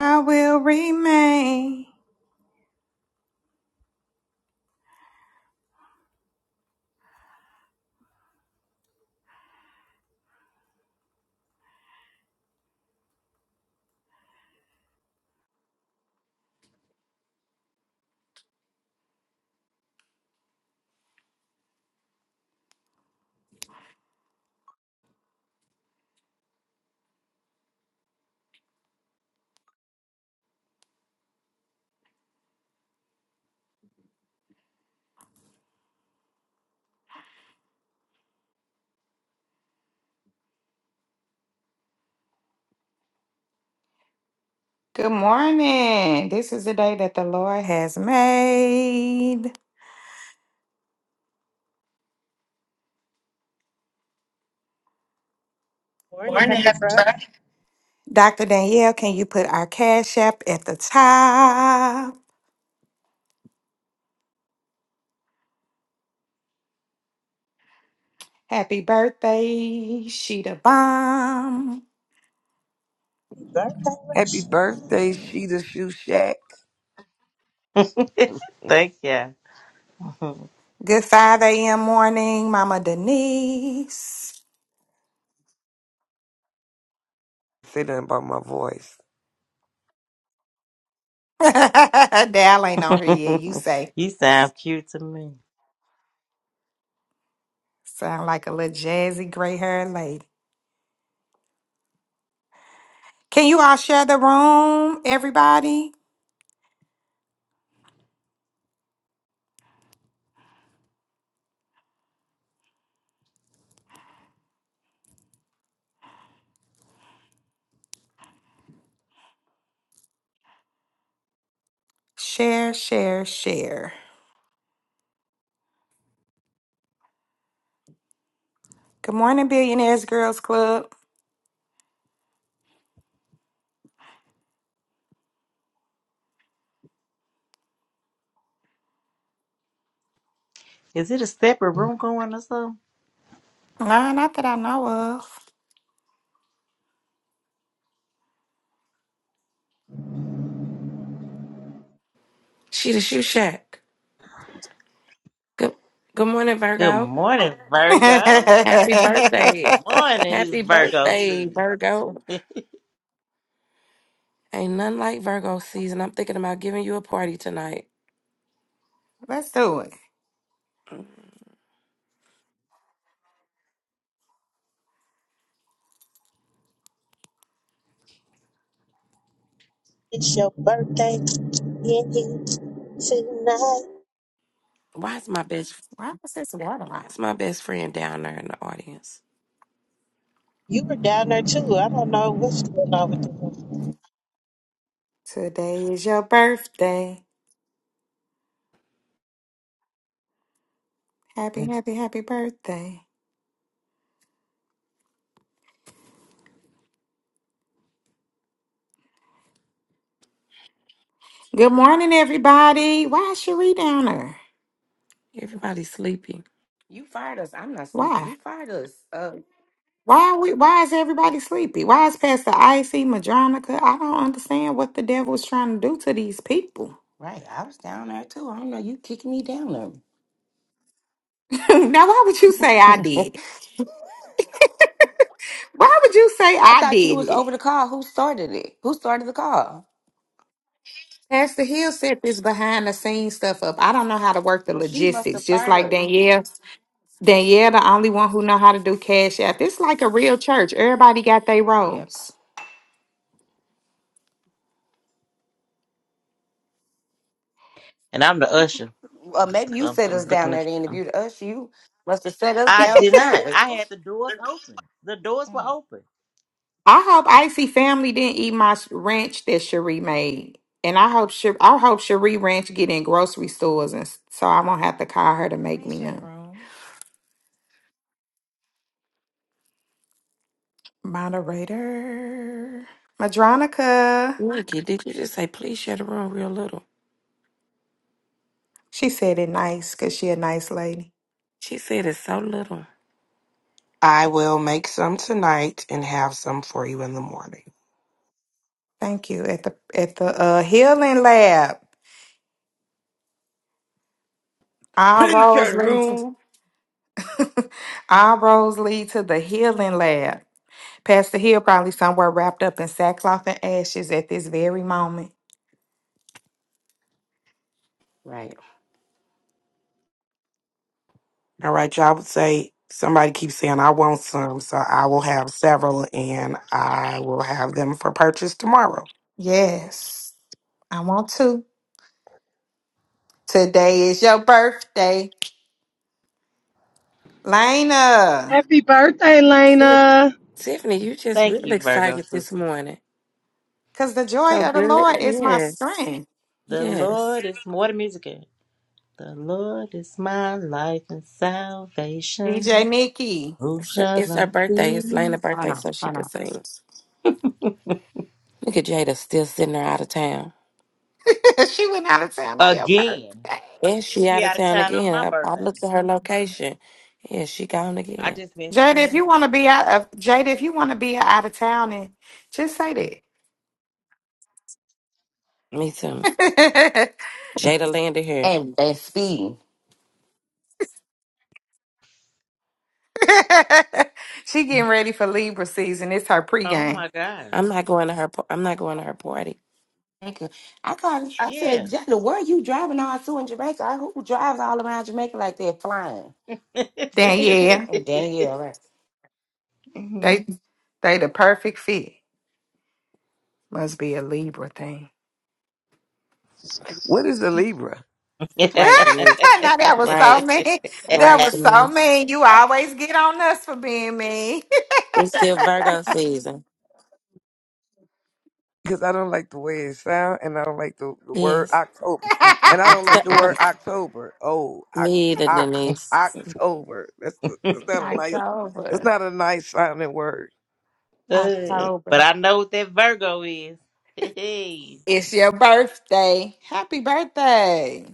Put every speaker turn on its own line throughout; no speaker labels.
I will remain. Good morning. This is the day that the Lord has made.
Morning,
Morning.
happy Friday.
Dr. Danielle, can you put our cash app at the top? Happy birthday, Sheeta Bomb.
Birthday,
Happy
Rasheed.
birthday, Sheeta Shoe Shack.
Thank you.
Good 5 a.m. morning, Mama Denise.
Say nothing about my voice.
Dal ain't on her yet, you say.
you sound cute to me.
Sound like a little jazzy gray haired lady. Can you all share the room, everybody? Share, share, share. Good morning, Billionaires Girls Club.
Is it a separate room going or something?
Nah, not that I know of.
She the shoe shack. Good, good morning,
Good
Virgo.
morning, Virgo.
Happy
Good
birthday.
morning, it's
Happy
Virgo
birthday,
season.
Virgo. Ain't nothing like Virgo season. I'm thinking about giving you a party tonight.
Let's do it.
Mm,
It's your birthday in here tonight.
Why is my best
Why was this water
why
out?
is my best friend down there in the audience?
You were down there too. I don't know what's going on with you.
Today is your birthday. Happy, happy, happy birthday. Good morning, everybody. Why is Cherie down there?
Everybody's sleepy.
You fired us. I'm not sleepy.
Why?
You fired us. Uh,
Why are we why is everybody sleepy? Why is Pastor Icy Madronica? I don't understand what the devil is trying to do to these people.
right. I was down there too. I don't know. You kicked me down
now why would you say I
there.
did? Why would you say
I
I
thought you
did
was
it?
over the call. Who started it? Who started the call?
Pastor Hill set this behind the scenes stuff up. I don't know how to work the
Well, she must have
logistics, just
fired
like
us.
Danielle. Danielle, the only one who know how to do cash app. It's like a real church. Everybody got their
Yeah.
roles.
and I'm the usher.
Well, maybe
So
you
I'm,
set us
I'm
down
looking
there
at.
to interview us. You must have set us
I did not.
downstairs.
I had the doors open. The doors were
Mm.
open.
I hope Icy family didn't eat my sh- ranch that Cherie made, and I hope Cherie, I hope Cherie ranch get in grocery stores, and s- so I won't have to call her to make
Please
me
share the
none.
room.
Moderator Madronica,
Nikki, did you just say please share the room real little?
she said it nice because she a nice lady.
She said it's so little.
I will make some tonight and have some for you in the morning.
Thank you. At the at the uh, healing lab, our
Please share
roads
the
lead to
room.
our roads lead to the healing lab. Pastor Hill probably somewhere wrapped up in sackcloth and ashes at this very moment.
Right.
All right, y'all would say somebody keeps saying I want some, so I will have several and I will have them for purchase tomorrow.
Yes, I want to. Today is your birthday, Lena.
Happy birthday,
Tiff-
Lena.
Tiffany, you just
Thank
real
you, Virgo
excited this
sister.
morning.
Cause the joy
So
of the
good.
Lord is my
Yes.
strength.
The
Yes.
Lord is more the music. is. The Lord is my life and salvation.
DJ Nikki,
Who
It's,
shall
it's her
I
birthday. It's
fear?
Lena's
I
birthday,
know.
so she
I
could
know.
sing. Look at Jada still sitting there out of town.
she went out of town on your
Again.
birthday.
And she out
She
of
out of
town
town on my
again. I, I
birthday.
looked at her location. Yeah, she gone
I
again.
just been
Jada, if
seeing.
you want to be out of Jada, if you want to be out of town, and just say that.
Me too. Jada landed here.
And that's speed.
she getting ready for Libra season. It's her
Oh
pregame.
my god.
I'm not going to her. pa- I'm not going to her party.
Jamaica. I called. I said,
Yeah.
Jada, where are you driving all to in Jamaica? I, who drives all around Jamaica like they're flying?
Then yeah,
I'm Danielle. Right?
Mhm.
they they the perfect fit. Must be a Libra thing.
What is a Libra?
but
Right, Denise.
now that was
Right,
so mean. That
right,
was so
Denise.
mean. You always get on us for being mean.
It's still Virgo season.
Because I don't like the way it sounds, and I don't like the, the word
Yes.
October. And I don't like the word October. Oh,
Me
oct,
either,
oct,
Denise.
October. That's, that's not a nice. It's
October.
not a nice sounding word.
October.
I know what that Virgo is. Hey.
It's your birthday. Happy birthday.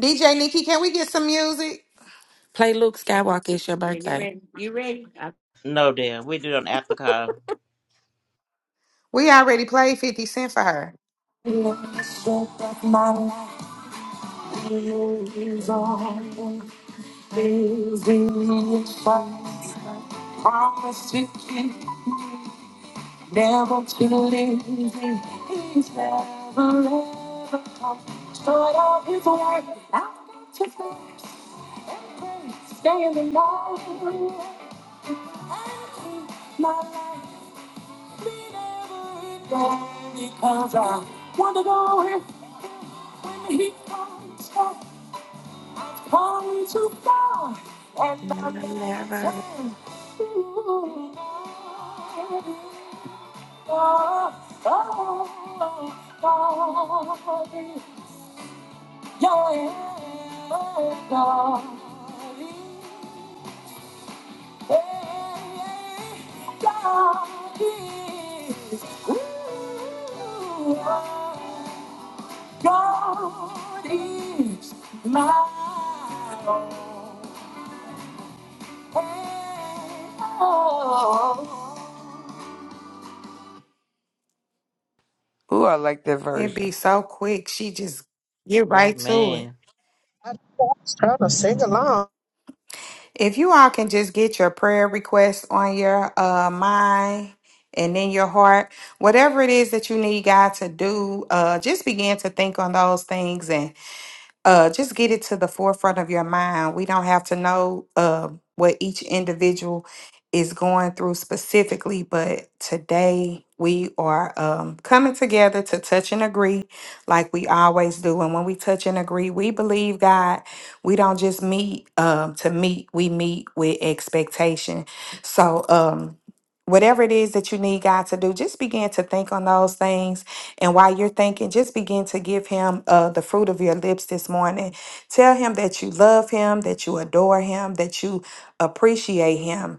DJ Nikki, can we get some music?
Play Luke Skywalker. It's your
Yeah, you
birthday.
ready? You ready? I-
No damn. We do it on the after call.
We already played 50 Cent for her.
The strength of my life is all is in Christ. Promise to keep, never to leave me. He's never ever come short of his word. I've got to fix and pray, stay in the Lord. I keep my life. Because I want to go in when the heat comes back. I've come too far and
And
I'll
I'm
never
never.
turn. Ooh, oh, oh, oh, oh, yeah, yeah. God is my all.
Ooh, I like that
It
version.
be so quick. She just get right to it.
Amen.
I, I was trying to sing along.
If you all can just get your prayer requests on your uh mind and in your heart, whatever it is that you need God to do, uh just begin to think on those things uh, just get it to the forefront of your mind. We don't have to know uh, what each individual is going through specifically, but today we are um, coming together to touch and agree like we always do. And when we touch and agree, we believe God, we don't just meet um, to meet, we meet with expectation. So, um, whatever it is that you need God to do, just begin to think on those things and while you're thinking, just begin to give him uh, the fruit of your lips this morning. Tell him that you love him, that you adore him, that you appreciate him.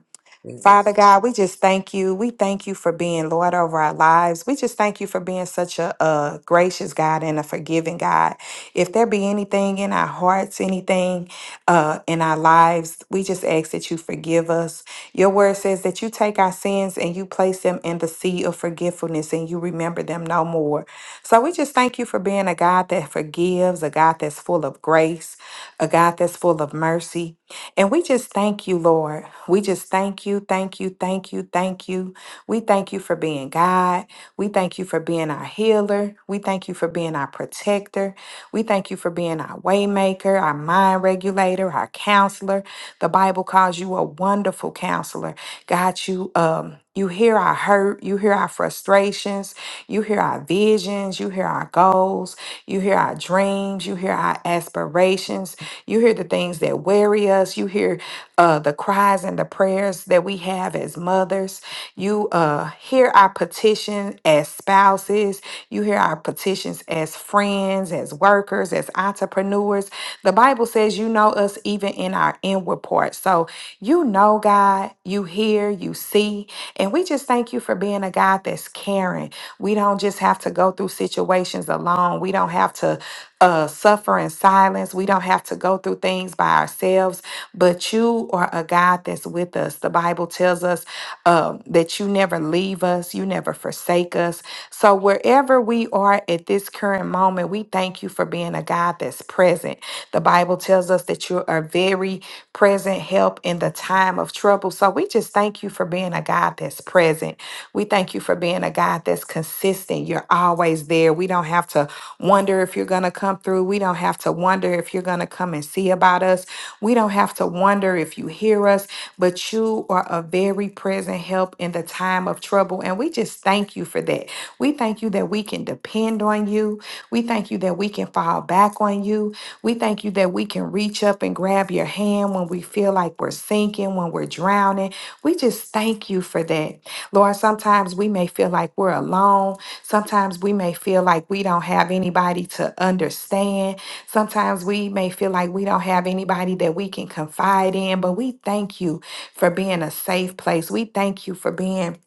Father
Yes.
God, we just thank you. We thank you for being Lord over our lives. We just thank you for being such a, a gracious God and a forgiving God. If there be anything in our hearts, anything uh, in our lives, we just ask that you forgive us. Your word says that you take our sins and you place them in the sea of forgetfulness and you remember them no more. So we just thank you for being a God that forgives, a God that's full of grace, a God that's full of mercy. And we just thank you, Lord. We just thank you, thank you, thank you, thank you. We thank you for being God. We thank you for being our healer. We thank you for being our protector. We thank you for being our waymaker, our mind regulator, our counselor. The Bible calls you a wonderful counselor. God, you um you hear our hurt, you hear our frustrations, you hear our visions, you hear our goals, you hear our dreams, you hear our aspirations, you hear the things that worry us, you hear uh the cries and the prayers that we have as mothers. You uh hear our petition as as spouses. You hear our petitions as friends, as workers, as entrepreneurs. The Bible says you know us even in our inward parts. So you know God, you hear, you see. And we just thank you for being a God that's caring. We don't just have to go through situations alone. We don't have to uh, suffer in silence. We don't have to go through things by ourselves, but you are a God that's with us. The Bible tells us um, that you never leave us, you never forsake us. So, wherever we are at this current moment, we thank you for being a God that's present. The Bible tells us that you are very present help in the time of trouble. So we just thank you for being a God that's present. We thank you for being a God that's consistent. You're always there. We don't have to wonder if you're going to come through. We don't have to wonder if you're going to come and see about us. We don't have to wonder if you hear us, but you are a very present help in the time of trouble. And we just thank you for that. We thank you that we can depend on you. We thank you that we can fall back on you. We thank you that we can reach up and grab your hand when we feel like we're sinking, when we're drowning. We just thank you for that. Lord, sometimes we may feel like we're alone. Sometimes we may feel like we don't have anybody to understand. Sometimes we may feel like we don't have anybody that we can confide in, but we thank you for being a safe place. We thank you for being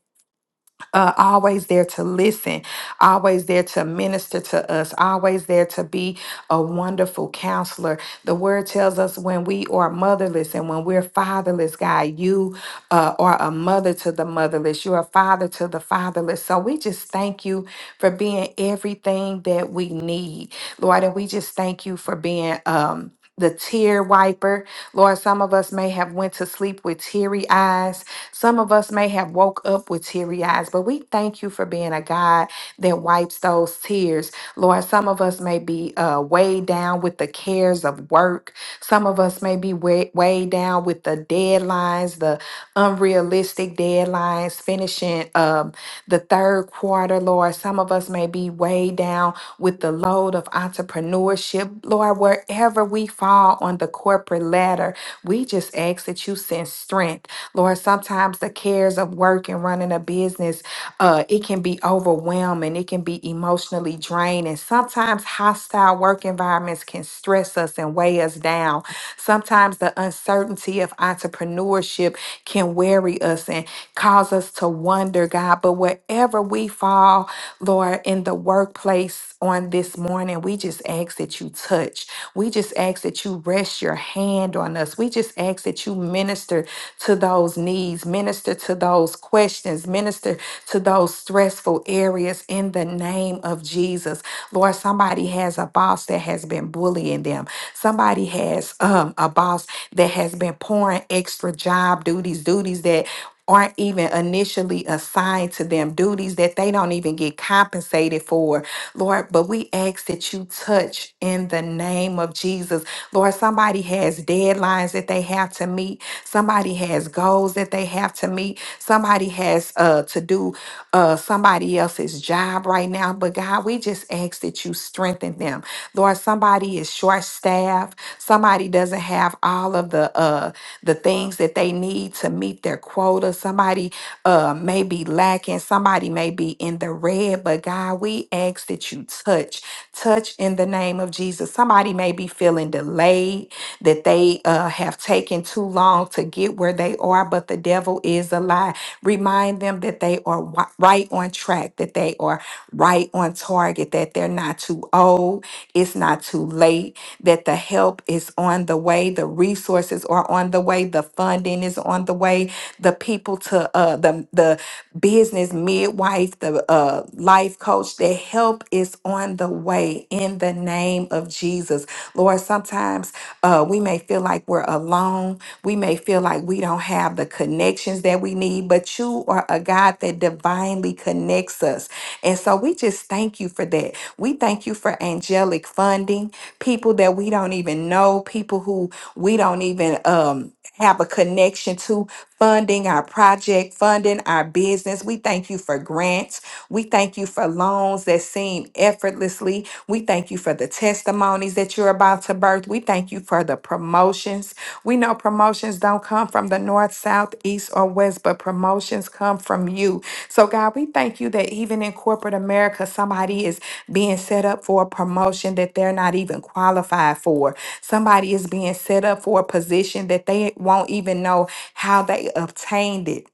uh, always there to listen, always there to minister to us, always there to be a wonderful counselor. The word tells us when we are motherless and when we're fatherless, God, you uh, are a mother to the motherless, you're a father to the fatherless. So we just thank you for being everything that we need, Lord. And we just thank you for being. Um, the tear wiper lord some of us may have went to sleep with teary eyes some of us may have woke up with teary eyes, but we thank you for being a God that wipes those tears. Lord, some of us may be uh, weighed down with the cares of work. Some of us may be wei- weighed down with the deadlines, the unrealistic deadlines, finishing. Um, the third quarter, Lord. Some of us may be way down with the load of entrepreneurship. Lord, wherever we fall on the corporate ladder, we just ask that you send strength. Lord, sometimes the cares of work and running a business, uh, it can be overwhelming. It can be emotionally draining. Sometimes hostile work environments can stress us and weigh us down. Sometimes the uncertainty uncertainty of entrepreneurship can weary us and cause us to wonder, God. But wherever we fall, Lord, in the workplace on this morning, we just ask that you touch. We just ask that you rest your hand on us. We just ask that you minister to those needs, minister to those questions, minister to those stressful areas in the name of Jesus. Lord, or somebody has a boss that has been bullying them. Somebody has um, a boss that has been pouring extra job duties, duties that aren't even initially assigned to them, duties that they don't even get compensated for. Lord, but we ask that you touch in the name of Jesus. Lord, somebody has deadlines that they have to meet, somebody has goals that they have to meet, Somebody. Somebody has uh, to do uh, somebody else's job right now, but God, we just ask that you strengthen them. Lord, somebody is short staffed. Somebody doesn't have all of the uh, the things that they need to meet their quota. Somebody uh, may be lacking. Somebody may be in the red, but God, we ask that you touch, touch in the name of Jesus. Somebody may be feeling delayed that they uh, have taken too long to get where they are, but the devil is a lie. Remind them that they are wi- right on track, that they are right on target, that they're not too old, it's not too late, that the help is on the way, the resources are on the way, the funding is on the way, the people to uh, the, the business midwife, the uh, life coach, the help is on the way in the name of Jesus. Lord, sometimes uh, we may feel like we're alone. We may feel like we don't have the connections that we need, but you are a God that that divinely connects us. And so we just thank you for that. We thank you for angelic funding, people that we don't even know, people who we don't even um have a connection to funding our project, funding our business. We thank you for grants. We thank you for loans that seem effortlessly. We thank you for the testimonies that you're about to birth. We thank you for the promotions. We know promotions don't come from the north, south, east, or west, but promotions come from you. So, God, we thank you that even in corporate America, somebody is being set up for a promotion that they're not even qualified for. Somebody is being set up for a position that they won't even know how they obtained it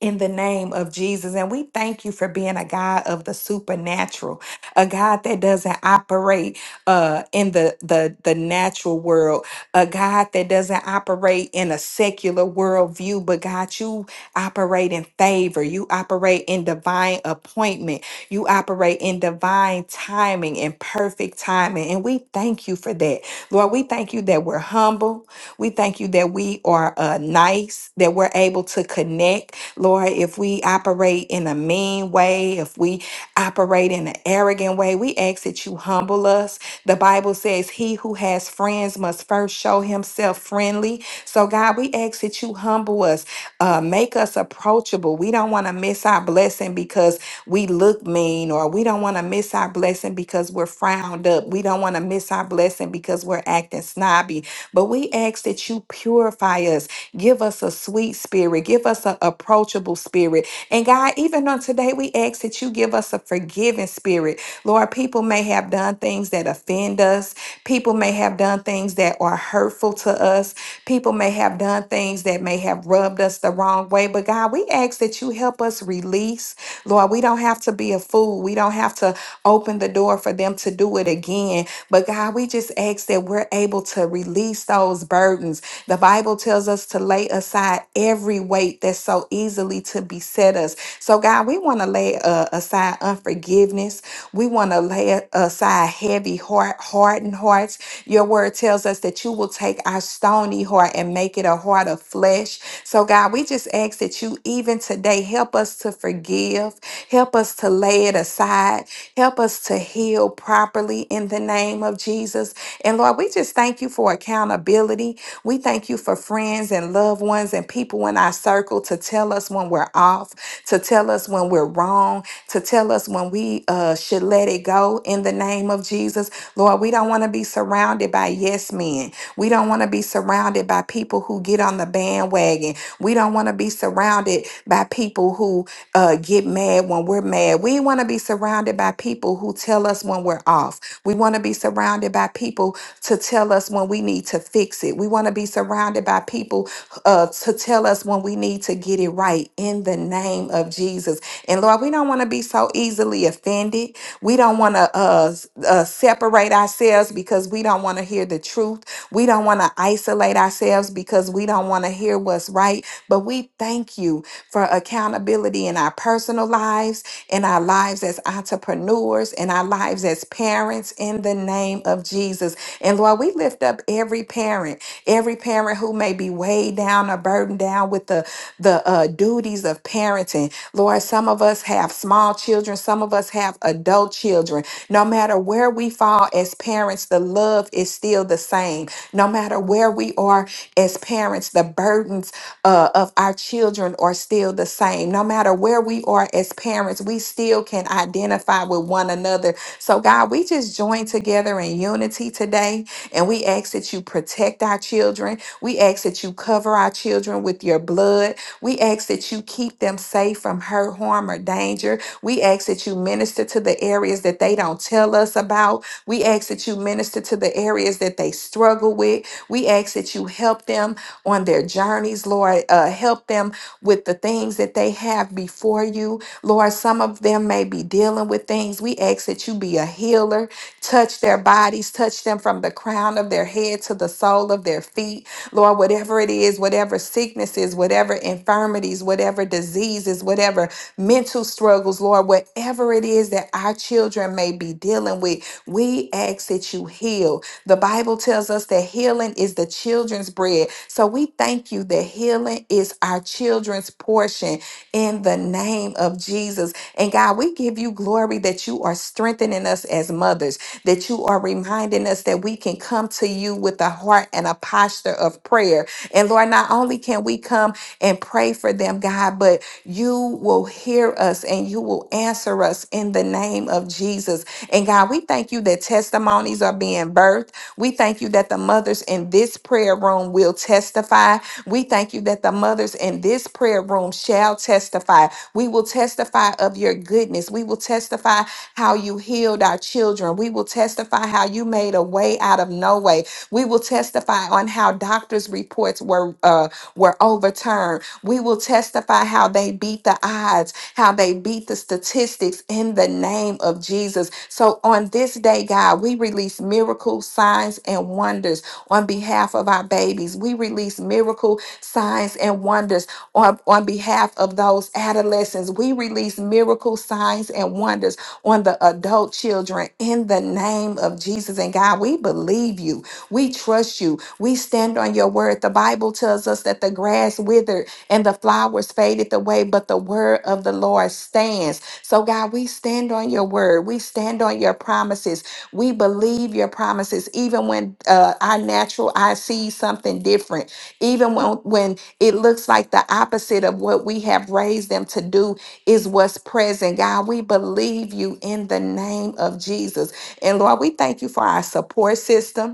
in the name of Jesus. And we thank you for being a God of the supernatural, a God that doesn't operate uh, in the, the, the natural world, a God that doesn't operate in a secular worldview, but God, you operate in favor. You operate in divine appointment. You operate in divine timing and perfect timing. And we thank you for that. Lord, we thank you that we're humble. We thank you that we are uh, nice, that we're able to connect Lord, if we operate in a mean way, if we operate in an arrogant way, we ask that you humble us. The Bible says, He who has friends must first show himself friendly. So, God, we ask that you humble us, uh, make us approachable. We don't want to miss our blessing because we look mean, or we don't want to miss our blessing because we're frowned up. We don't want to miss our blessing because we're acting snobby. But we ask that you purify us. Give us a sweet spirit. Give us an approachable spirit. And God, even on today, we ask that you give us a forgiving spirit. Lord, people may have done things that offend us. People may have done things that are hurtful to us. People may have done things that may have rubbed us the wrong way. But God, we ask that you help us release. Lord, we don't have to be a fool. We don't have to open the door for them to do it again. But God, we just ask that we're able to release those burdens. The Bible tells us to lay aside every weight that's so easily to beset us. So, God, we want to lay uh, aside unforgiveness. We want to lay aside heavy heart, hardened hearts. Your word tells us that you will take our stony heart and make it a heart of flesh flesh. So, God, we just ask that you even today help us to forgive, help us to lay it aside, help us to heal properly in the name of Jesus. And Lord, we just thank you for accountability. We thank you for friends and loved ones and people in our circle to tell us when we're off, to tell us when we're wrong, to tell us when we uh, should let it go in the name of Jesus. Lord, we don't want to be surrounded by by yes men. We don't want to be surrounded by people who get on the bandwagon. We don't want to be surrounded by people who uh, get mad when we're mad. We want to be surrounded by people who tell us when we're off. We want to be surrounded by people to tell us when we need to fix it. We want to be surrounded by people uh, to tell us when we need to get it right in the name of Jesus. And Lord, we don't want to be so easily offended. We don't want to uh, s- uh, separate ourselves because we don't want to hear the truth. We don't want to isolate ourselves because we don't want to hear what's right. But we thank you for accountability in our personal lives, in our lives as entrepreneurs, in our lives as parents, in the name name of Jesus. And Lord, we lift up every parent, every parent who may be weighed down or burdened down with the, the uh, duties of parenting. Lord, some of us have small children, some of us have adult children. No matter where we fall as parents, the love is still the same. No matter where we are as parents, the burdens uh, of our children are still the same. No matter where we are as parents, we still can identify with one another so, God, we just join together in unity today and we ask that you protect our children. We ask that you cover our children with your blood. We ask that you keep them safe from hurt, harm, or danger. We ask that you minister to the areas that they don't tell us about. We ask that you minister to the areas that they struggle with. We ask that you help them on their journeys, Lord. Uh, help them with the things that they have before you. Lord, some of them may be dealing with things. We ask that you be a healer, touch their bodies, touch them from the crown of their head to the sole of their feet. Lord, whatever it is, whatever sicknesses, whatever infirmities, whatever diseases, whatever mental struggles, Lord, whatever it is that our children may be dealing with, we ask that you heal. The Bible tells us that healing is the children's bread. So we thank you that healing is our children's portion in the name of Jesus. And God, we give you glory that you are strengthening us as mothers, that you are reminding us that we can come to you with a heart and a posture of prayer. And Lord, not only can we come, and pray for them, God. But you will hear us and you will answer us in the name of Jesus. And God, we thank you that testimonies are being birthed. We thank you that the mothers in this prayer room will testify. We thank you that the mothers in this prayer room shall testify. We will testify of your goodness. We will testify how you healed our children. We will we will testify how you made a way out of no way. We will testify on how doctors' reports were uh, were overturned. We will testify how they beat the odds, how they beat the statistics in the name of Jesus. So on this day, God, we release miracles, signs, and wonders on behalf of our babies. We release miracle signs and wonders on, on behalf of those adolescents. We release miracle signs and wonders on the adult children in the name of Jesus. And God, we believe you. We trust you. We stand on your word. The Bible tells us that the grass withered and the flowers faded away, but the word of the Lord stands. So, God, we stand on your word. We stand on your promises. We believe your promises, even when uh, our natural eye sees something different, even when, when it looks like the opposite of what we have raised them to do is what's present. God, we believe you in the name of Jesus. And Lord, we thank you for our support system.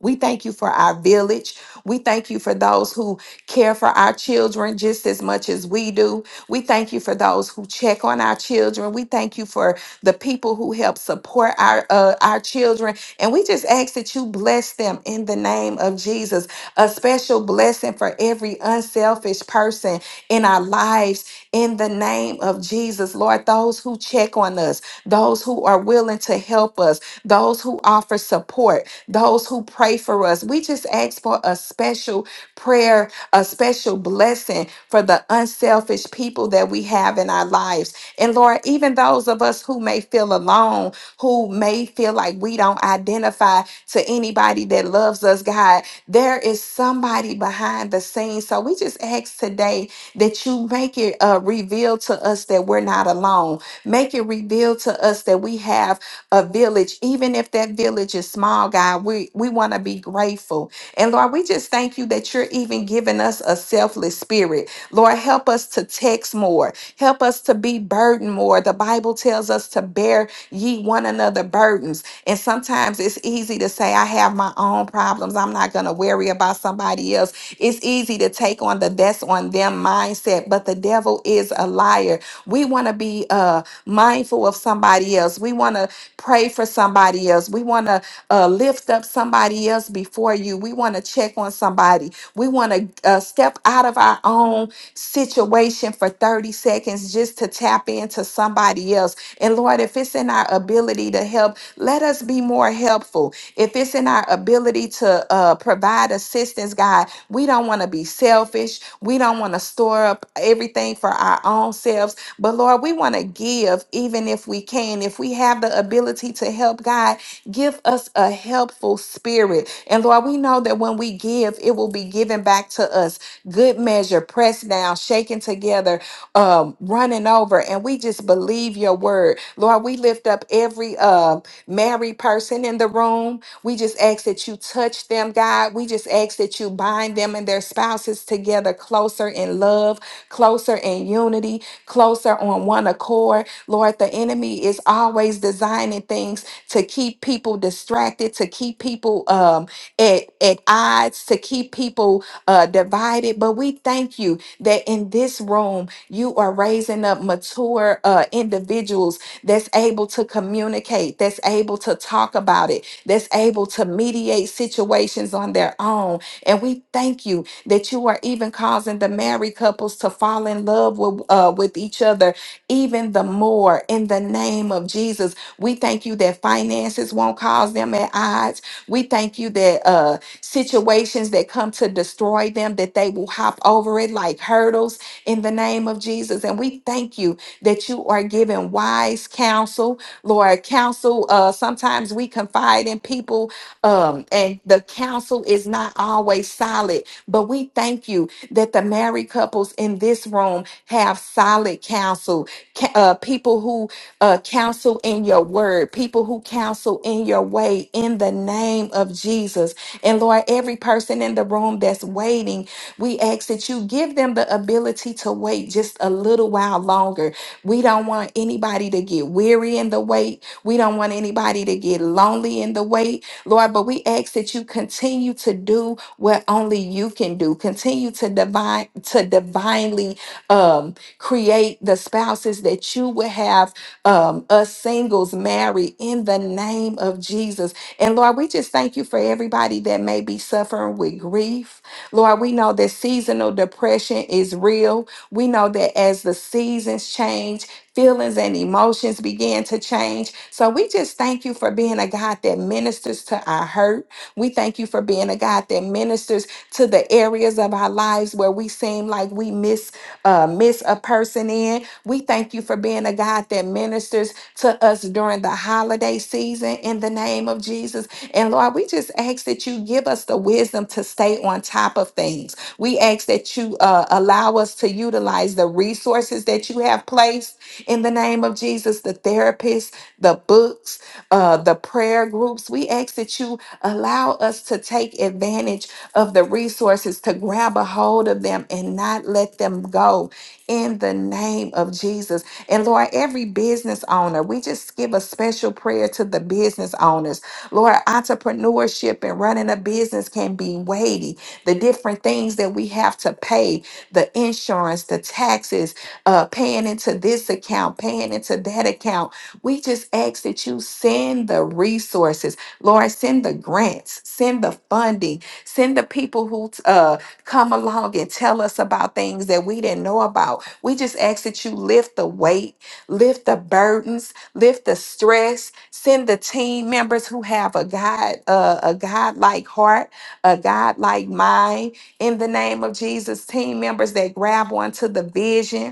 We thank you for our village. We thank you for those who care for our children just as much as we do. We thank you for those who check on our children. We thank you for the people who help support our uh, our children. And we just ask that you bless them in the name of Jesus. A special blessing for every unselfish person in our lives in the name of Jesus. Lord, those who check on us, those who are willing to help us, those who offer support those who pray for us. We just ask for a special prayer, a special blessing for the unselfish people that we have in our lives. And Lord, even those of us who may feel alone, who may feel like we don't identify to anybody that loves us, God, there is somebody behind the scenes. So we just ask today that you make it uh, reveal to us that we're not alone. Make it reveal to us that we have a village, even if that village is small, God, we, we want to be grateful. And Lord, we just thank you that you're even giving us a selfless spirit. Lord, help us to text more, help us to be burdened more. The Bible tells us to bear ye one another burdens. And sometimes it's easy to say, I have my own problems. I'm not going to worry about somebody else. It's easy to take on the that's on them mindset, but the devil is a liar. We want to be uh, mindful of somebody else. We want to pray for somebody else. We want to uh, lift up somebody else before you. We want to check on somebody. We want to uh, step out of our own situation for 30 seconds just to tap into somebody else. And Lord, if it's in our ability to help, let us be more helpful. If it's in our ability to uh, provide assistance, God, we don't want to be selfish. We don't want to store up everything for our own selves. But Lord, we want to give even if we can. If we have the ability to help God, give us a helpful spirit. And Lord, we know that when we give, it will be given back to us. Good measure, pressed down, shaken together, um, running over. And we just believe your word. Lord, we lift up every uh, married person in the room. We just ask that you touch them, God. We just ask that you bind them and their spouses together closer in love, closer in unity closer on one accord. Lord, the enemy is always designing things to keep people distracted, to keep people um, at, at odds, to keep people uh, divided. But we thank you that in this room, you are raising up mature uh, individuals that's able to communicate, that's able to talk about it, that's able to mediate situations on their own. And we thank you that you are even causing the married couples to fall in love with, uh, with each other even the more in the name of Jesus. We thank you that finances won't cause them at odds. We thank you that uh, situations that come to destroy them, that they will hop over it like hurdles in the name of Jesus. And we thank you that you are giving wise counsel, Lord. Counsel, uh, sometimes we confide in people um, and the counsel is not always solid but we thank you that the married couples in this room have solid counsel, ca- uh, people who uh, counsel in your word, people who counsel in your way in the name of Jesus. And Lord, every person in the room that's waiting, we ask that you give them the ability to wait just a little while longer. We don't want anybody to get weary in the wait. We don't want anybody to get lonely in the wait, Lord, but we ask that you continue to do what only you can do. Continue to divine to divinely um, create the spouses that you will have um, us singles marry in the name of Jesus. And Lord, we just thank you for everybody that may be suffering with grief. Lord, we know that seasonal depression is real. We know that as the seasons change, feelings and emotions begin to change. So we just thank you for being a God that ministers to our hurt. We thank you for being a God that ministers to the areas of our lives where we seem like we miss uh, miss a person in. We thank you for being a God that ministers to us during the holiday season in the name of Jesus. And Lord, we just ask that you give us the wisdom to stay on top of things. We ask that you uh, allow us to utilize the resources that you have placed in the name of Jesus, the therapists, the books uh, the prayer groups. We ask that you allow us to take advantage of the resources, to grab a hold of them and not let them go in the name of Jesus. And Lord, every business owner, we just give a special prayer to the business owners. Lord, entrepreneurship and running a business can be weighty. The different things that we have to pay, the insurance, the taxes, uh, paying into this account, paying into that account we just ask that you send the resources, Lord, send the grants, send the funding, send the people who uh, come along and tell us about things that we didn't know about. We just ask that you lift the weight, lift the burdens, lift the stress, send the team members who have a God, uh, a God like heart, a God like mind. In the name of Jesus, team members that grab onto the vision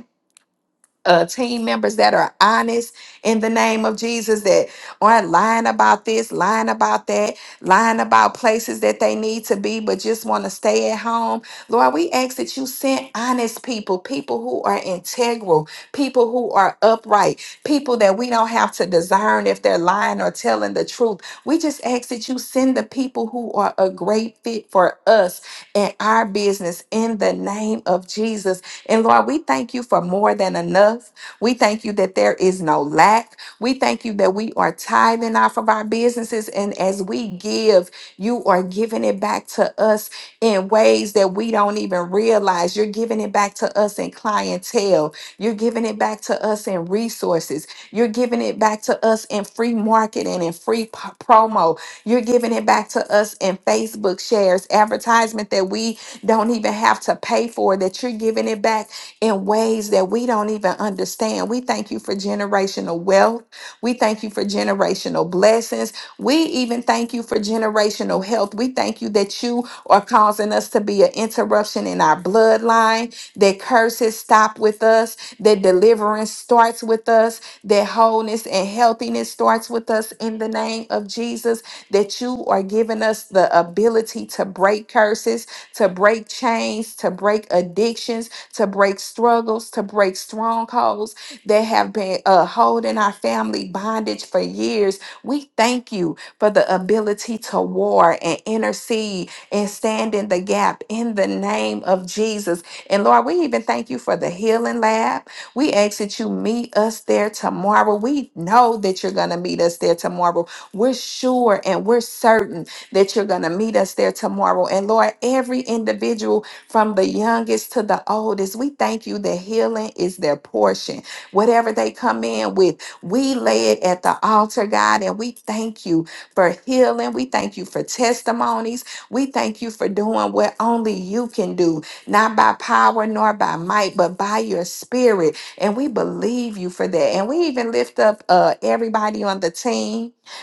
uh, team members that are honest in the name of Jesus that aren't lying about this, lying about that, lying about places that they need to be, but just want to stay at home. Lord, we ask that you send honest people, people who are integral, people who are upright, people that we don't have to discern if they're lying or telling the truth. We just ask that you send the people who are a great fit for us and our business in the name of Jesus. And Lord, we thank you for more than enough. We thank you that there is no lack. We thank you that we are tithing off of our businesses. And as we give, you are giving it back to us in ways that we don't even realize. You're giving it back to us in clientele. You're giving it back to us in resources. You're giving it back to us in free marketing and free p- promo. You're giving it back to us in Facebook shares, advertisement that we don't even have to pay for, that you're giving it back in ways that we don't even understand. We thank you for generational wealth. We thank you for generational blessings. We even thank you for generational health. We thank you that you are causing us to be an interruption in our bloodline, that curses stop with us, that deliverance starts with us, that wholeness and healthiness starts with us in the name of Jesus, that you are giving us the ability to break curses to break chains, to break addictions, to break struggles, to break strongholds that have been uh, holding our family bondage for years. We thank you for the ability to war and intercede and stand in the gap in the name of Jesus. And Lord, we even thank you for the healing lab. We ask that you meet us there tomorrow. We know that you're going to meet us there tomorrow. We're sure and we're certain that you're going to meet us there tomorrow. And Lord, every individual from the youngest to the oldest, we thank you that healing is their portion. Whatever they come in with, we lay it at the altar, God, and we thank you for healing. We thank you for testimonies. We thank you for doing what only you can do, not by power nor by might, but by your spirit. And we believe you for that. And we even lift up uh, everybody on the team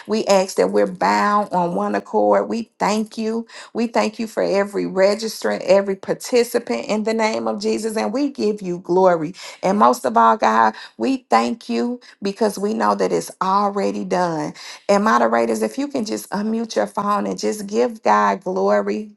we ask that we're bound on one accord. We thank you. We thank you for every registrant, every participant in the name of Jesus, and we give you glory. And most of all, God, we thank you because we know that it's already done. And moderators, if you can just unmute your phone and just give God glory.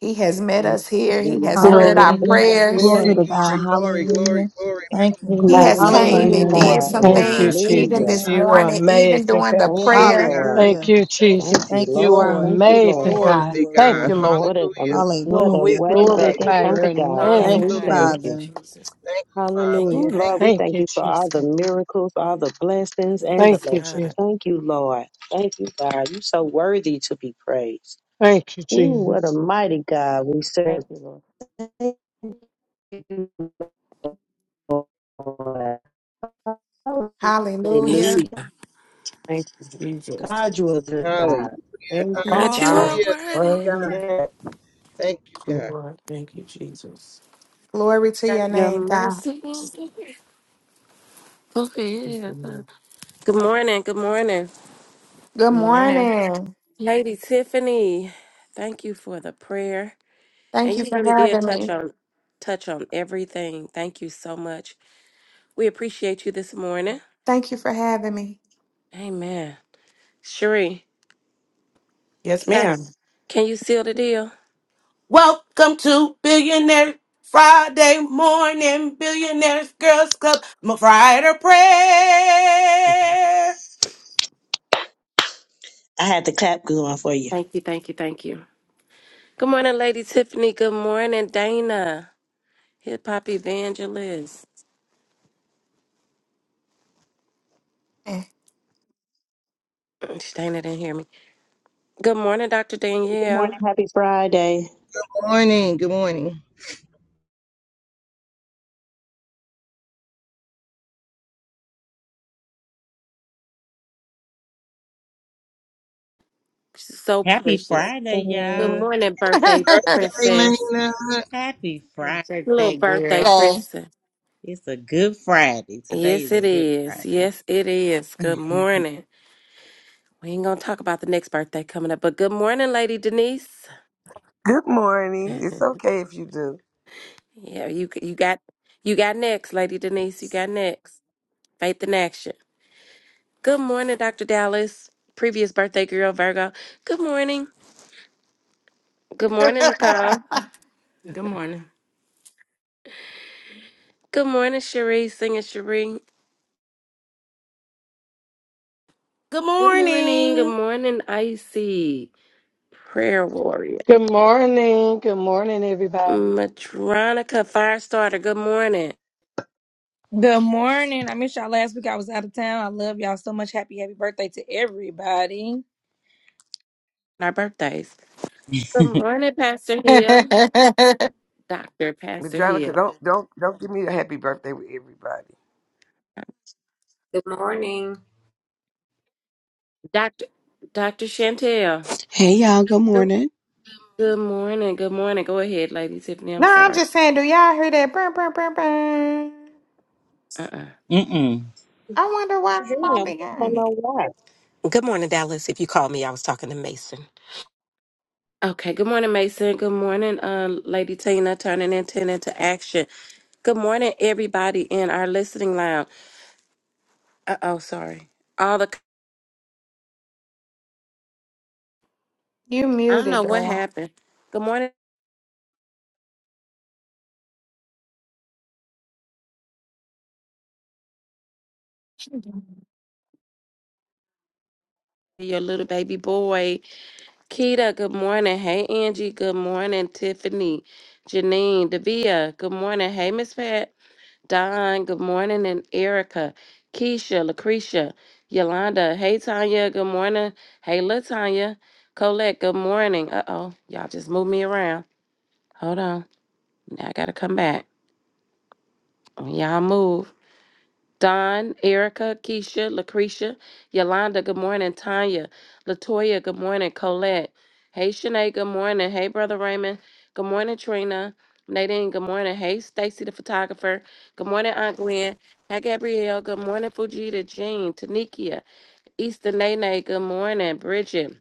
He has met us here. He has
Hallelujah.
heard
Glory
our
to
Hallelujah.
God. We
prayers.
Glory
Glory,
thank
Thank,
to
you,
God.
glory,
Jesus.
glory, glory,
Hallelujah.
glory.
Thank you,
We
He
God.
has
thank,
magnify
came
Glory,
Hallelujah.
and
your
Thank
name.
did
Glory to
you,
some
God.
Thank
God.
you,
things
Thank
even
you,
hallelujah.
Jesus.
this
Yes,
God.
You are
Lord.
morning, even
amazing,
during the
God.
Thank
Thank
you,
you,
prayer.
God.
Lord.
Thank
Hallelujah.
you,
Thank you,
Thank you,
Jesus.
Thank you,
You
Jesus.
Lord.
are
Lord.
Thank you,
You are
amazing,
Lord.
Glory,
God.
worthy,
glory,
Thank
God.
you,
glory.
Lord.
What a um,
Hallelujah.
what
Lord,
a
we
Hallelujah.
My
way
God,
making
you're
glorify
kind
worthy.
your
of God.
Yes,
God,
name,
Thank
we
you,
God.
thank
Hallelujah.
Thank
you.
you,
Jesus.
Father.
Jesus.
Thank you, Father.
Thank you,
Ooh,
Hallelujah.
Thank
Lord,
God.
we
Thank
thank
you,
you for
Yes,
all the
Jesus.
God.
miracles, all the blessings, and the
Thank
Yes,
you,
lessons.
God.
Jesus.
Thank you, Lord. Thank you, God. You're so worthy to be praised.
Thank you,
Ooh, what a
Jesus.
mighty God we serve.
thank you, Lord.
Thank you, Lord.
Yes,
Hallelujah.
God.
Hallelujah.
Thank you, Jesus.
God, you are
you.
good
Hallelujah.
God.
Thank you,
God,
All
you
Father.
are
time.
Hallelujah. Thank
worthy.
Glory
you, God.
to
Yeah.
Thank you, God.
God. Thank you, Jesus.
Glory to your
Your
name, God.
mercy is fulfilled. Good morning. Good morning.
Good
Good morning.
morning.
Lady Tiffany, thank you for the prayer.
Thank
And
you
you
for
really did
having
touch
me.
on touch on everything. Thank you so much. We appreciate you this morning.
Thank you for having me.
Amen. Sheree, you
Yes,
got-
ma'am.
can you seal the deal?
Welcome to Billionaire Friday Morning Billionaires Girls Club my Friday Prayer.
I had the clap going for you.
Thank you, thank you, thank you. Good morning, Lady Tiffany. Good morning, Dana. Hip hop evangelist.
Eh.
Dana didn't hear me. Good morning, Dr.
Good
Danielle.
morning. Happy Friday.
Good morning. Good morning.
She's so
Happy
precious.
Uh,
Friday,
I
Good
y'all.
don't
morning, birthday
Birthday,
princess.
Lena.
Happy Friday.
Take
Little
that,
birthday
girl.
Thanks.
princess.
It's a good Friday. Today
Yes,
is
it
a good
is.
Friday.
Yes, it is. Good morning. We ain't gonna talk about the next birthday coming up, but good morning, Lady Denise.
Good morning. It's okay if you do,
Yeah, you you got you got next, Lady Denise. You got next. Faith in action. Good morning, Dr. Dallas. Previous birthday girl, Virgo. Good morning. Good morning, Nicole.
Good morning.
Good morning, Cherie. Singing Cherie.
Good
Good morning. Good
morning.
morning, Icy. Prayer warrior.
Good morning. Good morning, everybody.
Matronica Firestarter. Good morning.
Good morning. I missed y'all last week. I was out of town. I love y'all so much. Happy, happy birthday to everybody.
Our birthdays. Good morning, Pastor
no,
Hill. Dr.
but
Pastor
Jonica,
Hill.
don't don't don't give me a happy birthday with everybody.
Good morning.
Dr. Dr. Chantel.
Hey y'all, good
Good,
morning.
good morning. Good morning. Go ahead, Lady Tiffany. I'm
I'm
sorry.
just saying, do y'all hear that? Brr, brr, brr, brr.
Uh-uh.
Mm-mm.
I wonder why I'm
hear you no
only
more. I don't
hearing
know
it.
why.
Good morning, Dallas. If you called me, I was talking to Mason.
Okay. Good morning, Mason. Good morning, uh, Lady Tina, turning intent into action. Good morning, everybody in our listening lounge. Uh-oh, sorry. All the
You
I don't
muted,
know what
dog.
happened. Good morning. your little baby boy. Keita, good morning. Hey, Angie, good morning. Tiffany, Janine, Davia, good morning. Hey, Miss Pat, Don, good morning. And Erica, Keisha, Lucretia, Yolanda, hey, Tanya, good morning. Hey, Latanya, Colette, good morning. Uh oh, y'all just moved me around. Hold on. Now I got to come back. Y'all move. Don, Erica, Keisha, Lucretia, Yolanda, good morning. Tanya, Latoya, good morning. Colette, hey Shanae, good morning. Hey Brother Raymond, good morning. Trina, Nadine, good morning. Hey Stacy, the photographer, good morning. Aunt Gwen, hey Gabrielle, good morning. Fujita, Jean, Tanikia, Easter Nene, good morning. Bridget,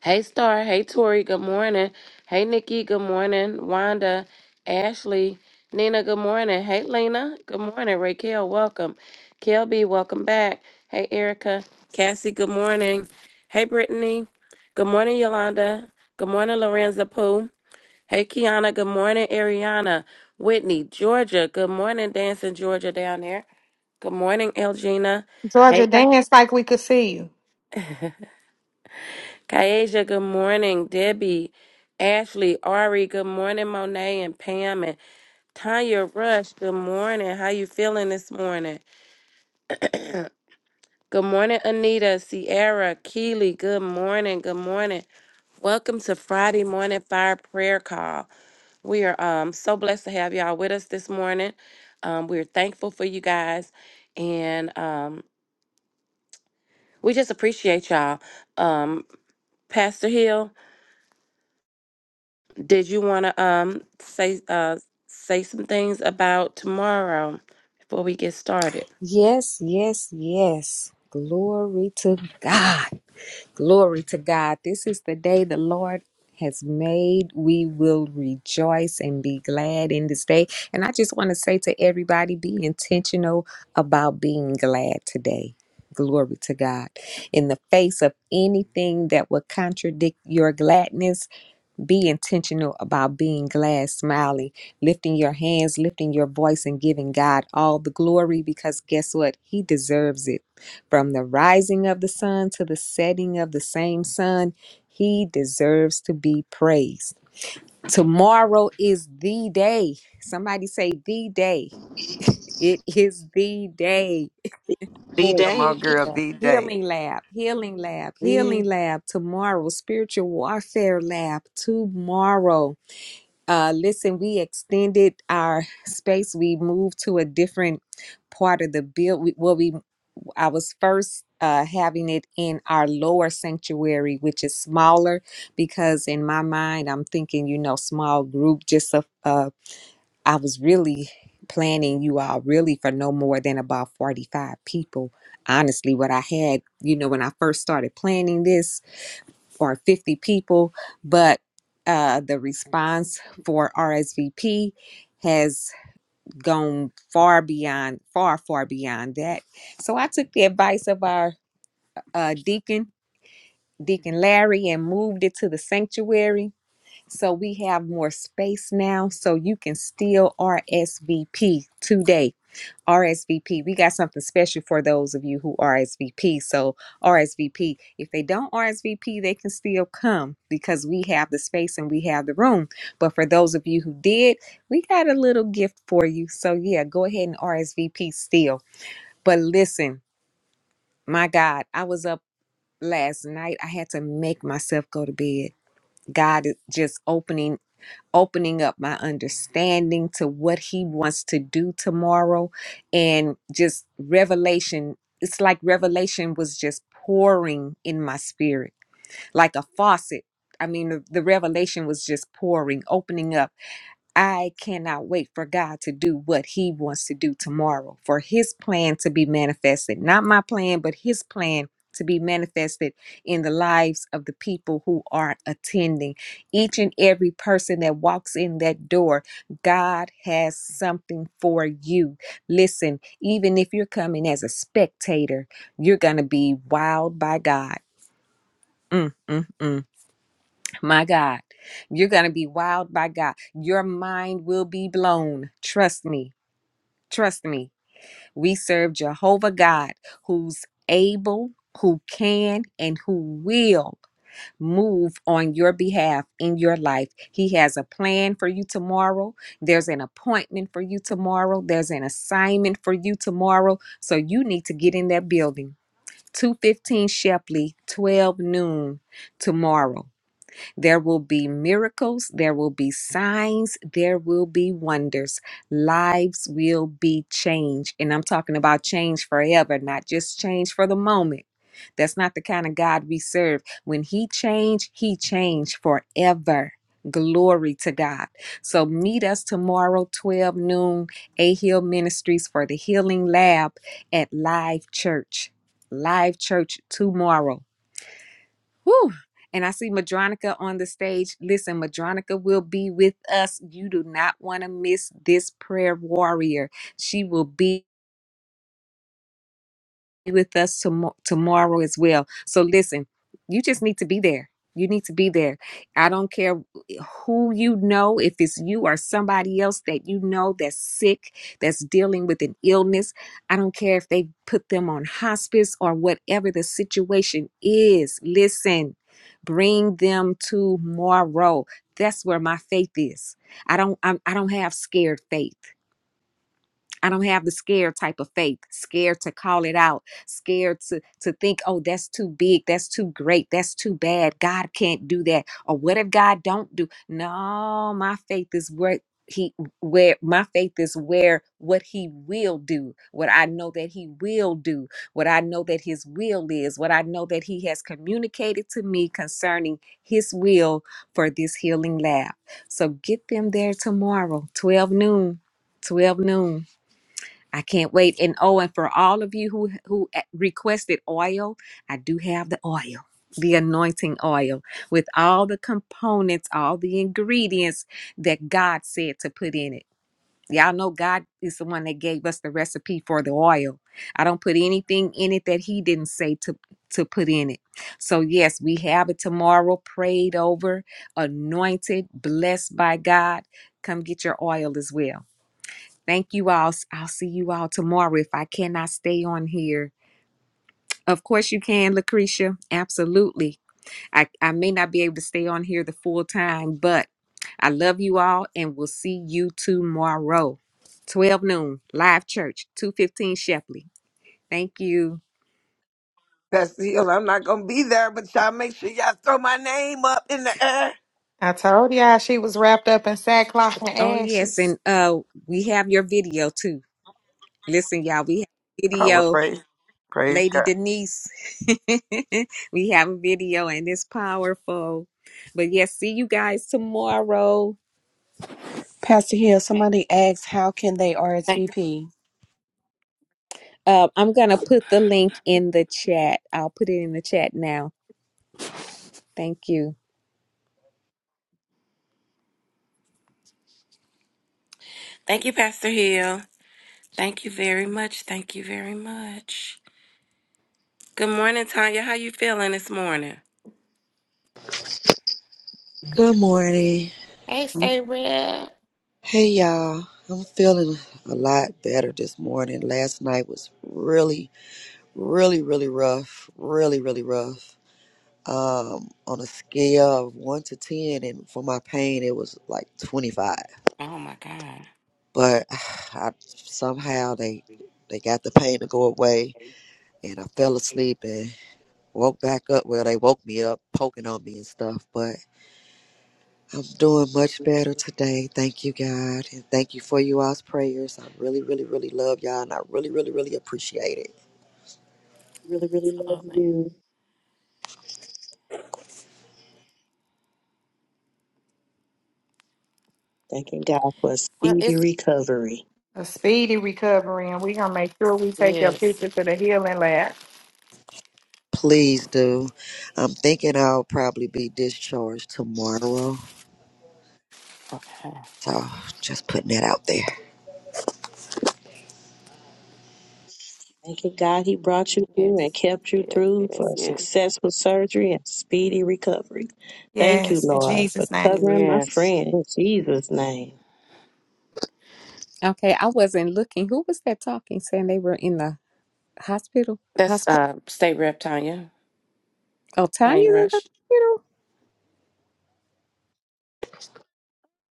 Hey Star, hey Tori, good morning. Hey Nikki, good morning. Wanda, Ashley, Nina, good morning. Hey Lena, good morning. Raquel, welcome. Kelby, welcome back. Hey Erica, Cassie, good morning. Hey Brittany, good morning Yolanda. Good morning Lorenza Pooh. Hey Kiana, good morning Ariana. Whitney, Georgia, good morning Dancing Georgia down there. Good morning Elgina.
Georgia
Hey.
dance like we could see you.
Kaeja, good morning. Debbie, Ashley, Ari, good morning. Monet and Pam and Tanya Rush, good morning. How you feeling this morning? Good morning, Anita, Sierra, Keely, good morning. Good morning. Welcome to Friday Morning Fire Prayer Call. We are um, so blessed to have y'all with us this morning. Um, we're thankful for you guys and um, we just appreciate y'all. Um, Pastor Hill, Did you want to um say uh say some things about tomorrow before we get started?
Yes, yes, yes. Glory to God. Glory to God. This is the day the Lord has made. We will rejoice and be glad in this day. And I just want to say to everybody be intentional about being glad today. Glory to God. In the face of anything that would contradict your gladness, Be intentional about being glad, smiling, lifting your hands, lifting your voice, and giving God all the glory because guess what? He deserves it. From the rising of the sun to the setting of the same sun, He deserves to be praised. Tomorrow is the day. Somebody say, the day. It is the day.
B
Hey,
Come
Day.
on, girl. The day.
Healing Lab, Healing Lab, Healing
Good.
Lab tomorrow, Spiritual Warfare Lab tomorrow. Uh, listen, we extended our space. We moved to a different part of the build. We, well, we I was first uh, having it in our lower sanctuary, which is smaller, because in my mind, I'm thinking, you know, small group. Just a, uh, I was really planning you all really for no more than about 45 people. Honestly, what I had, you know, when I first started planning this or 50 people, but uh, the response for RSVP has gone far beyond, far, far beyond that. So I took the advice of our uh, deacon, Deacon Larry, and moved it to the sanctuary. So we have more space now, so you can still RSVP today RSVP. We got something special for those of you who RSVP. So, RSVP. If they don't RSVP, they can still come because we have the space and we have the room. But for those of you who did, we got a little gift for you. So, yeah, go ahead and RSVP still. But listen, my God, I was up last night. I had to make myself go to bed. God is just opening opening up my understanding to what he wants to do tomorrow and just revelation it's like revelation was just pouring in my spirit like a faucet i mean the, the revelation was just pouring opening up I cannot wait for God to do what He wants to do tomorrow, for His plan to be manifested. Not my plan, but His plan to be manifested in the lives of the people who are attending. Each and every person that walks in that door, God has something for you. Listen, even if you're coming as a spectator, you're going to be wowed by God. Mm, mm, mm. My God, you're going to be wowed by God. Your mind will be blown. Trust me. Trust me. We serve Jehovah God who's able, who can, and who will move on your behalf in your life. He has a plan for you tomorrow. There's an appointment for you tomorrow. There's an assignment for you tomorrow. So you need to get in that building. 215 Shepley, 12 noon tomorrow. There will be miracles, there will be signs, there will be wonders. Lives will be changed. And I'm talking about change forever, not just change for the moment. That's not the kind of God we serve. When He changed, He changed forever. Glory to God. So meet us tomorrow, 12 noon, A Hill Ministries for the Healing Lab at Live Church. Live Church tomorrow. Whew. And I see Madronica on the stage. Listen, Madronica will be with us. You do not want to miss this prayer warrior. She will be with us tomo- tomorrow as well. So listen, you just need to be there. You need to be there. I don't care who you know, if it's you or somebody else that you know that's sick, that's dealing with an illness. I don't care if they put them on hospice or whatever the situation is. Listen, bring them tomorrow. That's where my faith is. I don't I'm, I don't have scared faith. I don't have the scared type of faith, scared to call it out, scared to to think, oh, that's too big, that's too great, that's too bad. God can't do that. Or what if God don't do? No, my faith is where he where my faith is where what he will do, what I know that he will do, what I know that his will is, what I know that he has communicated to me concerning his will for this healing lab. So get them there tomorrow, 12 noon. 12 noon. I can't wait. And oh, and for all of you who who eh, requested oil, I do have the oil, the anointing oil, with all the components, all the ingredients that God said to put in it. Y'all know God is the one that gave us the recipe for the oil. I don't put anything in it that He didn't say to to put in it. So yes, we have it tomorrow, prayed over, anointed, blessed by God. Come get your oil as well. Thank you all. I'll see you all tomorrow if I cannot stay on here. Of course you can, Lucretia. Absolutely. I, I may not be able to stay on here the full time, but I love you all and we'll see you tomorrow. 12 noon, live church, 215 Shepley. Thank you.
Pastor Hill, I'm not gonna be there, but y'all make sure y'all throw my name up in the air.
I told y'all she was wrapped up in sackcloth and
Oh yes,
ashes.
and uh we have your video too. Listen, y'all, we have
Oh well,
video.
praise, praise
Lady
God.
Denise. we have a video and it's powerful. But yes, see you guys tomorrow.
Pastor Hill, somebody asked how can they
Thank you.
RSVP?
Uh, I'm going to put the link in the chat. I'll put it in the chat now. Thank you.
Thank you, Pastor Hill. Thank you very much. Thank you very much. Good morning, Tanya. How you feeling this morning?
Good morning.
Hey, stay real.
Hey y'all. I'm feeling a lot better this morning. Last night was really, really, really rough. Really, really rough. Um, on a scale of one to ten, and for my pain, it was like 25.
Oh my God.
But I, somehow they they got the pain to go away, and I fell asleep and woke back up. Well, they woke me up, poking on me and stuff. but. I'm doing much better
Absolutely.
today. Thank you, God. And thank you for you all's prayers. I really, really, really love y'all and I really, really, really appreciate it.
really, really love you. Thanking God for a
Well,
speedy
it's
recovery.
A speedy recovery, and we're going to make sure we take your
yes.
picture to the healing lab.
Please do. I'm thinking I'll probably be discharged tomorrow.
Okay.
So just putting that out there.
Thanking God He brought you through and
Yes.
kept you
Yes.
through for
Yes.
a
Yes.
successful surgery and speedy recovery. Thank you,
Yes, in
Lord, for
Jesus' name.
covering my
Yes.
friend in Jesus' name.
Okay, I wasn't looking. Who was that talking saying they were in the hospital?
That's
Hospital?
uh state rep Tanya.
Oh, Tanya's
Tanya
in the
Rush.
hospital?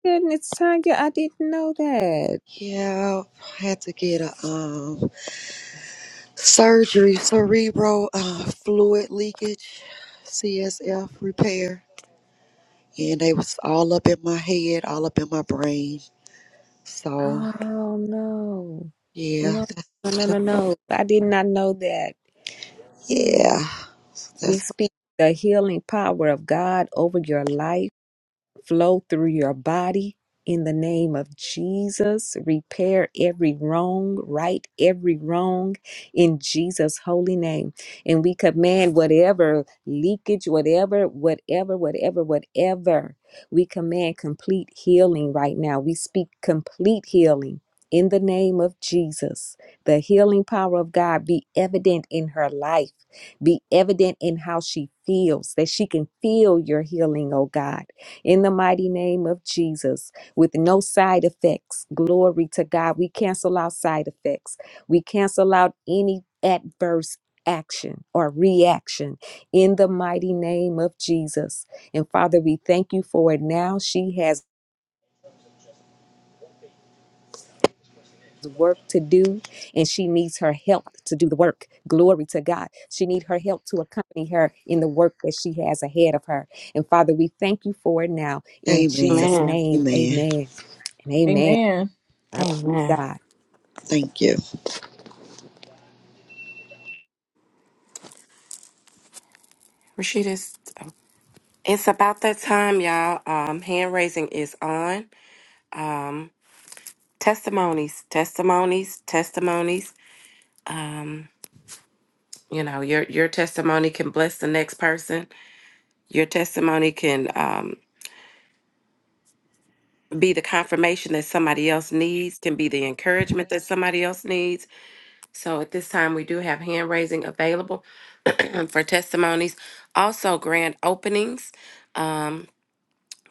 Goodness, Tanya, I didn't know that.
Yeah, I had to get a um surgery, cerebral uh, fluid leakage, CSF repair. And they was all up in my head, all up in my brain. So
Oh, no.
yeah,
No, no, no, no. no. I did not know that.
Yeah,
We
that's what,
speak the healing power of God over your life flow through your body in the name of Jesus. Repair every wrong, right every wrong in Jesus' holy name. And we command whatever leakage, whatever, whatever, whatever, whatever, we command complete healing right now. We speak complete healing. In the name of Jesus, the healing power of God be evident in her life, be evident in how she feels, that she can feel your healing, oh God in the mighty name of Jesus with no side effects. Glory to God. We cancel out side effects. We cancel out any adverse action or reaction in the mighty name of Jesus. And Father, we thank you for it now. She has work to do and she needs her help to do the work glory to god she needs her help to accompany her in the work that she has ahead of her and father we thank you for it now in
amen.
jesus
Man.
name
Amen.
amen and amen
Amen.
Amen.
I believe
Amen.
God.
Thank you.
Rashida's. It's about that time, y'all. Um, hand raising is on. Um, testimonies, testimonies, testimonies. Um, you know, your your testimony can bless the next person. Your testimony can um, be the confirmation that somebody else needs, can be the encouragement that somebody else needs. So at this time, we do have hand raising available for testimonies. Also, grand openings. Um,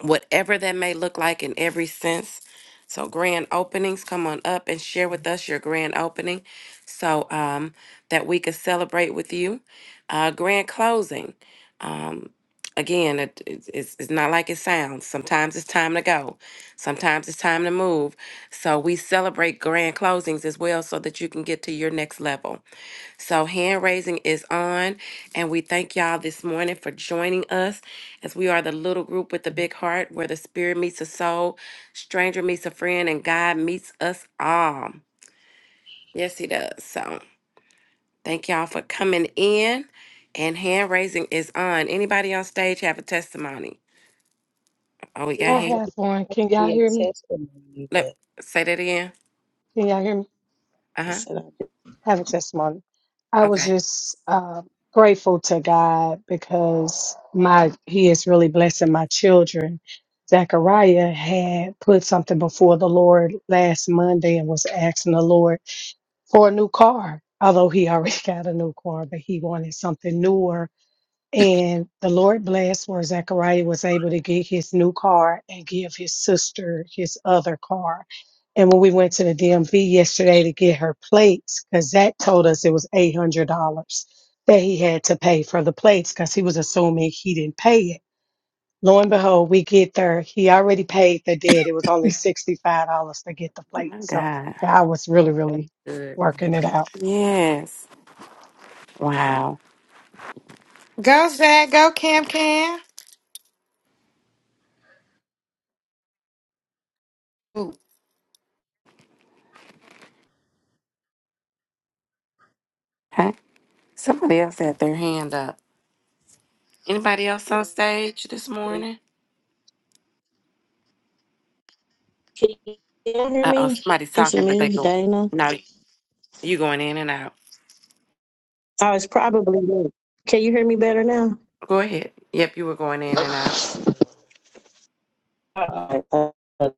whatever that may look like in every sense. So, grand openings, come on up and share with us your grand opening so um, that we could celebrate with you. Uh, grand closing. Um, again, it, it- it's, it's not like it sounds. Sometimes it's time to go, sometimes it's time to move. So, we celebrate grand closings as well so that you can get to your next level. So, hand raising is on, and we thank y'all this morning for joining us as we are the little group with the big heart where the spirit meets the soul, stranger meets a friend, and God meets us all. Yes, He does. So, thank y'all for coming in, and hand raising is on. Anybody on stage have a testimony? Oh, we got
It
I
hand.
would
have one.
have to
Can y'all
be a
hear me?
testimony,
Look,
but
say that again.
Can y'all hear me?
Uh
I
huh.
said, I
have a testimony. I was
Okay.
just uh, grateful to God because my He is really blessing my children. Zachariah had put something before the Lord last Monday and was asking the Lord for a new car, although he already got a new car, but he wanted something newer and the Lord blessed where Zechariah was able to get his new car and give his sister his other car. And when we went to the DMV yesterday to get her plates, because Zach told us it was $800 that he had to pay for the plates because he was assuming he didn't pay it. Lo and behold, we get there. He already paid the debt. It was only $65 to get the
Oh my
plates. So
God.
God was really,
Oh, that's
really
good.
working it out.
Yes. Wow.
Go, Zach. Go, Cam Cam. Ooh,
Hey, Somebody else had their hand up. Anybody else on stage this
did.
morning?
Can you hear
Uh oh,
me?
somebody's
It's
talking, but they
me,
go.
Dana.
No, you going in and out.
Oh, it's probably me. Can you hear me better now?
Go ahead. Yep, you were going in and out.
Uh, uh, uh,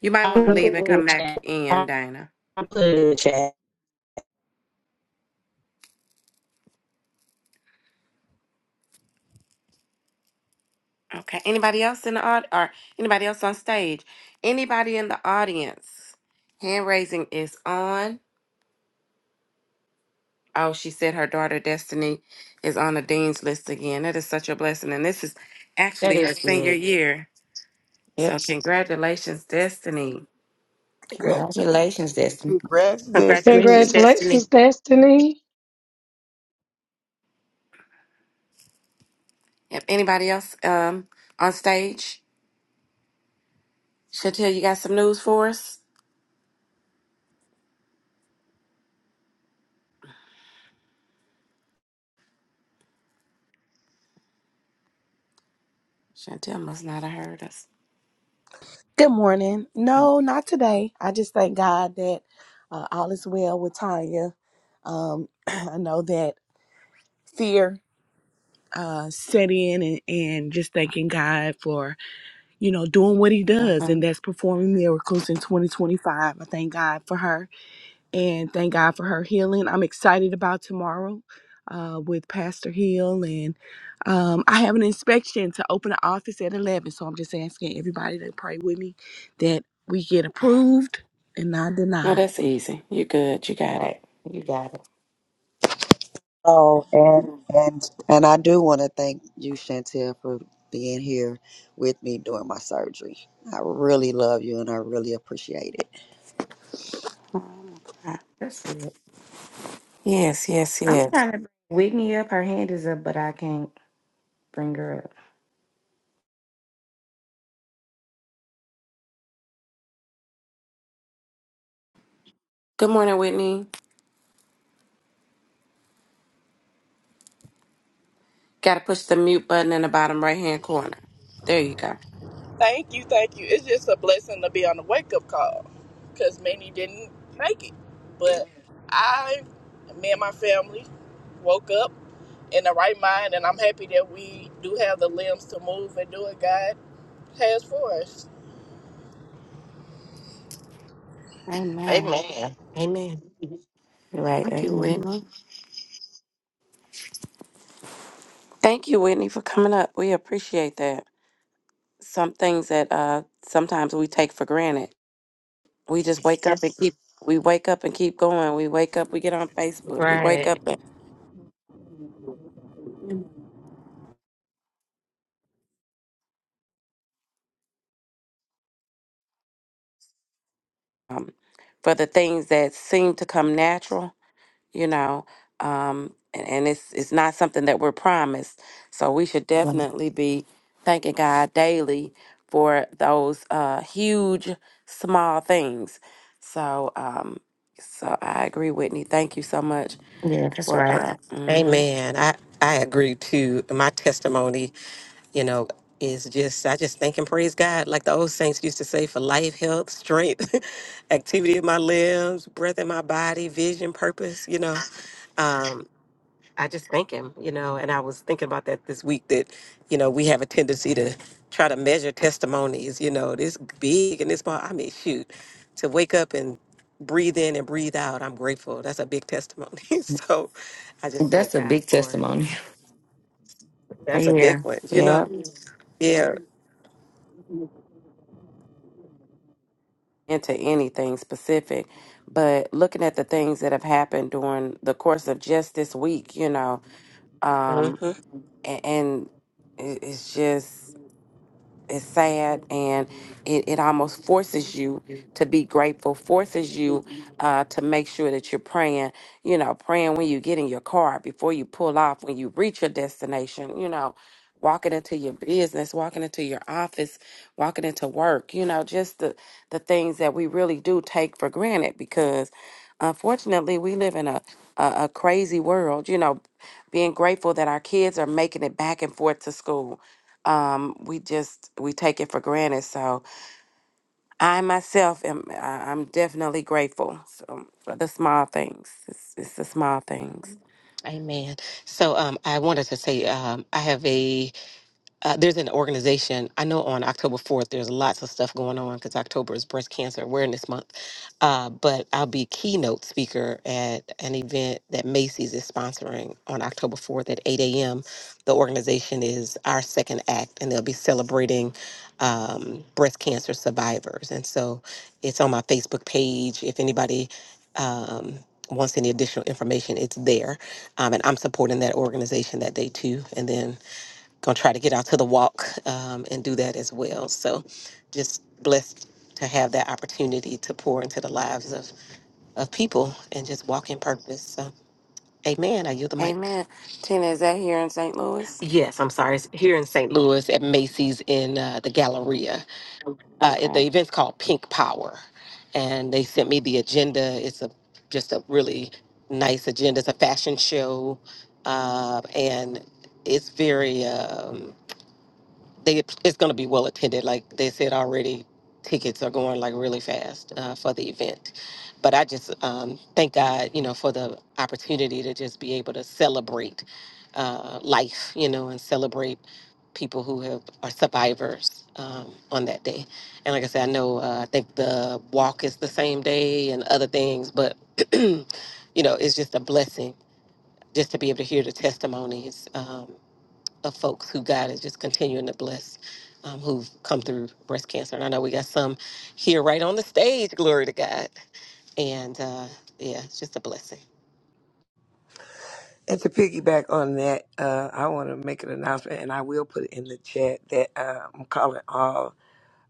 You might want
I'm
to
gonna
leave
put it
and
in
come
the
back
chat.
in,
I'm
Dana.
gonna put it in the chat.
Okay. Anybody else in the aud or anybody else on stage? Anybody in the audience? Hand raising is on. Oh, she said her daughter Destiny is on the dean's list again. That is such a blessing, and this is
That
actually her
is
senior
good.
year. So
Yep.
congratulations, Destiny.
Congrats,
Congratulations, Destiny.
congrats,
Congratulations,
Destiny.
Destiny.
Congratulations, Destiny.
If anybody else um, on stage, Chantel, you got some news for us? Chantel must not have heard us.
Good morning. No, not today. I just thank God that uh, all is well with Tanya. Um, I know that fear uh, set in and, and just thanking God for, you know, doing what he does
Uh-huh.
and that's performing miracles in 2025. I thank God for her. and thank God for her healing. I'm excited about tomorrow uh, with Pastor Hill, and um, I have an inspection to open the office at 11. So I'm just asking everybody to pray with me that we get approved and not
No,
denied.
that's easy. You good. You got it.
Right. You got it.
Oh, and and and I do want to thank you, Chantel, for being here with me during my surgery. I really love you, and I really appreciate it.
Oh, I'm gonna cry.
That's good.
Yes, yes,
I'm
yes.
trying to bring Whitney up. Her hand is up, but I can't bring her up.
Good morning, Whitney. Got to push the mute button in the bottom right hand corner. There you go.
Thank you, thank you. It's just a blessing to be on the wake up call because many didn't make it. But I, me and my family, woke up in the right mind, and I'm happy that we do have the limbs to move and do what God has for us.
Amen.
Amen.
Amen.
Right.
Thank you,
Amen.
Whitney. Thank you, Whitney, for coming up. We appreciate that. Some things that uh, sometimes we take for granted We just wake up and keep we wake up and keep going. We wake up, we get on Facebook. We wake up
Right.
and, um, for the things that seem to come natural, you know, um, and, and it's it's not something that we're promised. So we should
Well,
definitely be thanking God daily for those uh, huge small things. So um, so I agree, Whitney. Thank you so much
Yeah, that's
for
right.
uh, mhm.
Amen. I, I agree too. My testimony, you know, is just, I just thank and praise God, like the old saints used to say, for life, health, strength, activity of my limbs, breath in my body, vision, purpose, you know. Um, I just thank him, you know, and I was thinking about that this week that, you know, we have a tendency to try to measure testimonies, you know, this big and this small. I mean, shoot, to wake up and breathe in and breathe out, I'm grateful. That's a big testimony. so I just thank
That's a
God
big
for it.
testimony.
That's a big
Yeah.
one, you know?
Yeah.
Yeah.
into anything specific, but looking at the things that have happened during the course of just this week, you know,
hmm
um, and, and it- it's just it's sad and it, it almost forces you to be grateful forces you uh, to make sure that you're praying you know praying when you get in your car before you pull off when you reach your destination you know walking into your business walking into your office walking into work you know just the the things that we really do take for granted because unfortunately we live in a a, a crazy world you know being grateful that our kids are making it back and forth to school um, we just we take it for granted. So I myself am I- I'm definitely grateful so, for the small things. It's, it's the small things.
Amen. So um, I wanted to say um, I have a uh, there's an organization i know on october 4th there's lots of stuff going on because october is breast cancer awareness month uh, but i'll be keynote speaker at an event that macy's is sponsoring on october 4th at 8 a.m the organization is our second act and they'll be celebrating um, breast cancer survivors and so it's on my facebook page if anybody um, wants any additional information it's there um, and i'm supporting that organization that day too and then gonna try to get out to the walk um, and do that as well. So, just blessed to have that opportunity to pour into the lives of of people and just walk in purpose. So, Amen. Are you the mic?
Amen. Tina, is that here in St. Louis?
Yes, I'm sorry. It's here in St. Louis at Macy's in uh, the Galleria. Uh, it, the
Okay.
event's called Pink Power, and they sent me the agenda. It's a just a really nice agenda. It's a fashion show, uh, and it's very. Um, they it's going to be well attended. Like they said already, tickets are going like really fast uh, for the event. But I just um, thank God, you know, for the opportunity to just be able to celebrate uh, life, you know, and celebrate people who have are survivors um, on that day. And like I said, I know uh, I think the walk is the same day and other things, but you know, it's just a blessing just to be able to hear the testimonies. Um, of folks who God is just continuing to bless um, who've come through breast cancer. And I know we got some here right on the stage, glory to God. And uh, yeah, it's just a blessing.
And to piggyback on that, uh, I want to make an announcement, and I will put it in the chat that uh, I'm calling all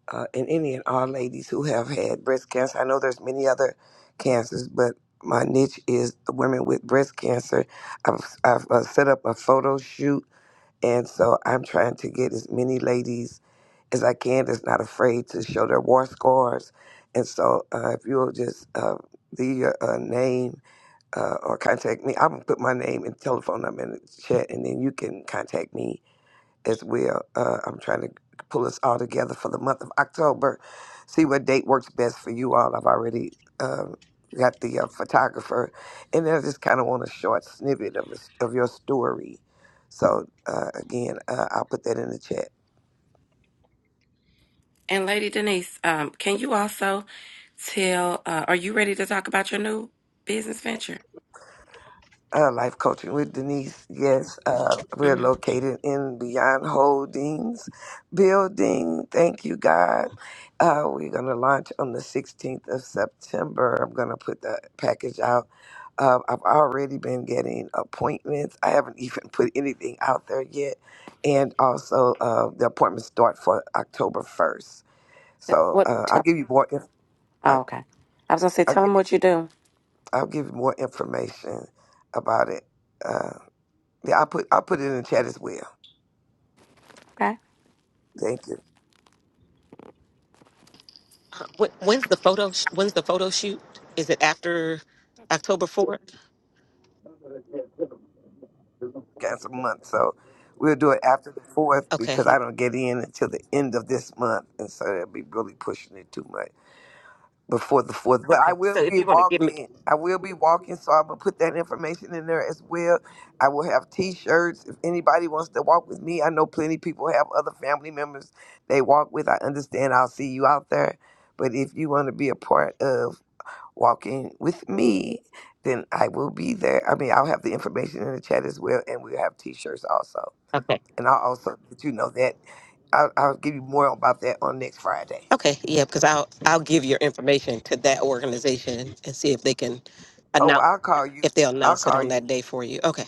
uh, and any and all ladies who have had breast cancer. I know there's many other cancers, but my niche is women with breast cancer. I've, I've uh, set up a photo shoot And so I'm trying to get as many ladies as I can that's not afraid to show their war scars. And so uh, if you'll just uh, leave your uh, name uh, or contact me, I'm going to put my name and telephone number in the chat, and then you can contact me as well. Uh, I'm trying to pull us all together for the month of October. See what date works best for you all. I've already um, got the uh, photographer, and I just kind of want a short snippet of a, of your story. So uh, again, uh, I'll put that in the chat.
And Lady Denise, um, can you also tell? Uh, are you ready to talk about your new business venture?
uh, life coaching with Denise. Yes, uh, we're
Mm-hmm.
located in Beyond Holdings building. Thank you, God. Uh, we're going to launch on the 16th of September. I'm going to put the package out. Uh, I've already been getting appointments. I haven't even put anything out there yet. And also, uh, the appointments start for October 1st. So
What?
uh, I'll
Tell,
give you more. Inf- I,
oh, okay. I was gonna say,
I'll,
tell them
give,
what you do.
I'll give you more information about it. uh, yeah, I put I put it in the chat as well.
Okay.
Thank you.
Uh, When, when's the photo? sh- When's the photo shoot? Is it after October fourth?
Got some month, so we'll do it after the fourth because
Okay.
I don't get in until the end of this month, and so they'll be really pushing it too much. before the fourth. But I
Okay.
will
So if
be
you want to give me,
walking. I will be walking, so I'm gonna put that information in there as well. I will have T-shirts if anybody wants to walk with me. I know plenty people have other family members they walk with. I understand. I'll see you out there. But if you want to be a part of walking with me, then I will be there. I mean, I'll have the information in the chat as well, and we'll have T-shirts also.
okay,
And I'll also let you know that I'll, I'll give you more about that on next Friday.
okay, yeah, because I'll I'll give your information to that organization and see if they can
Oh, well,
announce
I'll call you.
if they'll
I'll
announce it
call
on
you.
that day for you. Okay.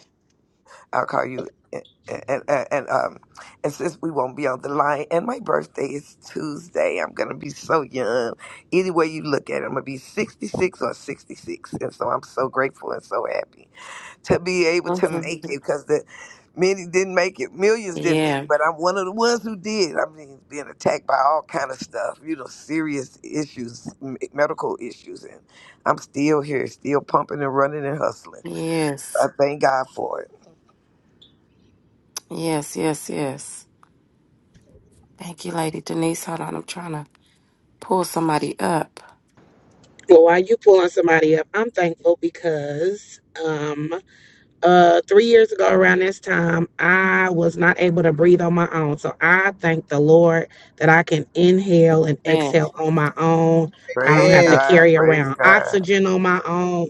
I'll call you. And, and, eh, and um, and since we won't be on the line, and my birthday is Tuesday, I'm gonna be so young. Either way you look at it, I'm gonna be 66 or 66, and so I'm so grateful and so happy to be able to make
hmm
it because the many didn't make it, millions didn't make
Yeah.
it, but I'm one of the ones who did. I mean, being attacked by all kind of stuff, you know, serious issues, m- medical issues, and I'm still here, still pumping and running and hustling. I
Yes.
thank God for it.
Yes. Yes. Yes. Thank you, Lady Denise. Hold on, I'm trying to pull somebody up.
Well, while you pulling somebody up, I'm thankful because um uh three years ago around this time i was not able to breathe on my own so i thank the lord that i can inhale and
Amen.
exhale on my own i don't
Praise
have to
Man.
God.
carry
Praise
around
God.
oxygen on my own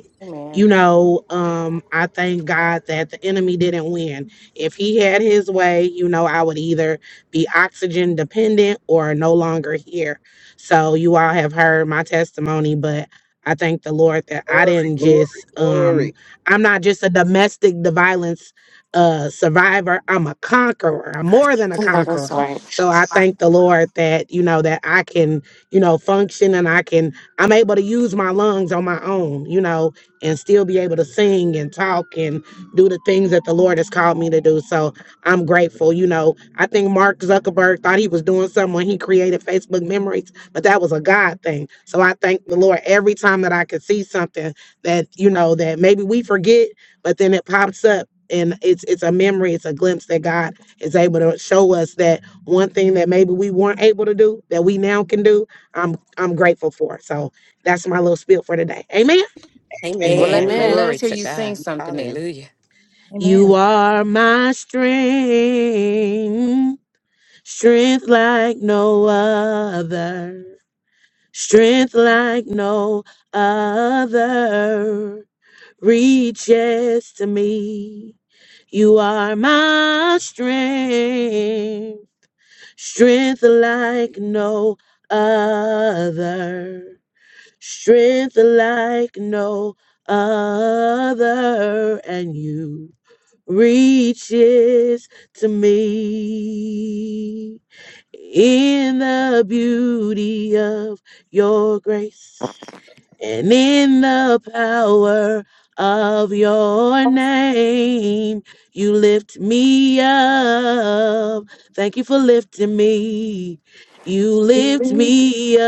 you
Amen.
know um i thank god that the enemy didn't win if he had his way you know i would either be oxygen dependent or no longer here so you all have heard my testimony but i thank the lord that i
Glory,
didn't
glory,
just um
glory.
I'm not just a domestic the violence uh, survivor. I'm a conqueror. I'm more than a
Oh, that's
conqueror.
right.
So I thank the Lord that you know that I can you know function and I can I'm able to use my lungs on my own. You know, and still be able to sing and talk and do the things that the Lord has called me to do. So I'm grateful. You know, I think Mark Zuckerberg thought he was doing something when he created Facebook Memories, but that was a God thing. So I thank the Lord every time that I could see something that you know that maybe we forget but then it pops up and it's it's a memory it's a glimpse that god is able to show us that one thing that maybe we weren't able to do that we now can do i'm i'm grateful for so that's my little spiel for today amen amen
Well, let,
Amen.
let,
Amen.
let
Glory
us hear
to
you sing
God.
something then.
Hallelujah.
you
Amen.
are my strength strength like no other strength like no other reaches to me. You are my strength, strength like no other, strength like no other, and you reaches to me in the beauty of your grace and in the power of your name, you lift me up. Thank you for lifting me. You lift
Amen.
me up.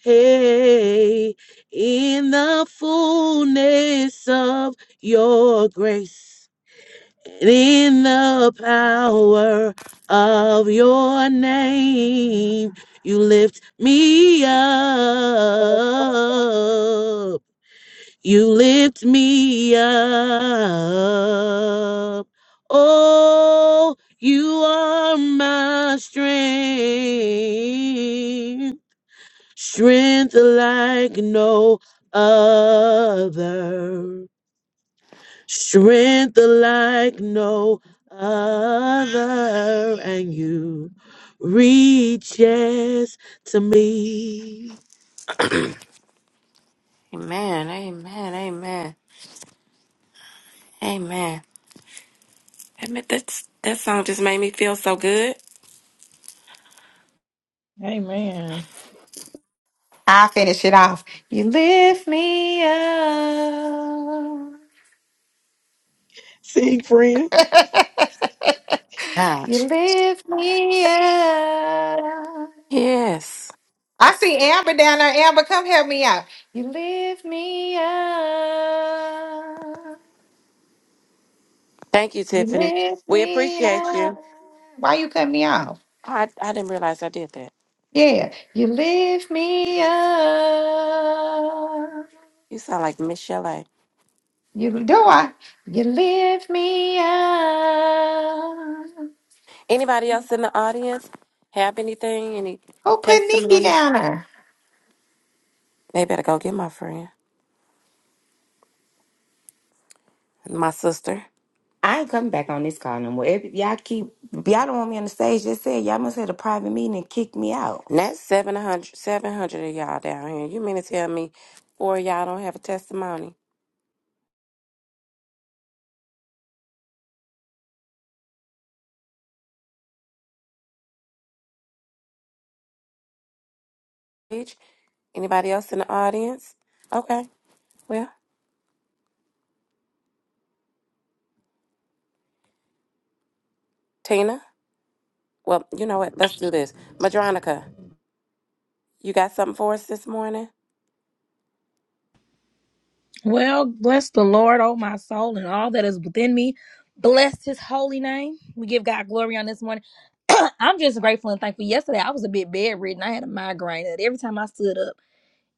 Hey, in the fullness of your grace. In the power of your name, you lift me up. You lift me up. Oh, you are my strength, strength like no other strength like no other, and you reaches to me.
Amen. Amen. Amen. Admit that's that song just made me feel so good.
Amen.
I'll finish it off. You lift me up.
Sing, friend.
Gosh.
you lift me up.
Yes.
I see Amber down there. Amber, come help me out. You lift me up.
Thank you,
You
Tiffany.
lift
We
me
appreciate
up.
you.
Why you cut me off?
I I didn't realize I did that.
Yeah. You lift me up.
You sound like Michelle. A.
You do I? You lift me up.
Anybody else in the audience have anything? Any
Who put Nikki
testimonies?
down there?
They better go get my friend, my sister.
I ain't coming back on this call no more. If y'all keep, if y'all don't want me on the stage, just say it. y'all must have a private meeting and kick me out.
That's 700, 700 of y'all down here. You mean to tell me four of y'all don't have a testimony? Each? Anybody else in the audience? Okay, well, Tina, well, you know what? Let's do this. Madronica, you got something for us this morning?
Well, bless the Lord, oh my soul, and all that is within me. Bless his holy name. We give God glory on this morning. I'm just grateful and thankful. Yesterday, I was a bit bedridden. I had a migraine. And every time I stood up,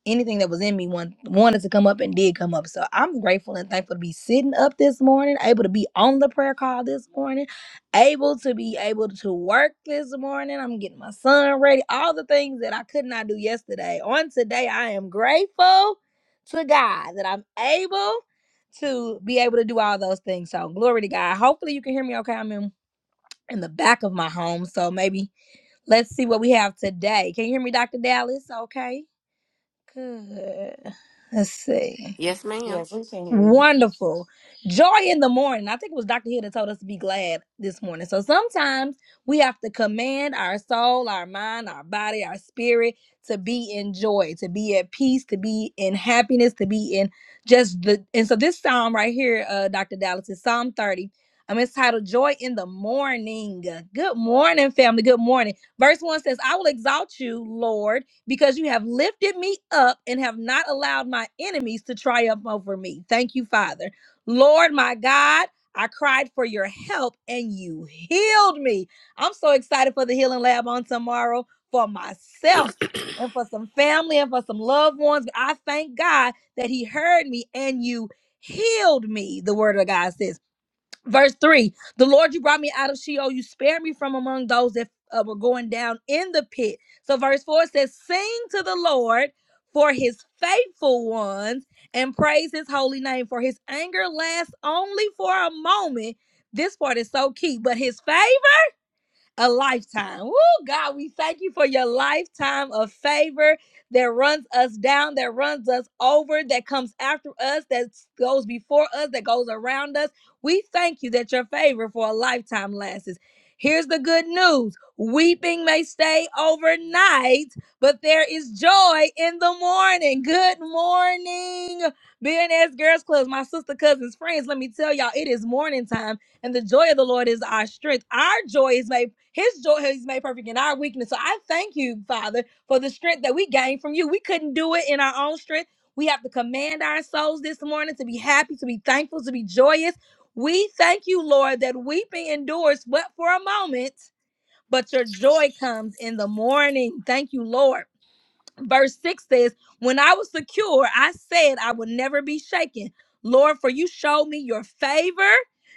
anything that was in me want, wanted to come up and did come up. So I'm grateful and thankful to be sitting up this morning, able to be on the prayer call this morning, able to be able to work this morning. I'm getting my son ready, all the things that I could not do yesterday. On today, I am grateful to God that I'm able to be able to do all those things. So glory to God. Hopefully you can hear me okay. I'm in, in the back of my home. So maybe let's see what we have today. Can you hear me, Dr. Dallas? Okay. Good. Let's see.
Yes, ma'am.
Yes, we can hear you.
Wonderful. Joy in the morning. I think it was Dr. Hill that told us to be glad this morning. So sometimes we have to command our soul, our mind, our body, our spirit to be in joy, to be at peace, to be in happiness, to be in just the. And so this psalm right here, uh, Dr. Dallas, is Psalm 30. Um, it's titled Joy in the Morning. Good morning, family. Good morning. Verse 1 says, I will exalt you, Lord because you have lifted me up and have not allowed my enemies to triumph over me. Thank you, Father. Lord, my God, I cried for your help and you healed me. I'm so excited for the healing lab on tomorrow for myself and for some family and for some loved ones. But I thank God that He heard me and you healed me, the word of God says. Verse 3 The Lord, you brought me out of Sheol. You spared me from among those that uh, were going down in the pit. So, verse 4 says, Sing to the Lord for his faithful ones and praise his holy name. For his anger lasts only for a moment. This part is so key, but his faith a lifetime. Woo, God, we thank you for your lifetime of favor that runs us down, that runs us over, that comes after us, that goes before us, that goes around us. We thank you that your favor for a lifetime lasts. Here's the good news weeping may stay overnight, but there is joy in the morning. Good morning, Billionaires Girls Club, my sister, cousins, friends. Let me tell y'all, it is morning time and the joy of the Lord is our strength. Our joy is made, His joy is made perfect in our weakness. So I thank you, Father, for the strength that we gained from you. We couldn't do it in our own strength. We have to command our souls this morning to be happy, to be thankful, to be joyous. We thank you, Lord, that weeping endures but for a moment, but your joy comes in the morning. Thank you, Lord. Verse 6 says, When I was secure, I said, I would never be shaken. Lord, for you showed me your favor.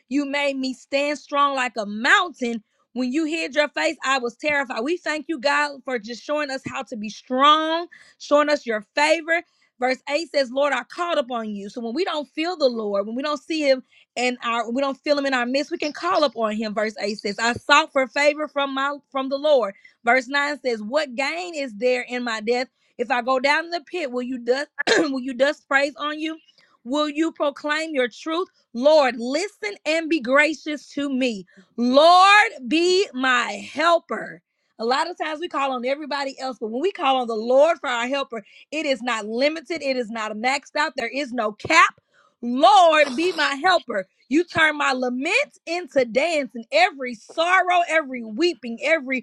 You made me stand strong like a mountain. When you hid your face, I was terrified. We thank you, God, for just showing us how to be strong, showing us your favor. Verse 8 says, Lord, I called upon you. So when we don't feel the Lord, when we don't see him in our we don't feel him in our midst, we can call upon him. Verse 8 says, I sought for favor from my from the Lord. Verse 9 says, What gain is there in my death? If I go down in the pit, will you dust will you dust praise on you? Will you proclaim your truth? Lord, listen and be gracious to me. Lord, be my helper. A lot of times we call on everybody else, but when we call on the Lord for our helper, it is not limited, it is not maxed out, there is no cap. Lord, be my helper. You turn my lament into dance and every sorrow, every weeping, every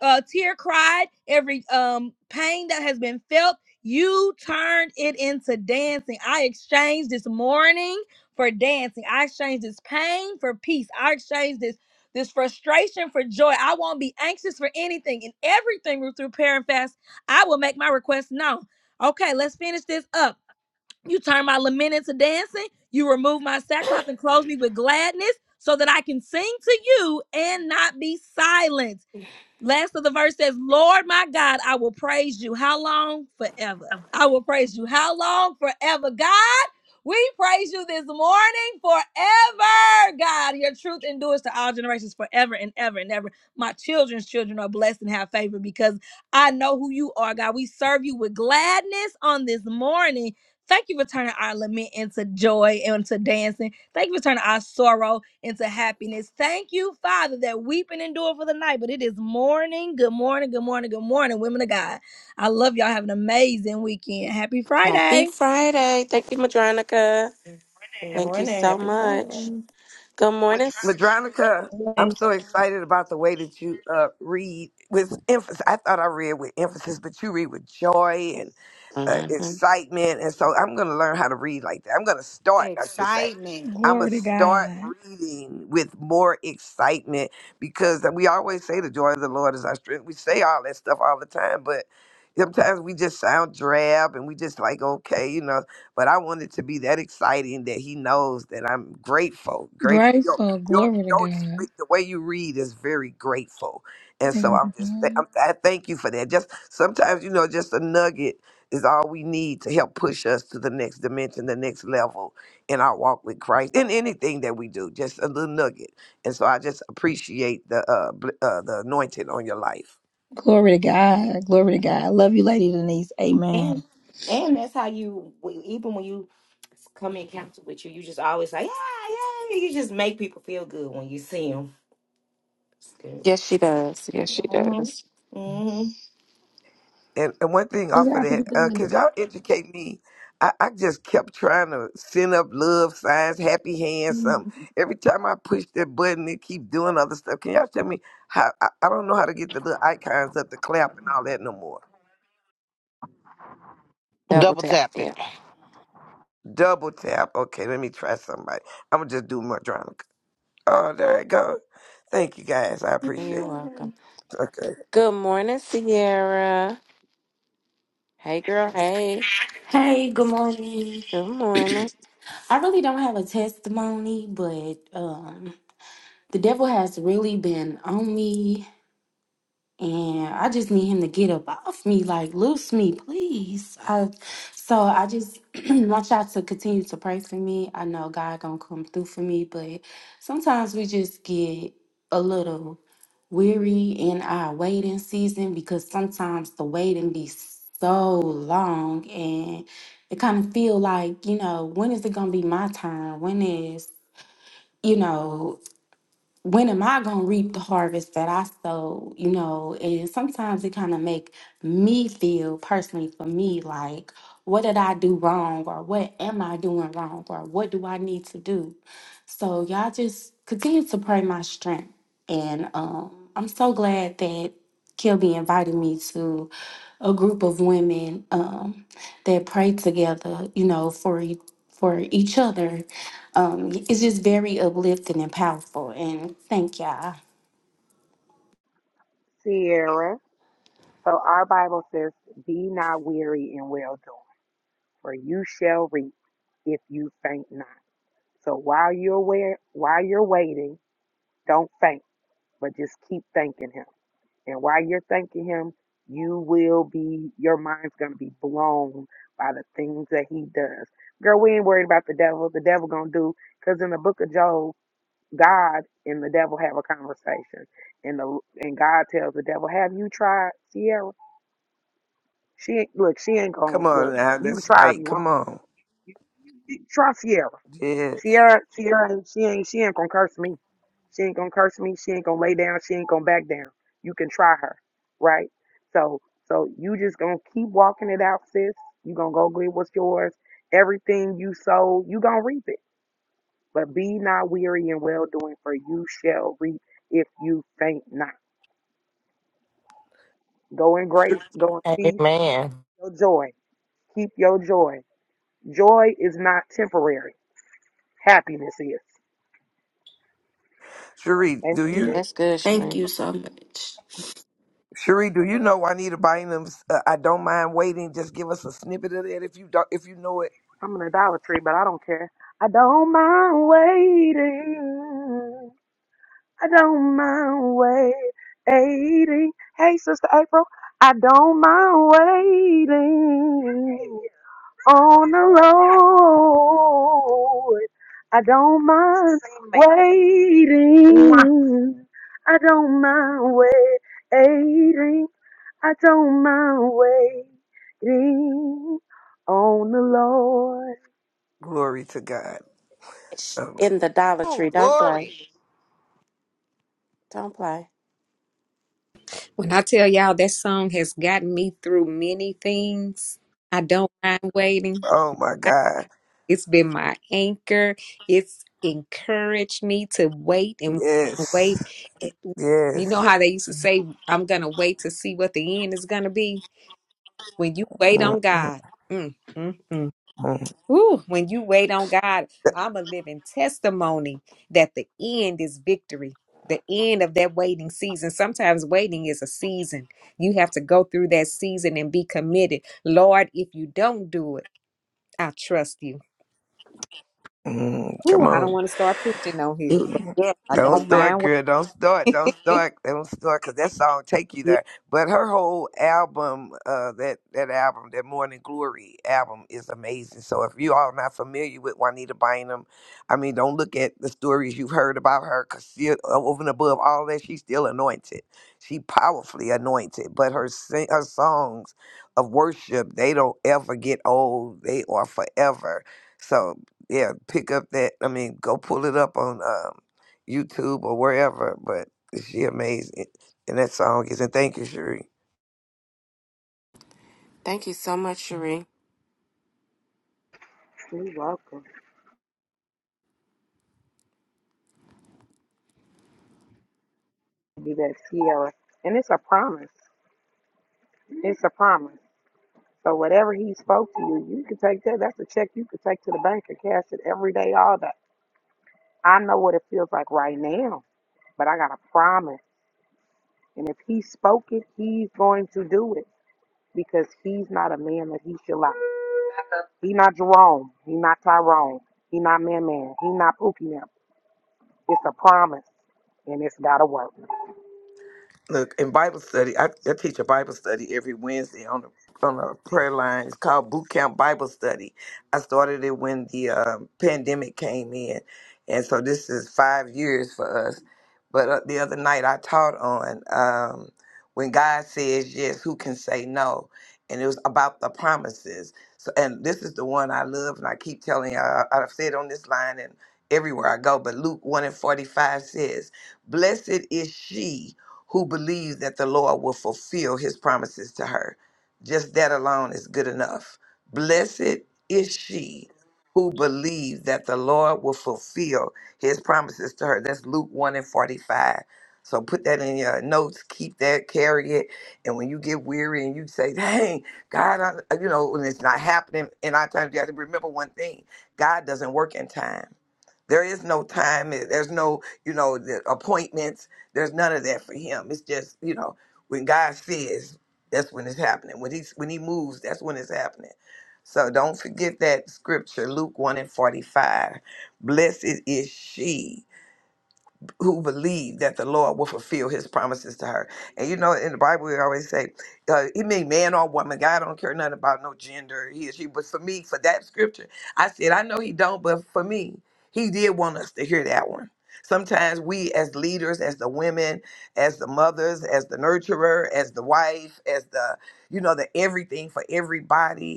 uh, tear cried, every um, pain that has been felt, you turned it into dancing. I exchanged this mourning for dancing. I exchanged this pain for peace. I exchanged this this frustration for joy. I won't be anxious for anything and everything through through prayer and fast. I will make my request known. Okay, let's finish this up. You turn my lament into dancing. You remove my sackcloth and clothe me with gladness so that I can sing to you and not be silent. Last of the verse says, Lord my God, I will praise you. How long? Forever. I will praise you. How long? Forever. God, we praise you this morning forever. God, your truth endures to all generations forever and ever and ever. My children's children are blessed and have favor because I know who you are, God. We serve you with gladness on this morning. Thank you for turning our lament into joy and to dancing. Thank you for turning our sorrow into happiness. Thank you, Father, that weeping endure for the night, but it is morning. Good morning, good morning, good morning, women of God. I love y'all. Have an amazing weekend. Happy
Happy
Friday.
Friday. Thank you, Madronica.
Good
Thank you
morning.
so
Happy
much.
Friday.
Good morning.
Madronica, I'm
Hey,
so excited about the way that you uh, read with emphasis. I thought I read with emphasis, but you read with joy uh,
Mm-hmm.
excitement. And so I'm going to learn how to read like that. I'm going to start, I should say.
Excitement.
I'm
Glory
going to
to
start
God.
reading with more excitement because we always say the joy of the Lord is our strength. We say all that stuff all the time, but sometimes we just sound drab and we just like, okay, you know. But I want it to be that exciting that He knows that I'm grateful. Grateful. Your,
Grateful.
your,
Glory to
your,
God.
speak- the way you read is very grateful. And so
Glory
I'm
to
just, th-
God.
I'm, I thank you for that. Just sometimes, you know, just a nugget is all we need to help push us to the next dimension, the next level in our walk with Christ, in anything that we do. Just a little nugget. And so I just appreciate the uh, bl- uh the anointing on your life.
Glory to God. Glory to God. I love you, Lady Denise.
And
Amen.
and that's how you even when you come in contact with you, you just always like yeah yeah. You just make people feel good when you see them. It's good.
Yes, she does. Yes, she
Mm-hmm.
does.
And and one thing
To
off of
God be the
that, uh,
glory.
could y'all educate me? I, I just kept trying to send up love signs, happy hands, something. Every time I push that button, it keep doing other stuff. Can y'all tell me how? I, I don't know how to get the little icons up, the clap and all that no more.
Double
Double
tap.
tap it.
Yeah.
Double tap. Okay, let me try somebody. I'm gonna just do Madronica. Oh, there it go. Thank you guys. I appreciate
You're
it.
Mm-hmm.
welcome.
Okay,
Good morning, Sierra. Hey, girl. Hey.
Hey, good morning.
Good morning.
I really don't have a testimony, but um, the devil has really been on me and I just need him to get up off me, like loose me, please. I, so I just want y'all to continue to pray for me. I know God gonna come through for me, but sometimes we just get a little weary in our waiting season because sometimes the waiting be so long and it kind of feel like you know when is it gonna be my turn? When is you know when am I gonna reap the harvest that I sow? You know, and sometimes it kind of make me feel personally for me like, what did I do wrong, or what am I doing wrong, or what do I need to do? So y'all just continue to pray my strength, and um, I'm so glad that Kilby invited me to a group of women um, that pray together. You know, for e- for each other um, it's just very uplifting and powerful. And thank y'all.
Sierra. So our Bible says, Be not weary in well doing, for you shall reap if you faint not. So while you're aware, while you're waiting, don't faint, but just keep thanking Him. And while you're thanking him, you will be, your mind's gonna be blown by the things that he does. Girl, we ain't worried about the devil. The devil gonna do, cause in the book of Job, God and the devil have a conversation. And the and God tells the devil, Have you tried Sierra? She ain't look, she ain't gonna
come
look,
on now.
you can
That's
try if
right.
you
Come
want.
on.
Try Sierra.
Yeah.
Sierra, Sierra, ain't- she ain't, she ain't gonna curse me. She ain't gonna curse me. She ain't gonna lay down. She ain't gonna back down. You can try her, right? So, so you just gonna keep walking it out, sis. You gonna go get what's yours. Everything you sow, you gonna reap it. But be not weary in well doing, for you shall reap if you faint not. Go in
Sh-
grace. Go in peace.
Amen.
Your joy. Keep your joy. Joy is not temporary. Happiness is.
Cherie, do you?
That's good,
Thank
Sheree.
you so much.
Cherie, do you know Juanita Bynum's? Uh, I don't mind waiting. Just give us a snippet of that if you don't. If you know it,
I'm an idolatry, but I don't care. I don't mind waiting. I don't mind waiting. Hey, Sister April, I don't mind waiting on the Lord. I don't mind waiting. I don't mind waiting. I don't mind waiting on the Lord.
glory to God. So,
In the Dollar
Oh,
Tree. Don't play.
glory.
Don't play.
When I tell y'all that song has gotten me through many things, I don't mind waiting.
oh my
I-
God,
It's been my anchor. It's encouraged me to wait and
yes,
wait. It- you know
yes.
how they used to say, I'm going to wait to see what the end is going to be? When you wait
Mm,
on
mm,
God, mm, mm, mm.
mm.
Woo, when you wait on God, I'm a living testimony that the end is victory. The end of that waiting season. Sometimes waiting is a season. You have to go through that season and be committed. Lord, if you don't do it, I trust you.
Mm,
Woo,
Come
I
on.
don't want to start preaching on here, but
Mm.
yeah, I
Don't
don't
start,
mind what.
girl. Don't start. Don't start. Don't start, cause that song take you
Yeah.
there. But her whole album, uh, that that album, that Morning Glory album, is amazing. So if you all not familiar with Juanita Bynum, I mean, don't look at the stories you've heard about her, cause she, uh, over and above all that, she's still anointed. She powerfully anointed. But her sing, her songs of worship, they don't ever get old. They are forever. So yeah, pick up that. I mean, go pull it up on um, YouTube or wherever. But she amazing, and that song is. And thank you, Cherie.
Thank you so much, Sheree.
You're welcome to be that Sierra. And it's a promise. It's a promise. So whatever he spoke to you, you can take that. That's a check you can take to the bank and cash it every day, all day. I know what it feels like right now, but I got a promise. And if he spoke it, he's going to do it because he's not a man that he should lie. He not Jerome. He not Tyrone. He not Man Man. He not Pookie man. It's a promise, and it's got to work.
Look, in Bible study, I, I teach a Bible study every Wednesday on the on the prayer line. It's called Boot Camp Bible Study. I started it when the um, pandemic came in, and so this is five years for us. But uh, the other night I taught on um, when God says yes, who can say no? And it was about the promises. So, and this is the one I love, and I keep telling you I- I've said on this line and everywhere I go. But Luke 1 and 45 says, Blessed is she who believes that the Lord will fulfill his promises to her. Just that alone is good enough. Blessed is she who believes that the Lord will fulfill his promises to her. That's Luke 1 and 45. So put that in your notes, keep that, carry it. And when you get weary and you say, dang, God, I, you know, and it's not happening in our time, you have to remember one thing God doesn't work in time. There is no time. eh, There's no, you know, the appointments. There's none of that for him. It's just, you know, when God says, that's when it's happening. When he's when he moves, that's when it's happening. So don't forget that scripture, Luke 1 and 45. Blessed is she who believed that the Lord will fulfill his promises to her. And you know, in the Bible, we always say, uh, he mean man or woman. God don't care nothing about no gender, he or she. But for me, for that scripture, I said, I know he don't, but for me, he did want us to hear that one. Sometimes we as leaders, as the women, as the mothers, as the nurturer, as the wife, as the, you know, the everything for everybody,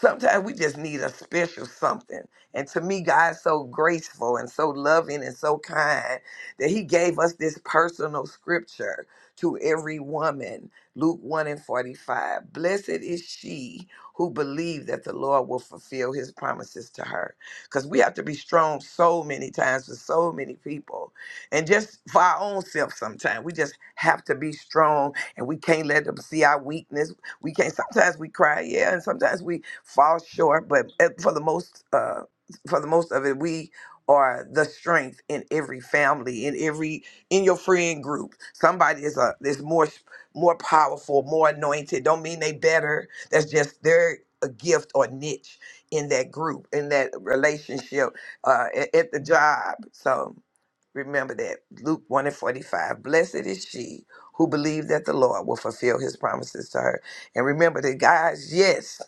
sometimes we just need a special something. And to me, God's so graceful and so loving and so kind that He gave us this personal scripture to every woman Luke 1 and 45. Blessed is she who believed that the Lord will fulfill His promises to her. Because we have to be strong so many times for so many people. And just for our own self, sometimes we just have to be strong and we can't let them see our weakness. We can't, sometimes we cry, yeah, and sometimes we fall short, but uh, for the most uh, for the most of it, we are the strength in every family, in every in your friend group. Somebody is a is more s- more powerful, more anointed. Don't mean they better. That's just their a gift or niche in that group, in that relationship, uh, a- at the job. So remember that Luke one and forty five. Blessed is she who believed that the Lord will fulfill His promises to her. And remember that, guys, yes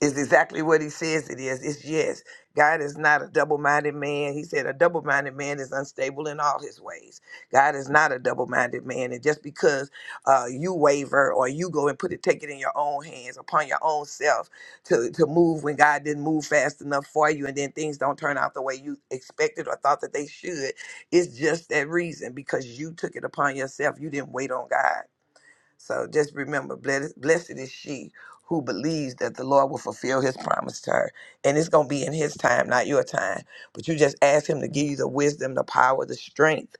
is exactly what he says it is. It's yes. God is not a double minded man. He said a double minded man is unstable in all his ways. God is not a double minded man. And just because uh, you waver or you go and put it, take it in your own hands upon your own self to, to move when God didn't move fast enough for you and then things don't turn out the way you expected or thought that they should, it's just that reason because you took it upon yourself. You didn't wait on God. So just remember, blessed, blessed is she who believes that the Lord will fulfill his promise to her. And it's going to be in his time, not your time. But you just ask him to give you the wisdom, the power, the strength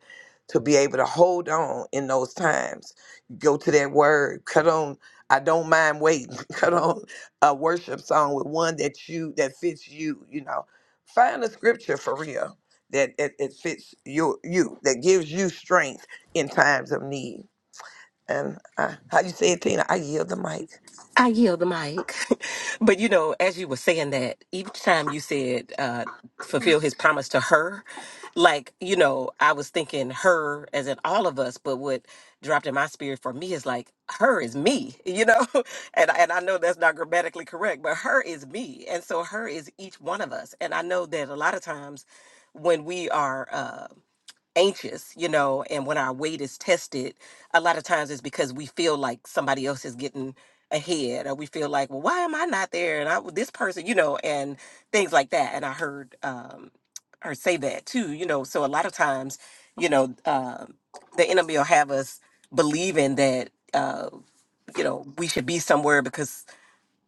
to be able to hold on in those times. Go to that word, cut on. I don't mind waiting. Cut on a worship song with one that you that fits you. You know, find a scripture for real that it, it fits you. You that gives you strength in times of need. And I, how you say it, Tina? I yield the mic.
I yield the mic. but you know, as you were saying that, each time you said uh, fulfill his promise to her, like, you know, I was thinking her as in all of us, but what dropped in my spirit for me is like, her is me, you know? and, and I know that's not grammatically correct, but her is me. And so her is each one of us. And I know that a lot of times when we are, uh, anxious, you know, and when our weight is tested, a lot of times it's because we feel like somebody else is getting ahead or we feel like, well, why am I not there? And I this person, you know, and things like that. And I heard um her say that too, you know. So a lot of times, you know, um the enemy will have us believing that uh, you know, we should be somewhere because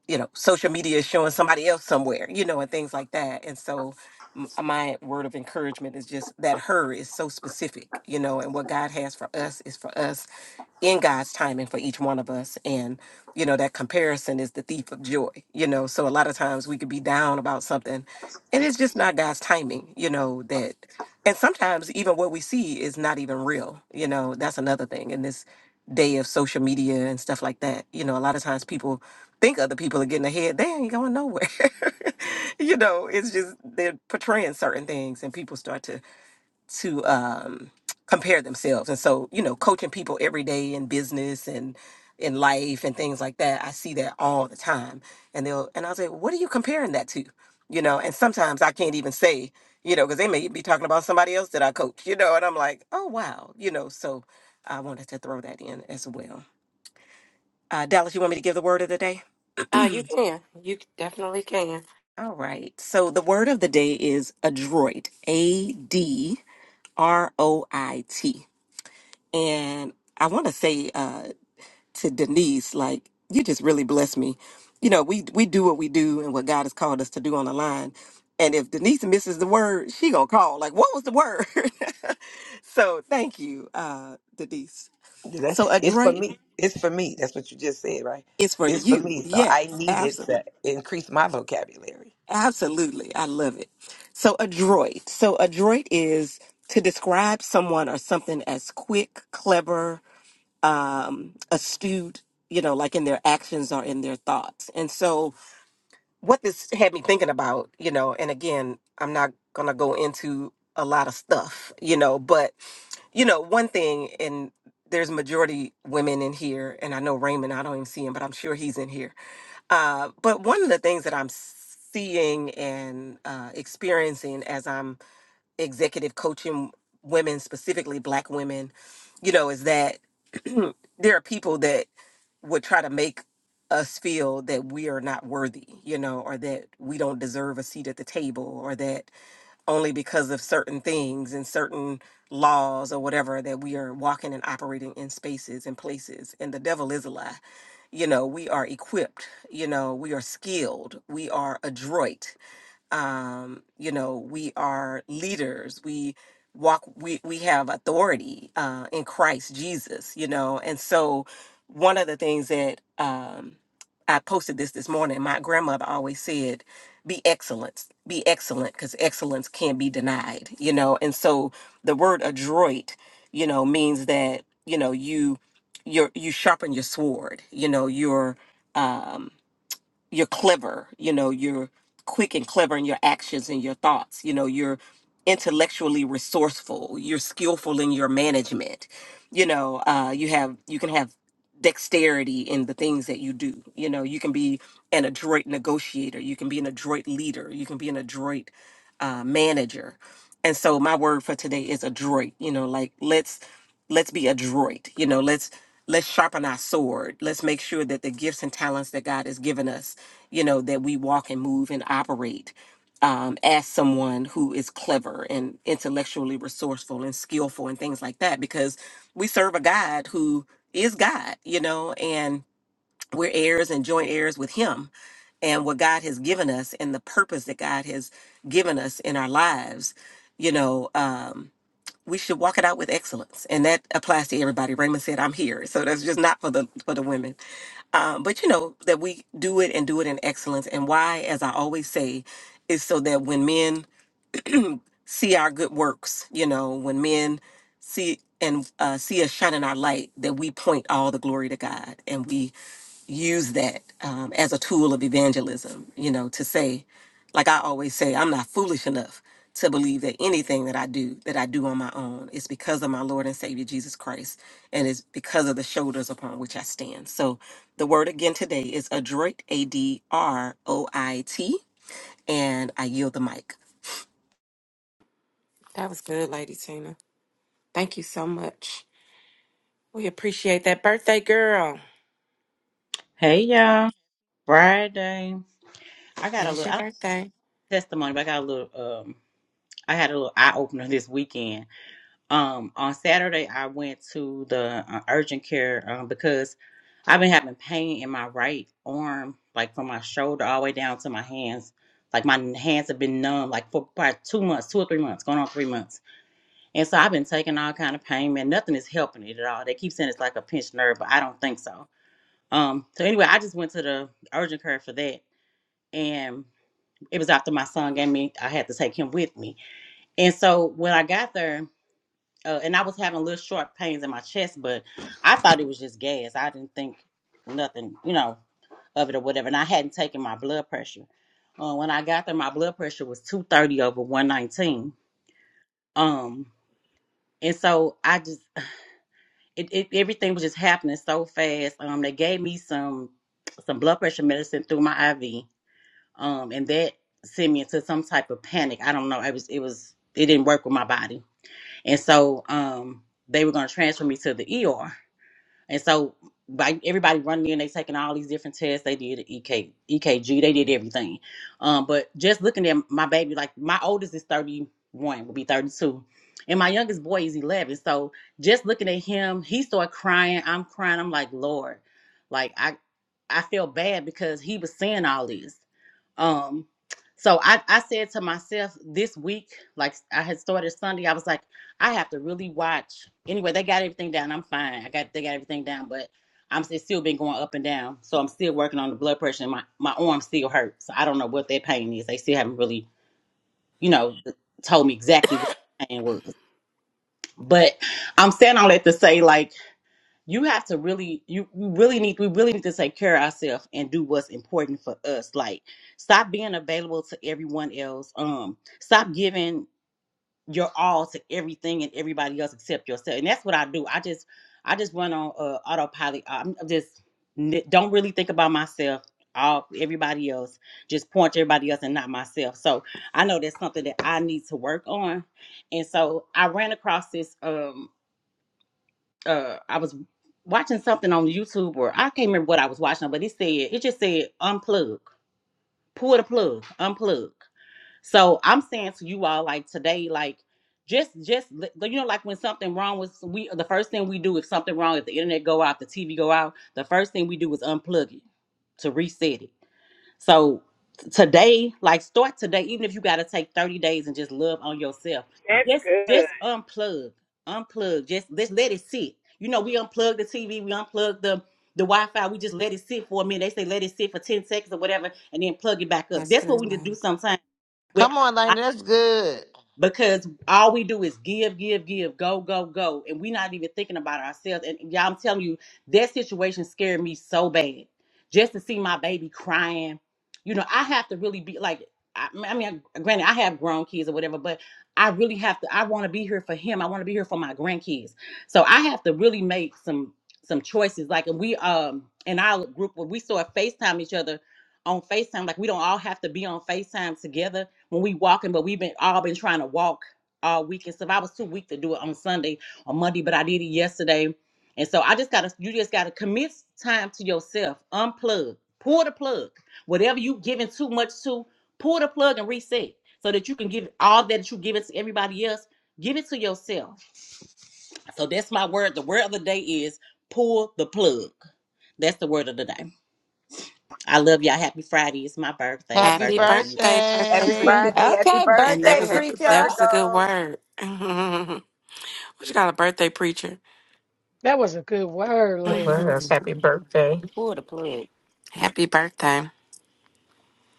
you know, social media is showing somebody else somewhere, you know, and things like that. And so, m- uh, my word of encouragement is just that her is so specific, you know, and what God has for us is for us in God's timing for each one of us. And, you know, that comparison is the thief of joy, you know. So, a lot of times we could be down about something and it's just not God's timing, you know, that. And sometimes even what we see is not even real, you know, that's another thing in this day of social media and stuff like that. You know, a lot of times people think other people are getting ahead, they ain't going nowhere. you know, it's just they're portraying certain things, and people start to to um, compare themselves. And so, you know, coaching people every day in business and in life and things like that, I see that all the time. And they'll and I'll say, "What are you comparing that to?" You know, and sometimes I can't even say, you know, because they may be talking about somebody else that I coach. You know, and I'm like, "Oh wow," you know. So I wanted to throw that in as well. Uh, Dallas, you want me to give the word of the day?
Uh, you can. You definitely can.
All right. So the word of the day is adroit. A D R O I T. And I want to say uh, to Denise, like you just really bless me. You know, we we do what we do and what God has called us to do on the line. And if Denise misses the word, she gonna call. Like, what was the word? so thank you, uh, Denise.
That-
So
It's for
adroit
me. It's for me. That's what you just said, right?
is for
It's for
you.
me. So
Yes,
I needed to
absolutely.
increase my vocabulary.
Absolutely. I love it. So, adroit. So, adroit is to describe someone or something as quick, clever, um, astute, you know, like in their actions or in their thoughts. And so, what this had me thinking about, you know, and again, I'm not going to go into a lot of stuff, you know, but, you know, one thing, and there's majority women in here, and I know Raymond, I don't even see him, but I'm sure he's in here uh, but one of the things that I'm seeing and uh, experiencing as I'm executive coaching women, specifically Black women, you know, is that there are people that would try to make us feel that we are not worthy, you know, or that we don't deserve a seat at the table, or that only because of certain things and certain laws or whatever that we are walking and operating in spaces and places. And the devil is a lie. You know, we are equipped, you know, we are skilled, we are adroit um, you know we are leaders we walk we we have authority uh, in christ jesus you know and so one of the things that um, i posted this this morning my grandmother always said be excellent be excellent because excellence can't be denied you know and so the word adroit you know means that you know you you you sharpen your sword you know you're um you're clever you know you're quick and clever in your actions and your thoughts you know you're intellectually resourceful you're skillful in your management you know uh, you have you can have dexterity in the things that you do you know you can be an adroit negotiator you can be an adroit leader you can be an adroit uh, manager and so my word for today is adroit you know like let's let's be adroit you know let's let's sharpen our sword let's make sure that the gifts and talents that god has given us you know that we walk and move and operate um, as someone who is clever and intellectually resourceful and skillful and things like that because we serve a god who is god you know and we're heirs and joint heirs with him and what god has given us and the purpose that god has given us in our lives you know um we should walk it out with excellence and that applies to everybody raymond said i'm here so that's just not for the for the women um but you know that we do it and do it in excellence and why as i always say is so that when men see our good works you know when men see and uh, see us shining our light that we point all the glory to god and we use that um, as a tool of evangelism, you know, to say, like I always say, I'm not foolish enough to believe that anything that I do, that I do on my own, is because of my Lord and Savior Jesus Christ, and it's because of the shoulders upon which I stand. So the word again today is adroit, A D R O I T, and I yield the mic.
That was good, Lady Tina. Thank you so much. We appreciate that birthday, girl.
Hey, y'all. Friday. I got
And
a
it's
little I
your
don't
birthday.
have testimony, but I got a little um I had a little eye opener this weekend. Um on Saturday I went to the uh, urgent care um because I've been having pain in my right arm like from my shoulder all the way down to my hands. Like my n- hands have been numb like for about 2 months, 2 or 3 months, going on 3 months. And so I've been taking all kind of pain man, nothing is helping it at all. They keep saying it's like a pinched nerve, but I don't think so. Um so anyway, I just went to the urgent care for that. And It was after my son gave me, I had to take him with me. And so when I got there, uh, and I was having little short pains in my chest, but I thought it was just gas. I didn't think nothing, you know, of it or whatever. And I hadn't taken my blood pressure. Uh, when I got there, my blood pressure was 230 over 119. Um, and so I just, it, it everything was just happening so fast. Um, they gave me some some blood pressure medicine through my IV um, and that sent me into some type of panic. I don't know. It was it was it didn't work with my body, and so um, they were going to transfer me to the ER, and so by everybody running in, they taking all these different tests. They did a EK, EKG, they did everything, um, but just looking at my baby, like my oldest is thirty one, will be thirty two. And my youngest boy is 11. So just looking at him, he started crying. I'm crying. I'm like, Lord, like, I I felt bad because he was saying all this. Um, so I, I said to myself this week, like I had started Sunday, I was like, I have to really watch. Anyway, they got everything down. I'm fine. I got they got everything down, but I'm it's still been going up and down. So I'm still working on the blood pressure and my, my arm still hurts. So I don't know what that pain is. They still haven't really, you know, told me exactly what the pain was. But I'm saying all that to say like you have to really you you really need we really need to take care of ourselves and do what's important for us like stop being available to everyone else um stop giving your all to everything and everybody else except yourself and that's what i do i just i just run on uh, autopilot i'm I'm just n- don't really think about myself all everybody else just point to everybody else and not myself so i know that's something that i need to work on and so i ran across this um uh I was watching something on YouTube or I can't remember what I was watching, but it said it just said unplug, pull the plug, unplug. So I'm saying to you all like today, like just just li- you know like when something wrong was we the first thing we do if something wrong if the internet go out the TV go out the first thing we do is unplug it to reset it so t- today, like start today, even if you gotta take 30 days and just love on yourself. Just just unplug. Unplug. Just just let it sit. You know, we unplug the TV, we unplug the the Wi-Fi, we just let it sit for a minute. They say let it sit for 10 seconds or whatever, and then plug it back up.
That's
That's
good,
what we need to do
Lena.
sometimes with
Come on, Dana. That's good.
because all we do is give, give, give, go, go, go, and we're not even thinking about ourselves. And y'all, I'm telling you, that situation scared me so bad. Just to see my baby crying, you know, I have to really be like, I, I mean, granted, I have grown kids or whatever, but I really have to. I want to be here for him. I want to be here for my grandkids. So I have to really make some some choices. Like, and we um in our group when we saw FaceTime each other on FaceTime, like we don't all have to be on FaceTime together when we walking, but we've been all been trying to walk all week and stuff. I was too weak to do it on Sunday or Monday, but I did it yesterday. And so I just gotta you just gotta commit time to yourself. Unplug. Pull the plug. Whatever you giving too much to, pull the plug and reset so that you can give all that you give it to everybody else. Give it to yourself. So that's my word. The word of the day is pull the plug. That's the word of the day. I love y'all. Happy Friday. It's my birthday,
Happy
Happy
Virgo season.
birthday, birthday.
Happy
Pre-
birthday.
Friday. Happy
Okay,
and that
birthday
birthday.
was a
Happy
preacher.
that was a good
Virgo.
word. what you got a birthday preacher?
That was a good word,
It
Lena.
was.
Happy
Happy birthday.
Pull the plug.
birthday.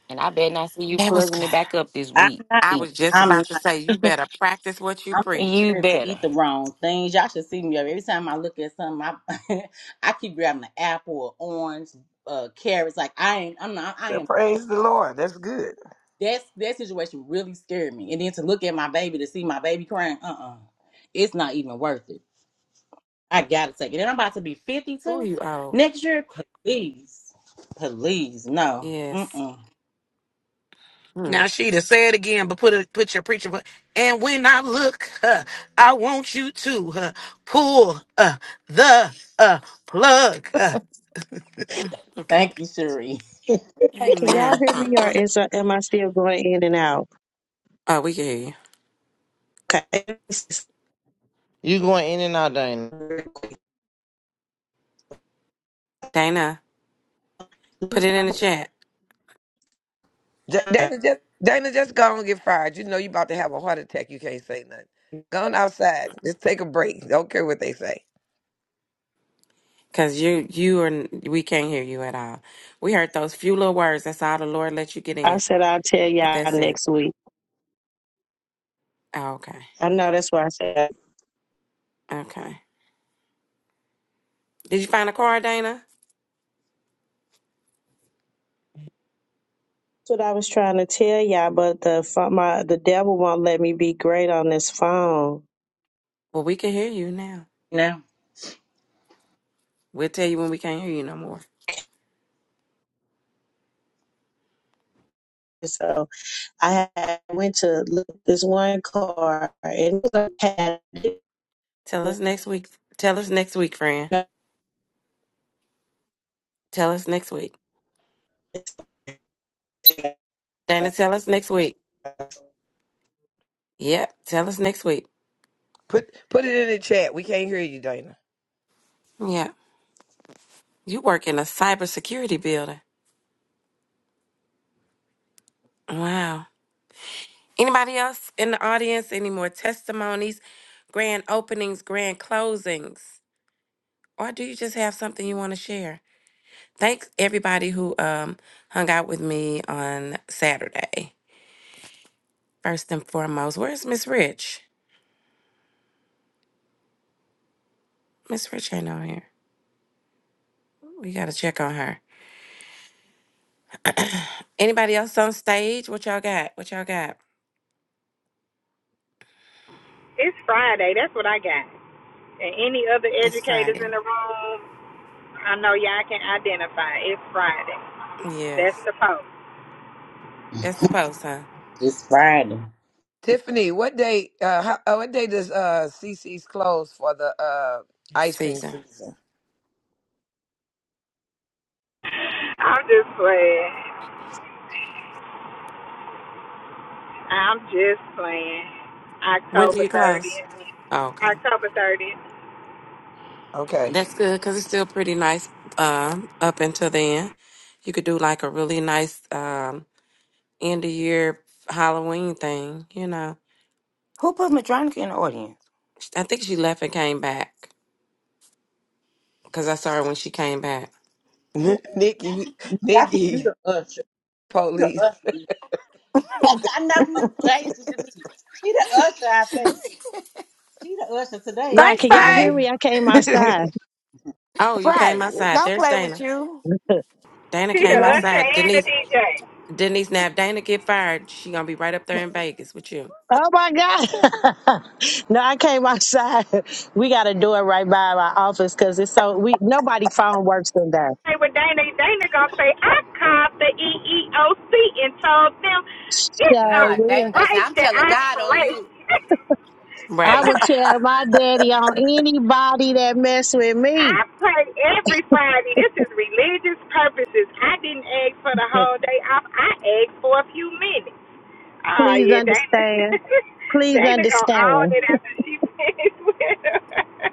And I better not see you
That was
plugging
good.
it back up this
I'm
week.
not.
I was just
I'm.
about to
You
say you better practice what you
I'm
preach.
scared to
better.
eat the wrong things. Y'all should see me every time I look at something. I I keep grabbing an apple or orange, uh, carrots. Like I ain't. I'm not. I
Well,
am.
praise the Lord. That's good.
That's that situation really scared me. And then to look at my baby to see my baby crying. Uh uh it's not even worth it. I gotta take it. And I'm about to be
Who
52
you out.
next year. Please, please, no.
Yes.
Mm-mm.
Hmm.
Now, Sheeta, say it again, but put a, put your preacher. vo- And when I look, uh, I want you to uh, pull uh, the uh, plug. Uh.
Thank you, Cherie.
hey, can y'all
Amen.
hear me or is uh, am I still going in and out?
Oh, we can hear you.
Okay.
You going in and out, Dana.
Dana, put it in the chat.
Ja- Dana just Dana just go and get fired. You know you about to have a heart attack. You can't say nothing. Go on outside. Just take a break. Don't care what they say.
Cause you you are n- we can't hear you at all. We heard those few little words. That's all the Lord let you get
I
in.
said I'll tell
But
y'all
that's it.
next week.
Oh, okay.
I know that's what I said. That's
Okay. Did you find a car, Dana?
what I was trying to tell y'all, but the pho- my the devil won't let me be great on this phone.
Well, we can hear you now.
now
We'll tell you when we can't hear you no more.
So I had, went to look at this one car and it had
Tell us next week. Tell us next week, friend. Tell us next week. Dana, tell us next week. Yep. Tell us next week.
Put put it in the chat. We can't hear you, Dana.
Yeah. You work in a cybersecurity building. Wow. Anybody else in the audience? Any more testimonies, grand openings, grand closings? Or do you just have something you want to share? Thanks everybody who um hung out with me on Saturday. First and foremost, where's Miss Rich? Miss Rich ain't on here. We gotta check on her. Anybody else on stage? What y'all got? What y'all got?
It's Friday. That's what I got. And any other
It's
educators
Friday.
in the room, I know y'all can identify. It's Friday. That's
Yes.
the post.
That's the post, huh?
it's Friday.
Tiffany, what day? Uh, how, uh, what day does uh CC's close for the uh ice cream
Season.
season?
I'm just playing. I'm just playing.
When do
October
you close? Oh,
30th.
Okay.
October 30th.
Okay,
That's good because it's still pretty nice um, up until then. You could do like a really nice um, end of year Halloween thing, you know.
Who put Madronica in the audience?
I think she left and came back because I saw her when she came back.
Nikki,
I think you
Nikki,
the usher. You the
police.
usher. I know. Praise Denise. She the usher, I think. She the usher today.
yeah,
She-
Thanks,
can
Oop.
y'all
Faith.
hear me?
Mhm.
I came outside.
Oh, you came
Right.
outside.
Don't
There's
play with
Dana.
you.
Dana
She the
came
Y'all
usher
outside.
and the
Denise,
DJ.
Denise, now if Dana get fired, she gonna be right up there in Vegas with you.
Oh my God. no, I came outside. We got a door right by my office because it's so we nobody phone works in there.
say with Dana, Dana gonna say I called the EEOC and told them it's a
So
Nah, Dana
we-
gonna say,
right
I'm
that
telling
I
God on
play.
you.
I
Right.
would tell my daddy on anybody that mess with me.
I pray every Friday. This is religious purposes. I didn't ask for the whole day off. I asked for a few minutes. Oh
Please
yeah, Dana.
understand. Please
Dana gonna
understand.
own it after she finished with her.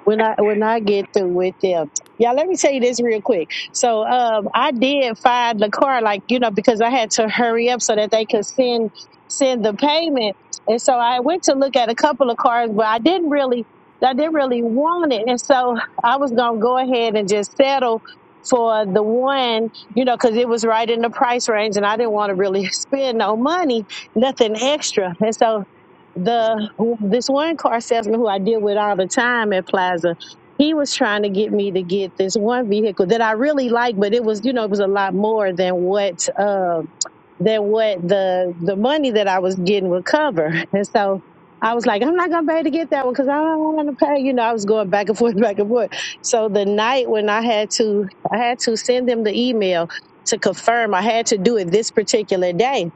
when I when I get through with them. Y'all, let me tell you this real quick. So um I did find the car like, you know, because I had to hurry up so that they could send send the payment. And so I went to look at a couple of cars, but I didn't really I didn't really want it. And so I was gonna go ahead and just settle for the one, you know, because it was right in the price range and I didn't want to really spend no money, nothing extra. And so the this one car salesman who I deal with all the time at Plaza, he was trying to get me to get this one vehicle that I really like, but it was you know it was a lot more than what uh, than what the the money that I was getting would cover, and so. I was like, I'm not gonna pay to get that one because I don't want to pay. You know, I was going back and forth, back and forth. So the night when I had to, I had to send them the email to confirm I had to do it this particular day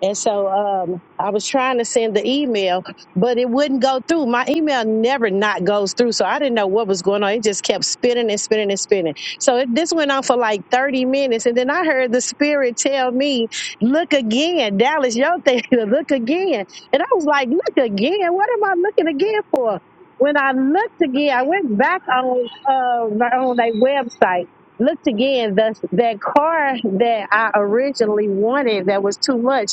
and so um, I was trying to send the email, but it wouldn't go through. My email never not goes through. So I didn't know what was going on. It just kept spinning and spinning and spinning. So it, this went on for like 30 minutes. And then I heard the spirit tell me, look again, Dallas, your thing, look again. And I was like, look again? What am I looking again for? When I looked again, I went back on uh, my on their website looked again the that car that I originally wanted that was too much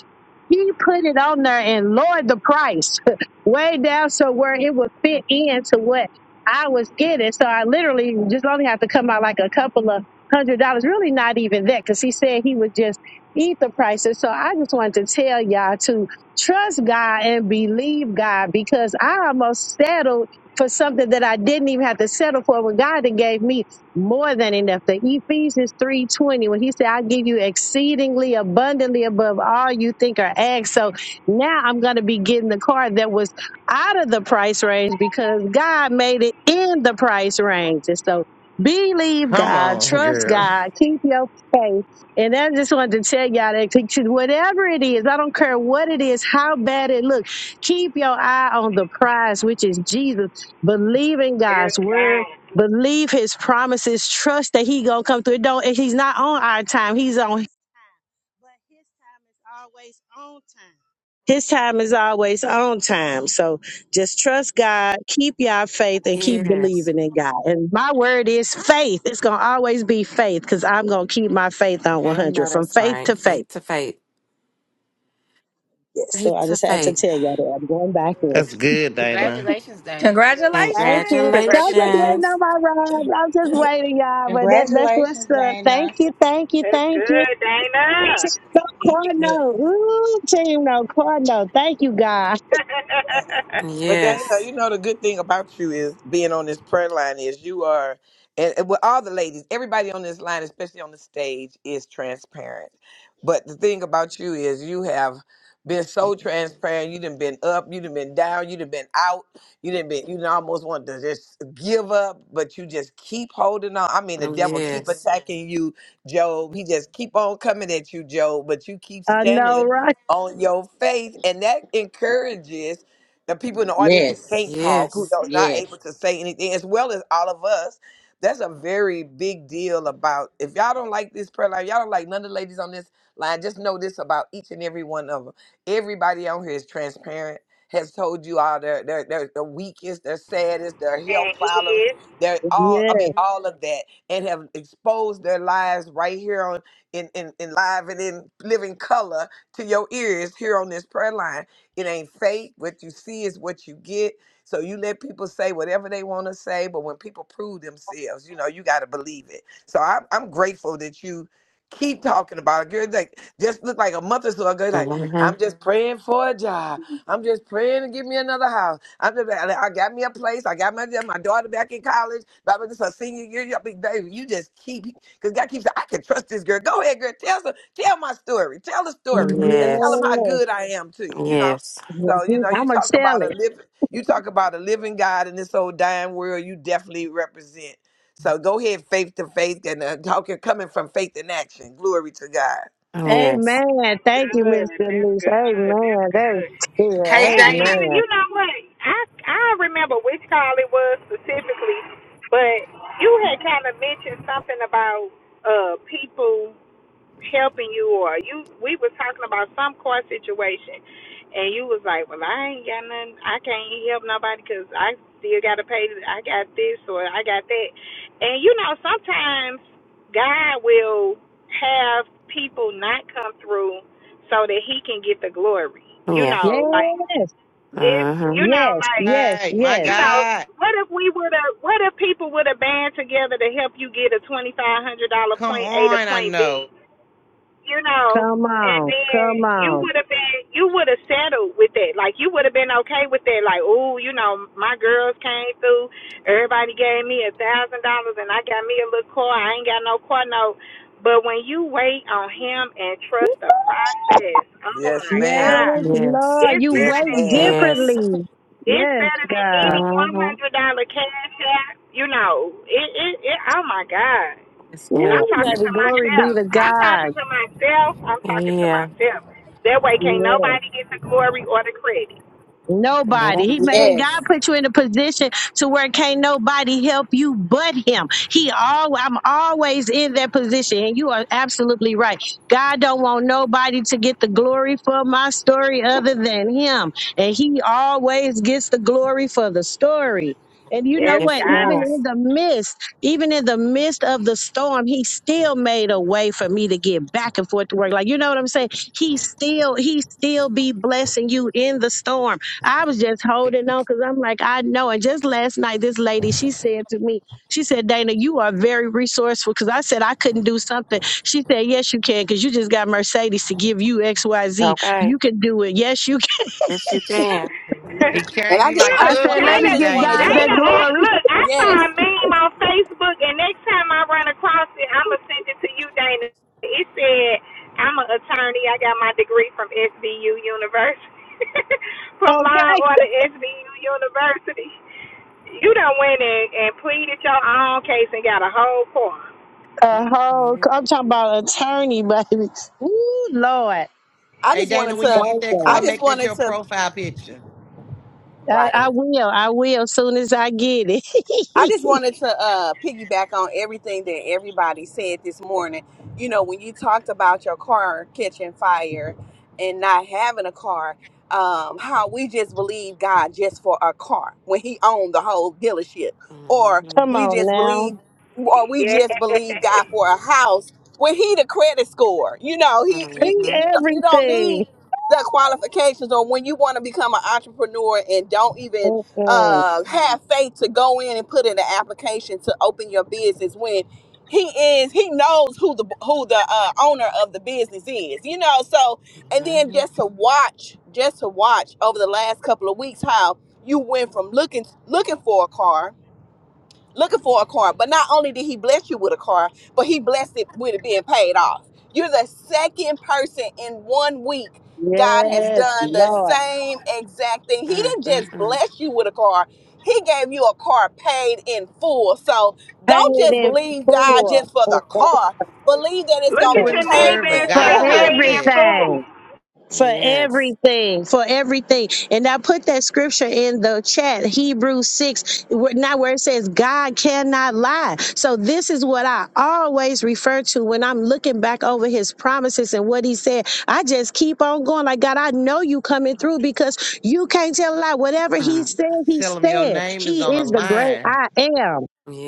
he put it on there and lowered the price way down so where it would fit into what I was getting. So I literally just only have to come out like a couple of hundred dollars, really not even that, because he said he would just eat the prices. So I just wanted to tell y'all to trust God and believe God because I almost settled for something that I didn't even have to settle for when God had gave me more than enough. The Ephesians 3:20, when he said, I give you exceedingly abundantly above all you think or ask. So now I'm gonna be getting the car that was out of the price range because God made it in the price range. And so believe
Come
God,
on,
trust
girl.
God, keep your faith. And I just wanted to tell y'all that to- to whatever it is, I don't care what it is, how bad it looks, keep your eye on the prize, which is Jesus. Believe in
yes,
God's word
God.
Believe his promises. Trust that he gonna come through. It don't. He's not on our time. He's on his time. But his time is always on time. His time is always on time. So just trust God. Keep your faith and keep
Yes.
believing in God. And my word is faith. It's gonna always be faith because I'm gonna keep my faith on
I know
100 from
that's
faith
right.
to faith.
Faith to faith.
Yes. So
Faith
I
to
just had to
faith.
tell y'all that I'm going back in.
That's good, Dana.
Congratulations, Dana.
Congratulations.
Thank you. So I'm just waiting
Congratulations.
on
Congratulations.
my ride. I'm just waiting, y'all. But that, that's what's
Congratulations,
up. Thank
Dana.
you, thank you,
That's
thank you.
good, Dana.
Team No
He picked me up.
Corno. Ooh, Team No Corno. Thank you, God.
But Dana,
Yes.
you know the good thing about you is being on this prayer line is you are, and, and with all the ladies, everybody on this line, especially on the stage, is transparent. But the thing about you is you have been so transparent. You done been up, you done been down, you done been out, you done been, you done almost want to just give up, but you just keep holding on. I mean, the
Oh,
devil keep Mhm.
Yes.
attacking you, Job. He just keep on coming at you, Job, but you keep
I know,
standing
right?
on your faith, and that encourages the people in the audience who can't
Yes.
talk, who
Yes.
are not
Yes.
able to say anything, as well as all of us. That's a very big deal about if y'all don't like this prayer line, y'all don't like none of the ladies on this line, just know this about each and every one of them. Everybody on here is transparent, has told you all their their their the weakest, their saddest, their
and
health
he
problems, their
Yes.
all I mean all of that, and have exposed their lives right here on in in, in live and in living color to your ears here on this prayer line. It ain't fake. What you see is what you get. So you let people say whatever they want to say, but when people prove themselves, you know, you got to believe it. So I'm, I'm grateful that you keep talking about it. Girl, like just look like a month or so ago, like
Mm-hmm.
I'm just praying for a job. I'm just praying to give me another house. I'm just, I I got me a place. I got my my daughter back in college. Blah blah. This is her senior year. Yeah, big baby, you just keep because God keeps saying, I can trust this girl. Go ahead, girl. Tell some, tell my story. Tell the story and tell
Yes.
them how
Yes.
good I am to you. You know.
Yes.
So you know, you
I'm going to
talk
tell
about
it.
a living, you talk about a living God in this old dying world. You definitely represent. So go ahead, faith to faith, and uh, talking coming from faith in action. Glory to God.
Yes.
Amen.
That's
Thank you,
good.
Mr.
That's
Denise.
good. That's
Amen. That is
good.
good.
And even
Amen.
you know what? I I remember which call it was specifically, but you had kind of mentioned something about uh people helping you or you we were talking about some car situation and you was like well i ain't got nothing i can't help nobody because i still got to pay i got this or i got that and you know sometimes god will have people not come through so that he can get the glory. You
Yeah.
Yes.
know, like if you
Mm-hmm.
know,
Yes.
like
Yes.
Hey, my
you
Yes.
know,
God.
what if we would have? What if people would have band together to help you get a twenty five hundred dollar
Come
point A to
on, I
point B
know.
you know,
Come
and
on.
then
Come
you
on.
would have been, you would have settled with that. Like you would have been okay with that. Like, oh, you know, my girls came through. Everybody gave me a thousand dollars, and I got me a little car. I ain't got no car note. But when you wait on him and trust the process, oh
Yes,
my
Yes,
ma'am.
God,
Yes.
Lord.
it's
You
Yes,
better
wait
than
ma'am.
any.
Yes.
differently.
It's
Yes,
better than
God.
any one
Mm-hmm.
hundred dollar cash app. You know, it, it, it. Oh my God.
It's
And
good.
I'm
Ooh,
talking
baby.
to
Glory be
myself.
to
I'm talking
God.
to myself. I'm talking to
Yeah.
myself. That way, can't
Yes.
nobody get the glory or the credit.
Yeah.
Nobody. He made God put you in a position to where can't nobody help you but him. He all I'm always in that position. And you are absolutely right. God don't want nobody to get the glory for my story other than him. And he always gets the glory for the story. And you know
Yes,
Yes,
what?
it
Even
God.
does.
in the midst, even in the midst of the storm, he still made a way for me to get back and forth to work. Like, you know what I'm saying? He still, he still be blessing you in the storm. I was just holding on because I'm like, I know. And just last night, this lady, she said to me, she said, Dana, you are very resourceful because I said I couldn't do something. She said, Yes, you can because you just got Mercedes to give you XYZ.
Okay.
You can do it. Yes, you can.
Yes, you can.
He
And
carrying
I
you
just,
like
I
I
look,
just want,
said, Let
I
me
Dana,
footprints,
just
get
wanted
God
Dana.
to,
that
Dana,
glory.
look, I saw a meme on Facebook, and next time I run across it, I'm going to send it to you, Dana. It said, I'm an attorney. I got my degree from SBU University, from Law and
Okay.
Order SBU University. You done went and, and pleaded your own case and got a whole court.
A whole,
Yeah.
I'm talking about attorney, baby. Ooh, Lord.
I
Hey,
just
Dana,
wanted
when you
to,
get
Thank
that
I
God.
car,
just
make that
wanted
your
to,
profile picture.
I,
right.
I will. I will soon as I get it.
I just wanted to uh, piggyback on everything that everybody said this morning. You know, when you talked about your car catching fire and not having a car, um, how we just believe God just for a car when He owned the whole dealership, or
Mm-hmm.
Come
we
on
just
now.
believe, or we
Yeah.
just believe God for a house when He the credit score. You know, He you
See
Mm-hmm.
you don't you don't
everything.
need the qualifications, or when you want to become an entrepreneur and don't even
Mm-mm.
uh, have faith to go in and put in an application to open your business when he is he knows who the who the uh, owner of the business is you know so and then just to watch just to watch over the last couple of weeks how you went from looking looking for a car looking for a car. But not only did he bless you with a car, but he blessed it with it being paid off. You're the second person in one week God has
Yes,
done the
Lord.
same exact thing. He
Mm-hmm.
didn't just
Mm-hmm.
bless you with a car. He gave you a car paid in full. So don't
Paid
just
in
believe God
full
just for the
for
car. Believe that it's
Look
Who
going to
at
be
wouldn't
your
paid
neighbor
serve a
in
and say
guy like
full.
paid in
that?
full.
everything. For
Yes.
everything, for everything. And I put that scripture in the chat, Hebrews 6, where- now where it says, God cannot lie. So this is what I always refer to when I'm looking back over his promises and what he said. I just keep on going, like, God, I know you coming through because you can't tell a lie. Whatever he
Mm-hmm.
said, he
Tell him your
said.
name is
He
on the
is the great
line.
I am.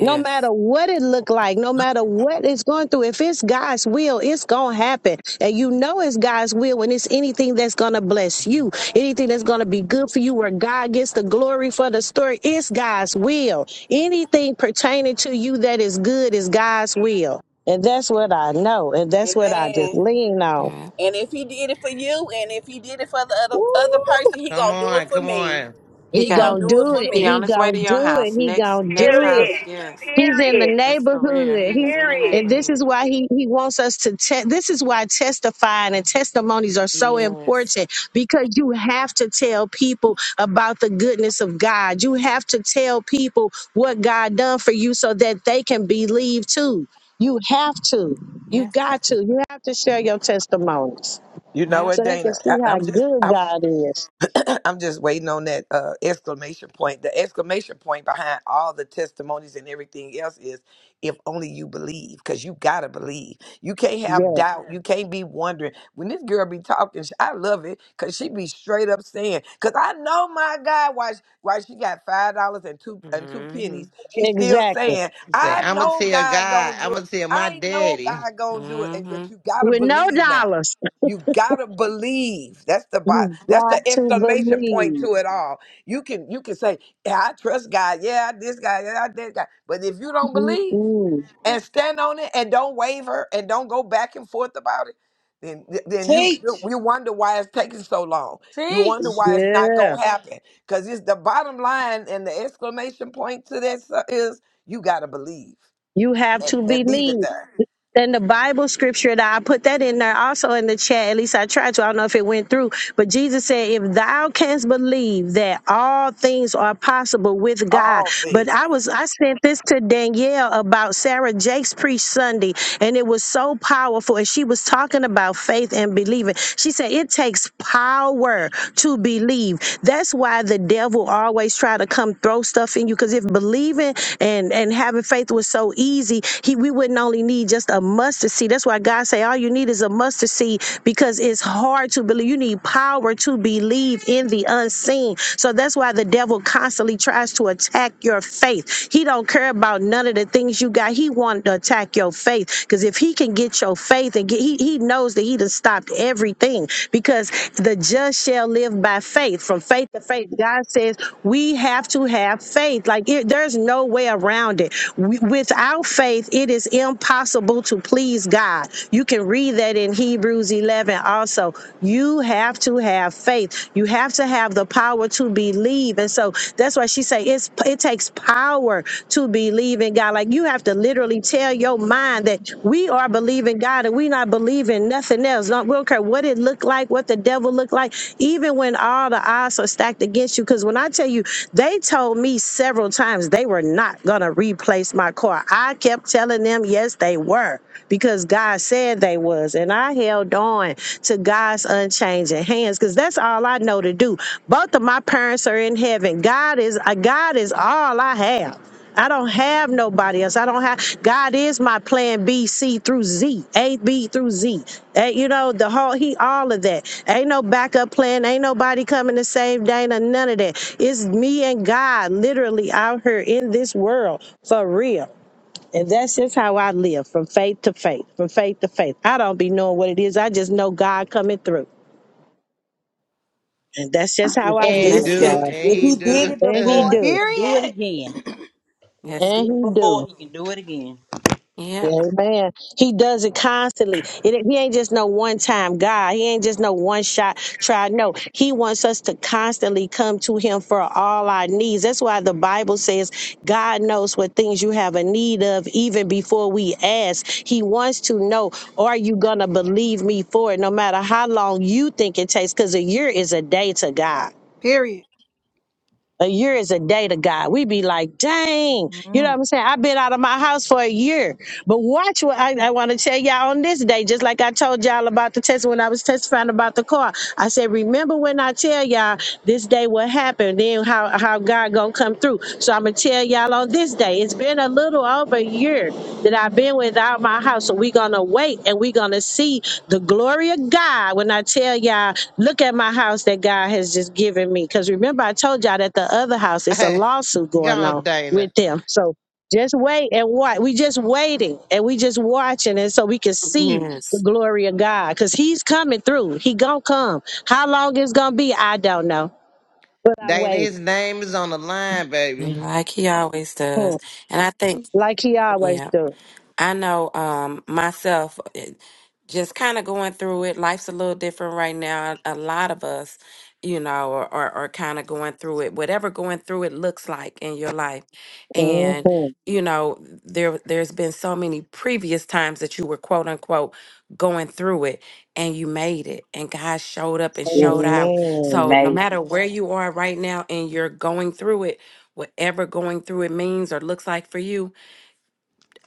No matter what it look like, no matter what it's going through, if it's God's will, it's gonna happen. And you know it's God's will when it's anything that's gonna bless
Mm-hmm.
you, anything that's gonna be good for you, where God gets the glory for the story, it's God's will. Anything pertaining to you that is good is God's will. And that's what I know, and that's what I just
Amen.
lean on.
Yeah.
And if he did it for you, and if he did it for the
Woo!
other other person, he
Come
gonna do
on,
it for
come
me.
on.
He
He
He
got
gonna
it.
gonna
do it
do
for
it.
He
me.
He
on his way
gonna
to your
do it.
house.
He
Next
gonna
next
do it.
house,
Period.
yes.
He's in the
Period.
That's for real.
neighborhood.
He
He
was in the
Period.
and this
neighborhood.
is why he, he wants us to te- this is why testifying and testimonies are so
Yes.
important because you have to tell people about the goodness of God. You have to tell people what God done for you so that they can believe too. You have to. You
Yeah.
got to. You have to share your testimonies
You know
Yeah.
what,
so they
Dana?
can see
I,
how
I'm just,
good
I,
God is.
I'm just waiting on that uh, exclamation point. The exclamation point behind all the testimonies and everything else is if only you believe, because you got to believe. You can't have
Yeah,
doubt. You can't be wondering. When this girl be talking, sh- I love it because she be straight up saying, because I know my God, why, sh- why she got $5 and two, and two
Mm-hmm.
pennies. She's still
exactly.
saying,
Say,
I
I'ma
know
tell
God
God,
going to do
I'ma
it.
tell my
I know
daddy.
God going to do it. And
Mm-hmm.
But you got to
With no
believe now.
dollars.
You gotta believe. That's the bo-
You
that's the
got to
exclamation point
believe.
to it all. You can you can say, yeah, I trust God. Yeah, I this guy. Yeah, I that guy. But if you don't believe
Mm-mm.
and stand on it and don't waver and don't go back and forth about it, then then you you
Teach.
you wonder why it's taking so long. You wonder
Teach.
why it's not
Yeah.
gonna happen. Cause it's the bottom line and the exclamation point to this is you gotta believe
You have
and,
to
and leave it
believe.
there.
And the Bible scripture that I put that in there also in the chat, at least I tried to. I don't know if it went through, but Jesus said, If thou canst believe that all things are possible with God.
All
But
things.
I was, I sent this to Danielle about Sarah Jake's preach Sunday And it was so powerful. And she was talking about faith and believing. She said it takes power to believe. That's why the devil always try to come throw stuff in you. Because if believing and and having faith was so easy, he we wouldn't only need just a mustard seed. That's why God say all you need is a mustard seed because it's hard to believe. You need power to believe in the unseen. So that's why the devil constantly tries to attack your faith. He don't care about none of the things you got. He wanted to attack your faith because if he can get your faith and get, he, he knows that he done stopped everything because the just shall live by faith. From faith to faith, God says we have to have faith. Like it, there's no way around it. We, without faith, it is impossible to please God. You can read that in Hebrews 11 also. You have to have faith. You have have to have the power to believe. And so that's why she say it's it takes power to believe in God. Like you have to literally tell your mind that we are believing God and we not believing nothing else. Don't, we don't care what it looked like, what the devil looked like, even when all the odds are stacked against you. Because when I tell you, they told me several times they were not gonna replace my car. I kept telling them yes, they were because God said they was was. And I held on to God's unchanging hands because that's all I know to do. Both of my parents are in heaven. God is uh, God is all I have. I don't have nobody else. I don't have God is my plan B, C through Z, A, B through Z. Eh, you know, the whole he all of that. Ain't no backup plan. Ain't nobody coming to save Dana. None of that. It's me and God literally out here in this world for real. And that's just how I live from faith to faith, from faith to faith. I don't be knowing what it is. I just know God coming through. And that's just how
If
I
he
And
And
did
live,
that's
do,
it.
y'all.
and
if
he
he did
do.
it
And he
before,
Go
he
do.
can do it
Period.
again. If he
That's
And
did it
good.
he do.
before, he can do it again.
Yeah.
Amen. He does it constantly. It, he ain't just no one time God. He ain't just no one shot try. No, he wants us to constantly come to him for all our needs. That's why the Bible says God knows what things you have a need of even before we ask. He wants to know, are you going to believe me for it? No matter how long you think it takes, because a year is a day to God.
Period.
A year is a day to God. We be like, dang, you know what I'm saying? I've been out of my house for a year. But watch what I, I want to tell y'all on this day, just like I told y'all about the test when I was testifying about the car. I said, remember when I tell y'all this day what happened, then how, how God gonna come through. So I'm gonna tell y'all on this day, it's been a little over a year that I've been without my house. So we're gonna wait and we're gonna see the glory of God when I tell y'all, look at my house that God has just given me. Because remember, I told y'all that the other house, it's a lawsuit going on
Dana.
with them. So just wait and watch. We just waiting and we just watching and so we can see the
Yes.
glory of God. Because he's coming through. He gonna come. How long it's gonna be, I don't know. But I'm
Dana,
waiting.
his name is on the line, baby.
Like he always
Hmm.
does. And I think,
Like he always
Yeah.
do.
I know um, myself, it- just kind of going through it. Life's a little different right now. A lot of us, you know, are, are, are kind of going through it, whatever going through it looks like in your life. And, Mhm.
Amen.
you know, there there's been so many previous times that you were quote unquote going through it and you made it and God showed up and
Yes.
showed Mhm. out.
He
Amen.
So no
Made
matter where you are right now and you're going through it, whatever going through it means or looks like for you,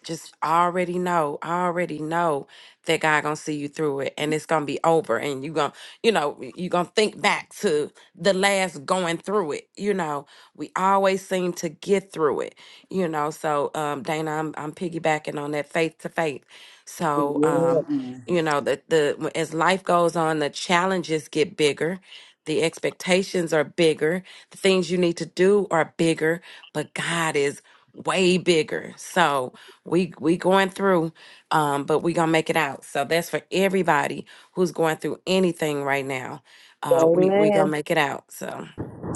just already know, already know that God gonna see you through it and it's gonna be over and you gonna, you know, you gonna think back to the last going through it. You know, we always seem to get through it, you know. So um Dana, I'm I'm piggybacking on that faith to faith. So Mhm.
it.
Yes.
um,
hmm
you know, the the w- as life goes on, the challenges get bigger. The expectations are bigger. The things you need to do are bigger, but God is way bigger. So, we we going through, um, but we gonna make it out. So that's for everybody who's going through anything right now. Uh, we we
Amen.
gonna make it out. So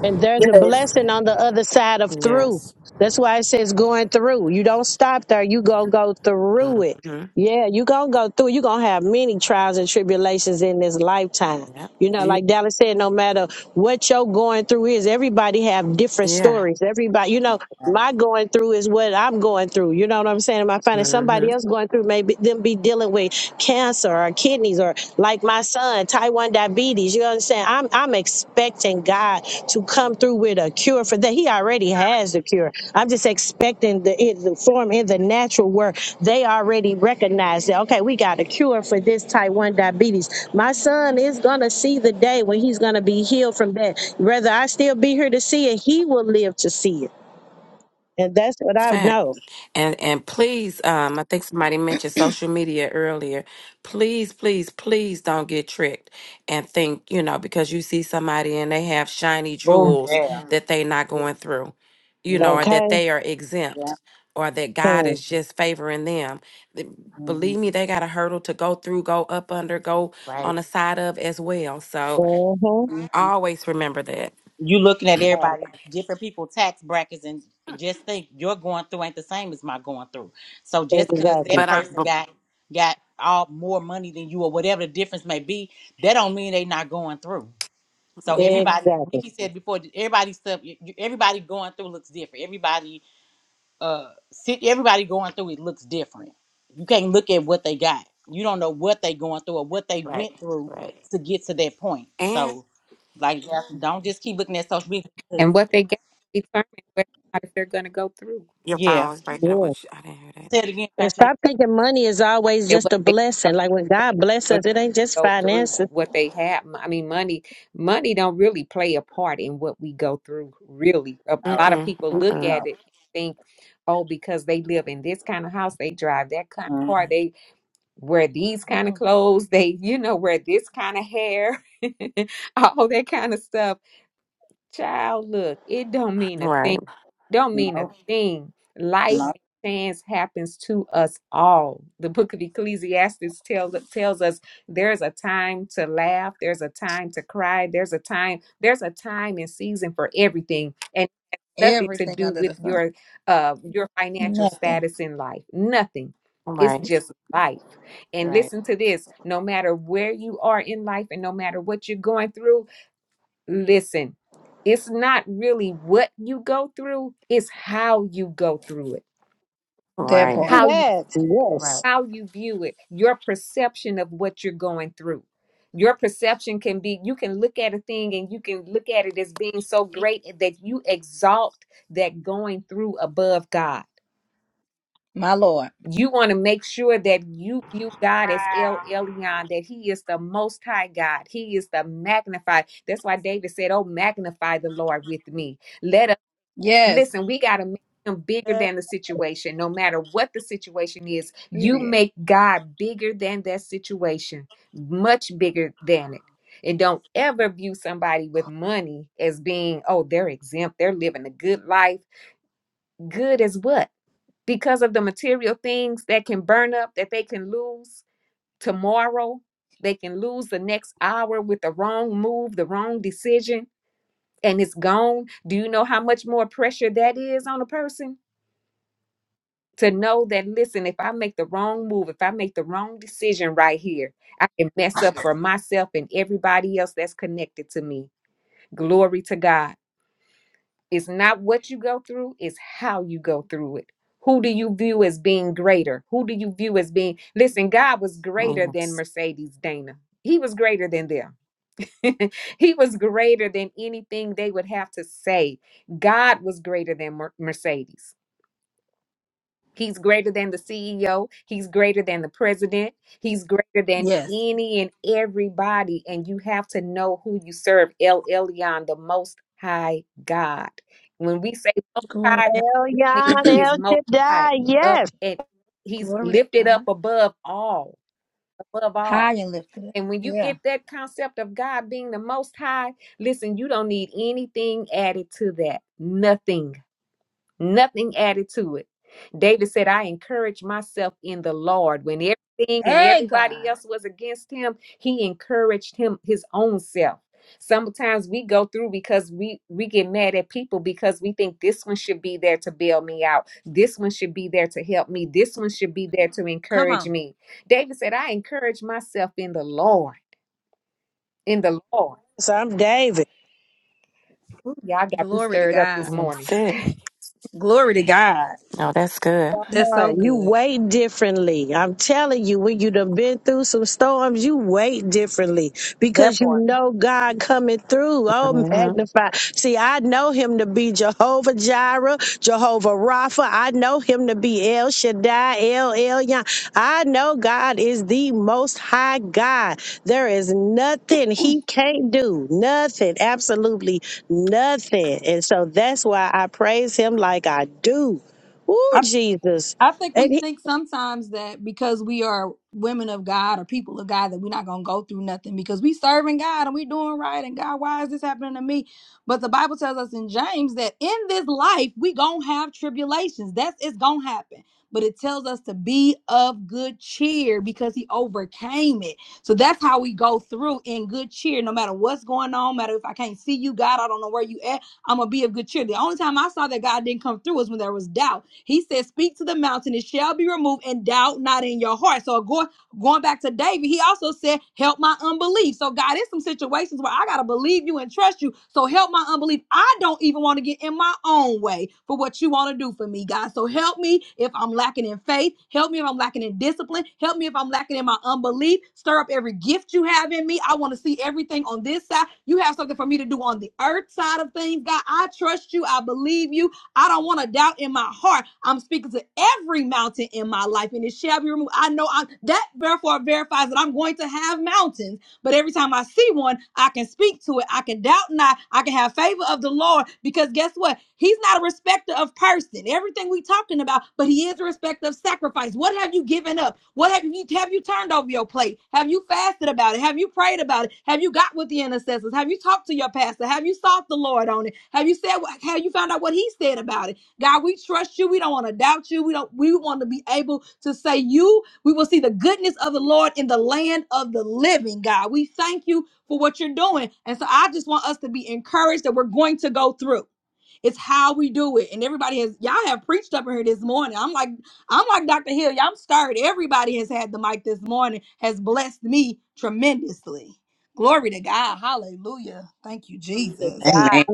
And there's a
Yes.
blessing on the other side of through.
yes,
That's why it says going through. You don't stop there. You gonna go through it.
mm-hmm.
Yeah, you gonna go through. You gonna have many trials and tribulations in this lifetime.
yeah,
You know,
you
like Dallas said, no matter what your going through is, everybody have different
yeah.
stories. Everybody, you know, my going through is what I'm going through. You know what I'm saying? Am I finding
Mm-hmm.
somebody else going through? Maybe them be dealing with cancer or kidneys or like my son, Type 1 diabetes. You you understand? I'm I'm expecting God to come through with a cure for that. He already has the cure. I'm just expecting the, it, the form in the natural where they already recognize that. Okay, we got a cure for this type one diabetes. My son is gonna see the day when he's gonna be healed from that. Whether I still be here to see it, he will live to see it, and that's what I
fact.
know.
And and please, um, I think somebody mentioned social media earlier. Please, please, please don't get tricked and think, you know, because you see somebody and they have shiny
Oh
jewels
yeah.
that they not going through, you know,
Yeah.
or
Okay.
that they are exempt
Yeah.
or that God
Hmm.
is just favoring them. Th- Believe me, they got a hurdle to go through, go up under, go on
Right.
the side of as well. So
Mm-hmm.
always remember that.
you looking at everybody different people tax brackets and just think your going through ain't the same as my going through so just because
Exactly.
that
But I
person
but,
got got all more money than you or whatever the difference may be that don't mean they not going through so
yeah,
everybody
Exactly.
Nikki said before everybody stuff everybody going through looks different everybody uh sit everybody going through it looks different. You can't look at what they got. You don't know what they going through or what they
Right,
went through
right,
to get to that point.
and
So like that's- don't just keep looking at social media 'cause-
And what they got determines whether or not if they're going to go through.
your phone
yeah.
was breaking up,
Yeah.
which I didn't hear that.
Say it again,
And
Pastor. Hill.
stop thinking money is always
And
just
what
a
they
blessing.
have.
Like when God bless us, it ain't just
go through
finances.
what they have i mean money money don't really play a part in what we go through really a
No,
lot of
Mm-mm,
people look
mm-mm.
at
no.
it and think oh because they live in this kind of house they drive that kind of car
Mm,
they wear these kind of
Mm-mm.
clothes they you know wear this kind of hair all that kind of stuff Child, look, it don't mean a
Right,
thing. Don't mean a
no,
thing. Life
no.
and chance happens to us all. The book of Ecclesiastes tells tells us there's a time to laugh, there's a time to cry, there's a time, there's a time and season for everything. And it has nothing to
Everything
do
under
with
the sun.
your uh your financial
Nothing.
status in life. Nothing. It's
right,
just life. And
right.
listen to this, no matter where you are in life and no matter what you're going through, listen, it's not really what you go through, it's how you go through it.
That
right.
Yes,
part.
How you
That.
right.
Yes.
how you view it, your perception of what you're going through. Your perception can be you can look at a thing and you can look at it as being so great that you exalt that going through above God.
My Lord.
You want to make sure that you view God as El
Wow.
Elyon, that He is the Most High God. He is the magnified. That's why David said, Oh, magnify the Lord with me Let
Yes.
Listen, we got to make him bigger than the situation. No matter what the situation is, you
Period.
make God bigger than that situation, much bigger than it. And don't ever view somebody with money as being, oh, they're exempt, they're living a good life. Good as what? Because of the material things that can burn up, that they can lose tomorrow, they can lose the next hour with the wrong move, the wrong decision, and it's gone. Do you know how much more pressure that is on a person? to know that listen if i make the wrong move if i make the wrong decision right here i can mess up for myself and everybody else that's connected to me glory to god it's not what you go through it's how you go through it who do you view as being greater who do you view as being listen god was greater than
Yes.
mercedes dana he was greater than them he was greater than anything they would have to say god was greater than Mer- mercedes He's greater than the CEO. He's greater than the president. He's greater than
Yes.
any and everybody. And you have to know who you serve. El Elyon, the most high God. When we say most
Glory to
high,
God.
El
we mean
Yon,
he is
El
most
Shaddai,
high up
yes.
and he's
Glory to
lifted up
God.
above all, above all.
High and lifted up.
And when you
Yeah.
get that concept of God being the most high, listen, you don't need anything added to that. Nothing nothing added to it. David said, I encourage myself in the Lord. When everything and
Hey,
everybody
God.
else was against him, he encouraged him his own self. Sometimes we go through because we we get mad at people because we think this one should be there to bail me out. This one should be there to help me. This one should be there to
Come
encourage
on.
me. David said, I encourage myself in the Lord. In the Lord.
So I'm David.
Ooh, y'all got me
Glory to
stirred up
God.
this morning.
That's it.
Glory to God.
No, that's good.
That's so
Lord, You
good.
wait differently. I'm telling you, when you done been through some storms, you wait differently.
That
because you
part.
know God coming through. Oh,
Mm-hmm.
magnify. See, I know him to be Jehovah Jireh, Jehovah Rapha. I know him to be El Shaddai, El Elyon. I know God is the most high God. There is nothing he can't do. Nothing. Absolutely nothing. And so that's why I praise him like I do. Ooh,
I
Jesus.
I think we
And he
think sometimes that because we are women of God or people of God that we're not gonna go through nothing because we serving God and we doing right and God, why is this happening to me? But the Bible tells us in James that in this life we gonna have tribulations. That's it's gonna happen. But it tells us to be of good cheer because he overcame it. So that's how we go through in good cheer, no matter what's going on, matter if I can't see you, God, I don't know where you at. I'm gonna be of good cheer. The only time I saw that God didn't come through was when there was doubt. He said, Speak to the mountain, it shall be removed, and doubt not in your heart. So go Going back to David, he also said, Help my unbelief. So, God, there's some situations where I got to believe you and trust you. So, help my unbelief. I don't even want to get in my own way for what you want to do for me, God. So, help me if I'm lacking in faith. Help me if I'm lacking in discipline. Help me if I'm lacking in my unbelief. Stir up every gift you have in me. I want to see everything on this side. You have something for me to do on the earth side of things, God. I trust you. I believe you. I don't want to doubt in my heart. I'm speaking to every mountain in my life, and it shall be removed. I know I'm, that therefore verifies that I'm going to have mountains but every time I see one, I can speak to it. I can doubt not. I can have favor of the Lord because guess what? He's not a respecter of person. Everything we talking about, but he is a respecter of sacrifice. What have you given up? What have you have you turned over your plate? Have you fasted about it? Have you prayed about it? Have you got with the intercessors? Have you talked to your pastor? Have you sought the Lord on it? Have you said have you found out what he said about it? God, we trust you. We don't want to doubt you. We don't we want to be able to say you we will see the goodness of the Lord in the land of the living, God. We thank you for what you're doing. And so I just want us to be encouraged that we're going to go through. It's how we do it. And everybody has y'all have preached up in here this morning. I'm like, I'm like Dr. Hill. Y'all, I'm stirred. Everybody has had the mic this morning, has blessed me tremendously. Glory to God. Hallelujah. Thank you, Jesus.
Amen.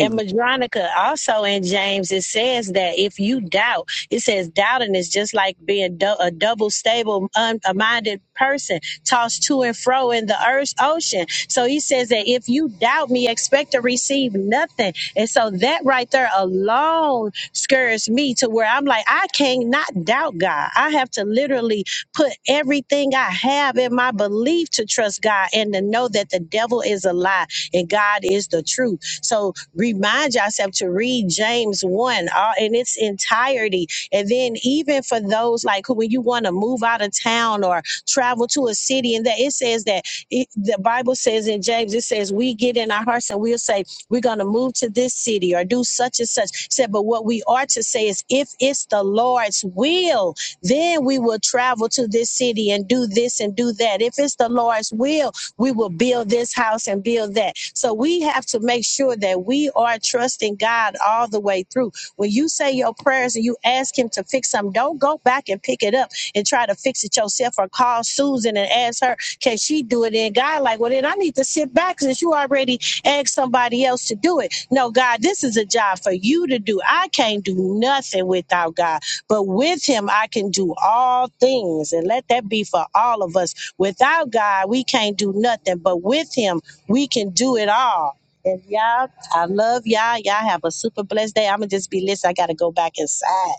And Madronica, also in James, it says that if you doubt, it says doubting is just like being dou- a double stable, un-minded person tossed to and fro in the earth's ocean. So he says that if you doubt me, expect to receive nothing. And so that right there alone scares me to where I'm like, I can't not doubt God. I have to literally put everything I have in my belief to trust God and to know that the devil is a lie and God is the truth. So remind yourself to read James 1 all, in its entirety. And then, even for those like who, when you want to move out of town or travel to a city, and that it says that it, the Bible says in James, it says, We get in our hearts and we'll say, We're going to move to this city or do such and such. It Said, but what we are to say is, If it's the Lord's will, then we will travel to this city and do this and do that. If it's the Lord's will, we will build this house and build that. So we have to make sure that we are trusting God all the way through. When you say your prayers and you ask Him to fix something, don't go back and pick it up and try to fix it yourself or call Susan and ask her, can she do it? And God, like, well, then I need to sit back since you already asked somebody else to do it. No, God, this is a job for you to do. I can't do nothing without God, but with Him, I can do all things. And let that be for all of us Without God, we can't do nothing, but with Him, we can do it all. And y'all, I love y'all. Y'all have a super blessed day. I'm going to just be listening. I got to go back inside.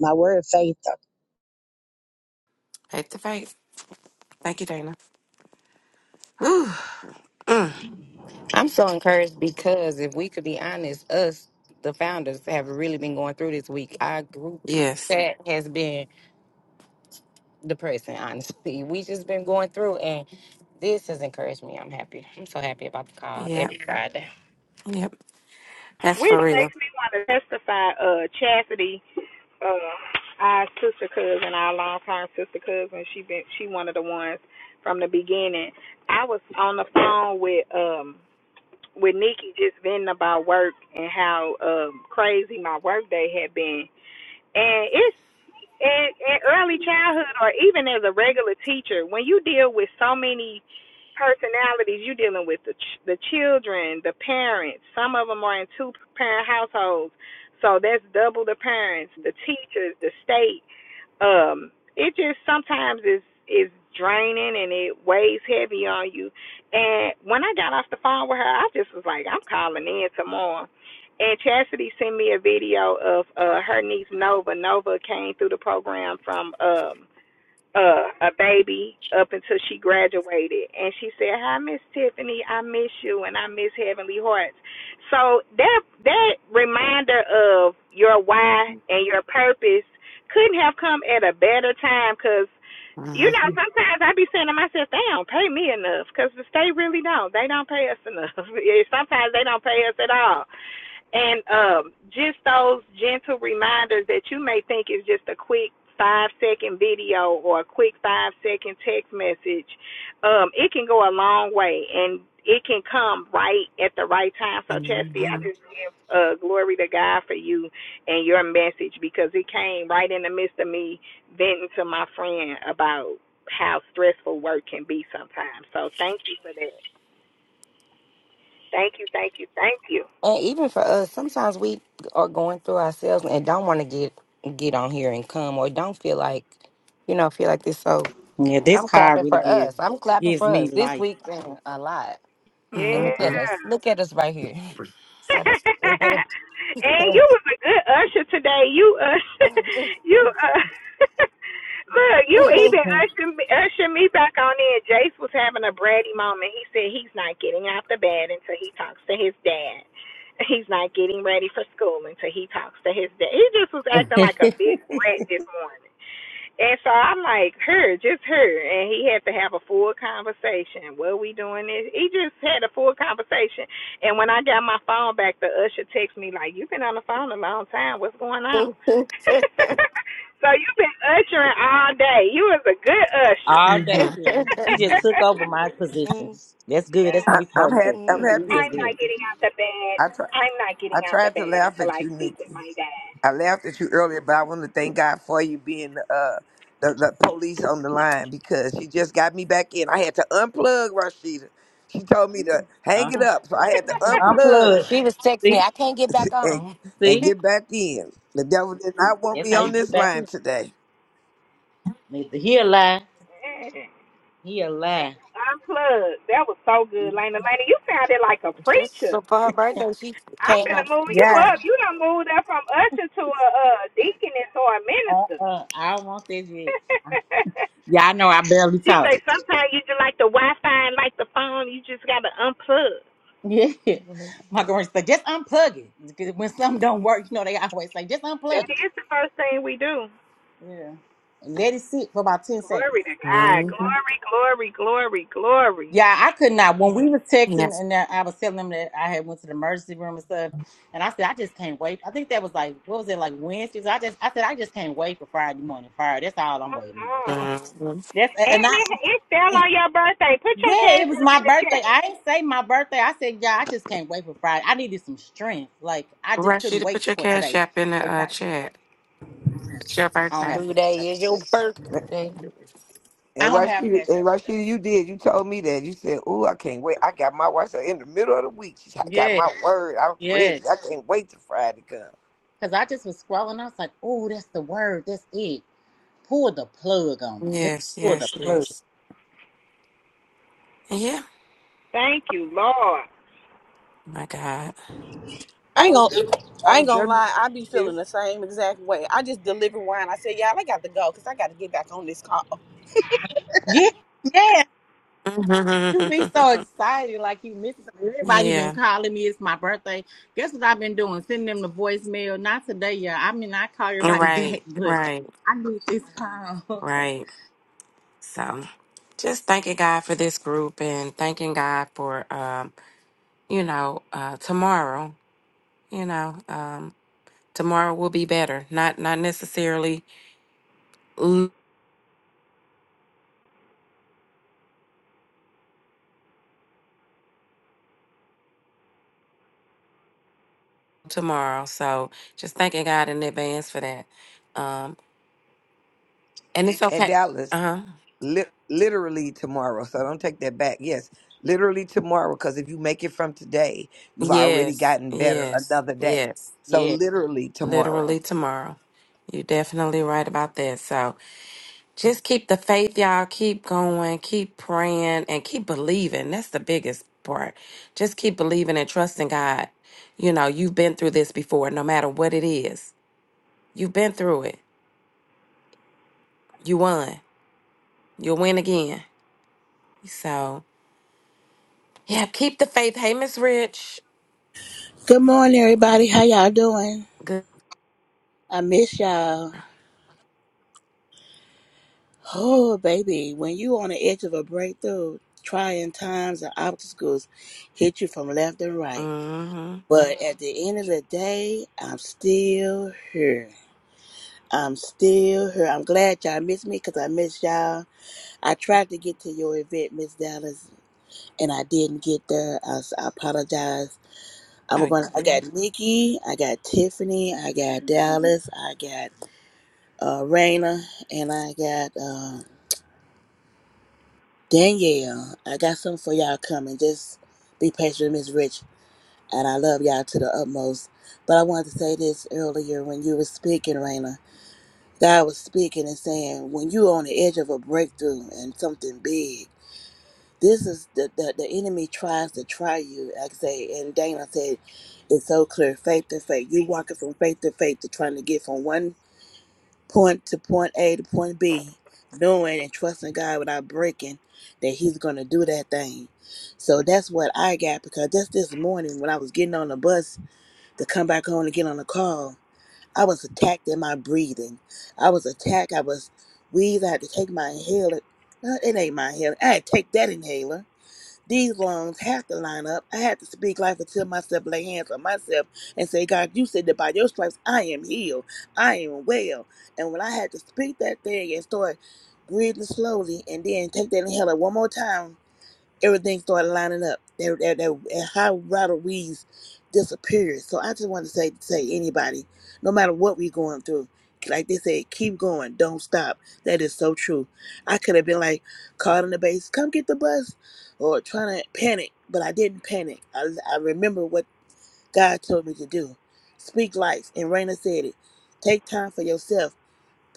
My word, faith.
Faith to faith. Thank you, Dana. Whew. Mm.
I'm so encouraged because if we could be honest, us, the founders, have really been going through this week. Our group
Yes.
chat has been depressing, honestly. We just been going through, and this has encouraged me. I'm happy. I'm so happy about the call
Yep.
every Friday.
Yep. That's for
Which
real.
makes me want to testify, uh, Chastity, uh, our sister cousin, our longtime sister cousin. She been she one of the ones from the beginning. I was on the phone with um with Nikki just venting about work and how um crazy my work day had been. And it's in, in early childhood or even as a regular teacher, when you deal with so many personalities, you're dealing with the ch- the children, the parents. Some of them are in two parent households, so that's double the parents, the teachers, the state um it just sometimes is is draining and it weighs heavy on you and when i got off the phone with her i just was like i'm calling in tomorrow and chastity sent me a video of uh her niece nova nova came through the program from um uh a baby up until she graduated and she said hi miss tiffany i miss you and i miss heavenly hearts so that that reminder of your why and your purpose couldn't have come at a better time because you know
Mm-hmm.
sometimes i be saying to myself they don't pay me enough because the state really don't they don't pay us enough sometimes they don't pay us at all and um, just those gentle reminders that you may think is just a quick five second video or a quick five second text message, um, it can go a long way and it can come right at the right time. So, Chastity, I just give uh, glory to God for you and your message because it came right in the midst of me venting to my friend about how stressful work can be sometimes. So, thank you for that. Thank you, thank you, thank you.
And even for us, sometimes we are going through ourselves and don't want to get get on here and come, or don't feel like, you know, feel like this. So
Yeah, this
I'm
card
clapping
really
for us.
gives
I'm clapping for
gives me
us this
life.
week. Been a lot. And look at
Mm-hmm.
Yeah.
us. Look at us right here. So this She
and you was a good usher today. You uh, you uh, look, you even
Mhm.
ushered me, ushered me back on in. Jace was having a bratty moment. He said he's not getting out the bed until he talks to his dad. He's not getting ready for school until he talks to his dad. He just was acting like a big brat this morning. And so I'm like, her, just her. And he had to have a full conversation. What are we doing this? He just had a full conversation. And when I got my phone back, the usher texted me like, You've been on the phone a long time. What's going on? so you've been ushering all day. You was a good usher.
All day,
Mm-hmm.
children. He just took over my position. That's good. That's what
I,
we
I'm
supposed to
happy.
do.
I'm
That's
I'm
happy.
not
good.
getting out the bed. I'm not getting
I
out the
tried to
bed
laugh
until
at
I
you,
speak with
Nikki.
my dad.
I laughed at you earlier, but I want to thank God for you being uh, the, the police on the line because she just got me back in. I had to unplug Rashida. She told me to hang
Huh?
it up, so I had to unplug
was texting me.
Unplug.
I can't get back
and,
on.
and
See,
get back in. The devil did not want
that's
me
how
on
you get
this
back
line
in.
today.
Nathan, He a lie. He a
And
lie.
unplugged. That was so good, Lena. Lena, you sounded like a
Just
preacher.
so for her birthday, she
I
came
finna
out.
move you
Yeah.
up. You done moved up from usher to a, uh deaconess or a
Uh
minister.
uh. I don't want this yet. Yeah, I know. I barely
She
talk.
say sometimes you just like the Wi-Fi and like the phone, you just gotta unplug.
Yeah. My girlfriend said, just unplug it. Because when something don't work, you know they always say, just
That
unplug it.
is the first thing we do.
Yeah. Let it sit for about ten seconds.
Glory to God.
Mm-hmm.
Glory, glory, glory, glory.
Yeah, I could not. When we was texting
Yes.
and that I was telling them that I had went to the emergency room and stuff, and I said I just can't wait. I think that was like what was it like Wednesdays? I just I said I just can't wait for Friday morning. fire." That's all I'm waiting on. That's
Oh,
Mm-hmm.
that's and
And
I
it, it fell on your birthday. Put your
Yeah, it
cash
was
up
my
in the
birthday.
chat.
I ain't say my birthday. I said, yeah, I just can't wait for Friday. I needed some strength. Like I just couldn't
Rashida,
wait
put your
for
cash
today.
app in the
And
uh,
I,
chat. It's your
I don't
birthday.
have cash up.
Today is your birthday.
I
And
don't have
Rashida,
cash
and
up.
Rashida, you did. You told me that. You said, "Oh, I can't wait. I got my watch in the middle of the week. She said, I got
Yes,
my word. I'm
yes.
ready. I can't wait till Friday come."
Cause I just was scrolling. I was like, oh, that's the word. That's it. Pull the plug on me. Just
Yes,
pull the
yes,
plug.
yes. Yeah.
Thank you, Lord.
My God.
I ain't gonna,
That
I ain't
was
gonna
them.
lie. I be feeling the same exact way. I just delivered wine. I said, y'all, I got to go because I got to get back on this call.
Yeah, yes. You be so excited, like you missed something. Everybody been
yeah.
calling me. It's my birthday. Guess what I've been doing? Sending them the voicemail. Not today, yeah. I mean, I call everybody back,
Right,
but
right,
I need this time.
right. So just thanking God for this group and thanking God for, um, you know, uh, tomorrow, you know, um, tomorrow will be better. Not, not necessarily l- tomorrow. So just thanking God in advance for that. Um, and it's
at
okay. Uh
Dallas
huh.
li- literally tomorrow. So don't take that back. Yes, literally tomorrow. Because if you make it from today, you've already
Yes,
gotten better
yes,
another day.
yes.
So
Yeah.
literally
Literally
tomorrow.
tomorrow. You're definitely right about that. So, Just keep the faith, y'all. Keep going. Keep praying and keep believing. That's the biggest part. Just keep believing and trusting God. You know, you've been through this before, no matter what it is. You've been through it. You won. You'll win again. So, yeah, keep the faith. Hey, Miss Rich.
Good morning, everybody. How y'all doing?
Good.
I miss y'all. Oh, baby, when you on the edge of a breakthrough, trying times and obstacles hit you from left and right.
Mm-hmm.
But at the end of the day, I'm still here. I'm still here. I'm glad y'all miss me because I miss y'all. I tried to get to your event, Miss Dallas, and I didn't get there. I, s- I apologize. I'm
No,
going. to I
mhm.
got Nikki. I got Tiffany. I got Dallas. I got uh, Raina, and I got uh, Danielle. I got something for y'all coming. Just be patient with Miss Rich, and I love y'all to the utmost. But I wanted to say this earlier when you were speaking, Raina. God was speaking and saying, when you're on the edge of a breakthrough and something big, this is the, the, the enemy tries to try you. Like I say, and Dana said, it's so clear, faith to faith. You walking from faith to faith to trying to get from one point to point A to point B, knowing and trusting God without breaking that He's going to do that thing. So that's what I got because just this morning when I was getting on the bus to come back home to get on the call, I was attacked in my breathing. I was attacked. I was wheezed. I had to take my inhaler. No, it ain't my inhaler. I had to take that inhaler these lungs have to line up. I had to speak life until myself, lay hands on myself, and say, God, you said that by your stripes I am healed. I am well. And when I had to speak that thing and start breathing slowly and then take that inhaler one more time everything started lining up. That, that, that, and how Ronald disappeared. So I just want to say, say anybody, no matter what we're going through, like they said, keep going, don't stop. That is so true. I could have been like caught in the base, come get the bus, or trying to panic, but I didn't panic. I, I remember what God told me to do. Speak life, and Raina said it. Take time for yourself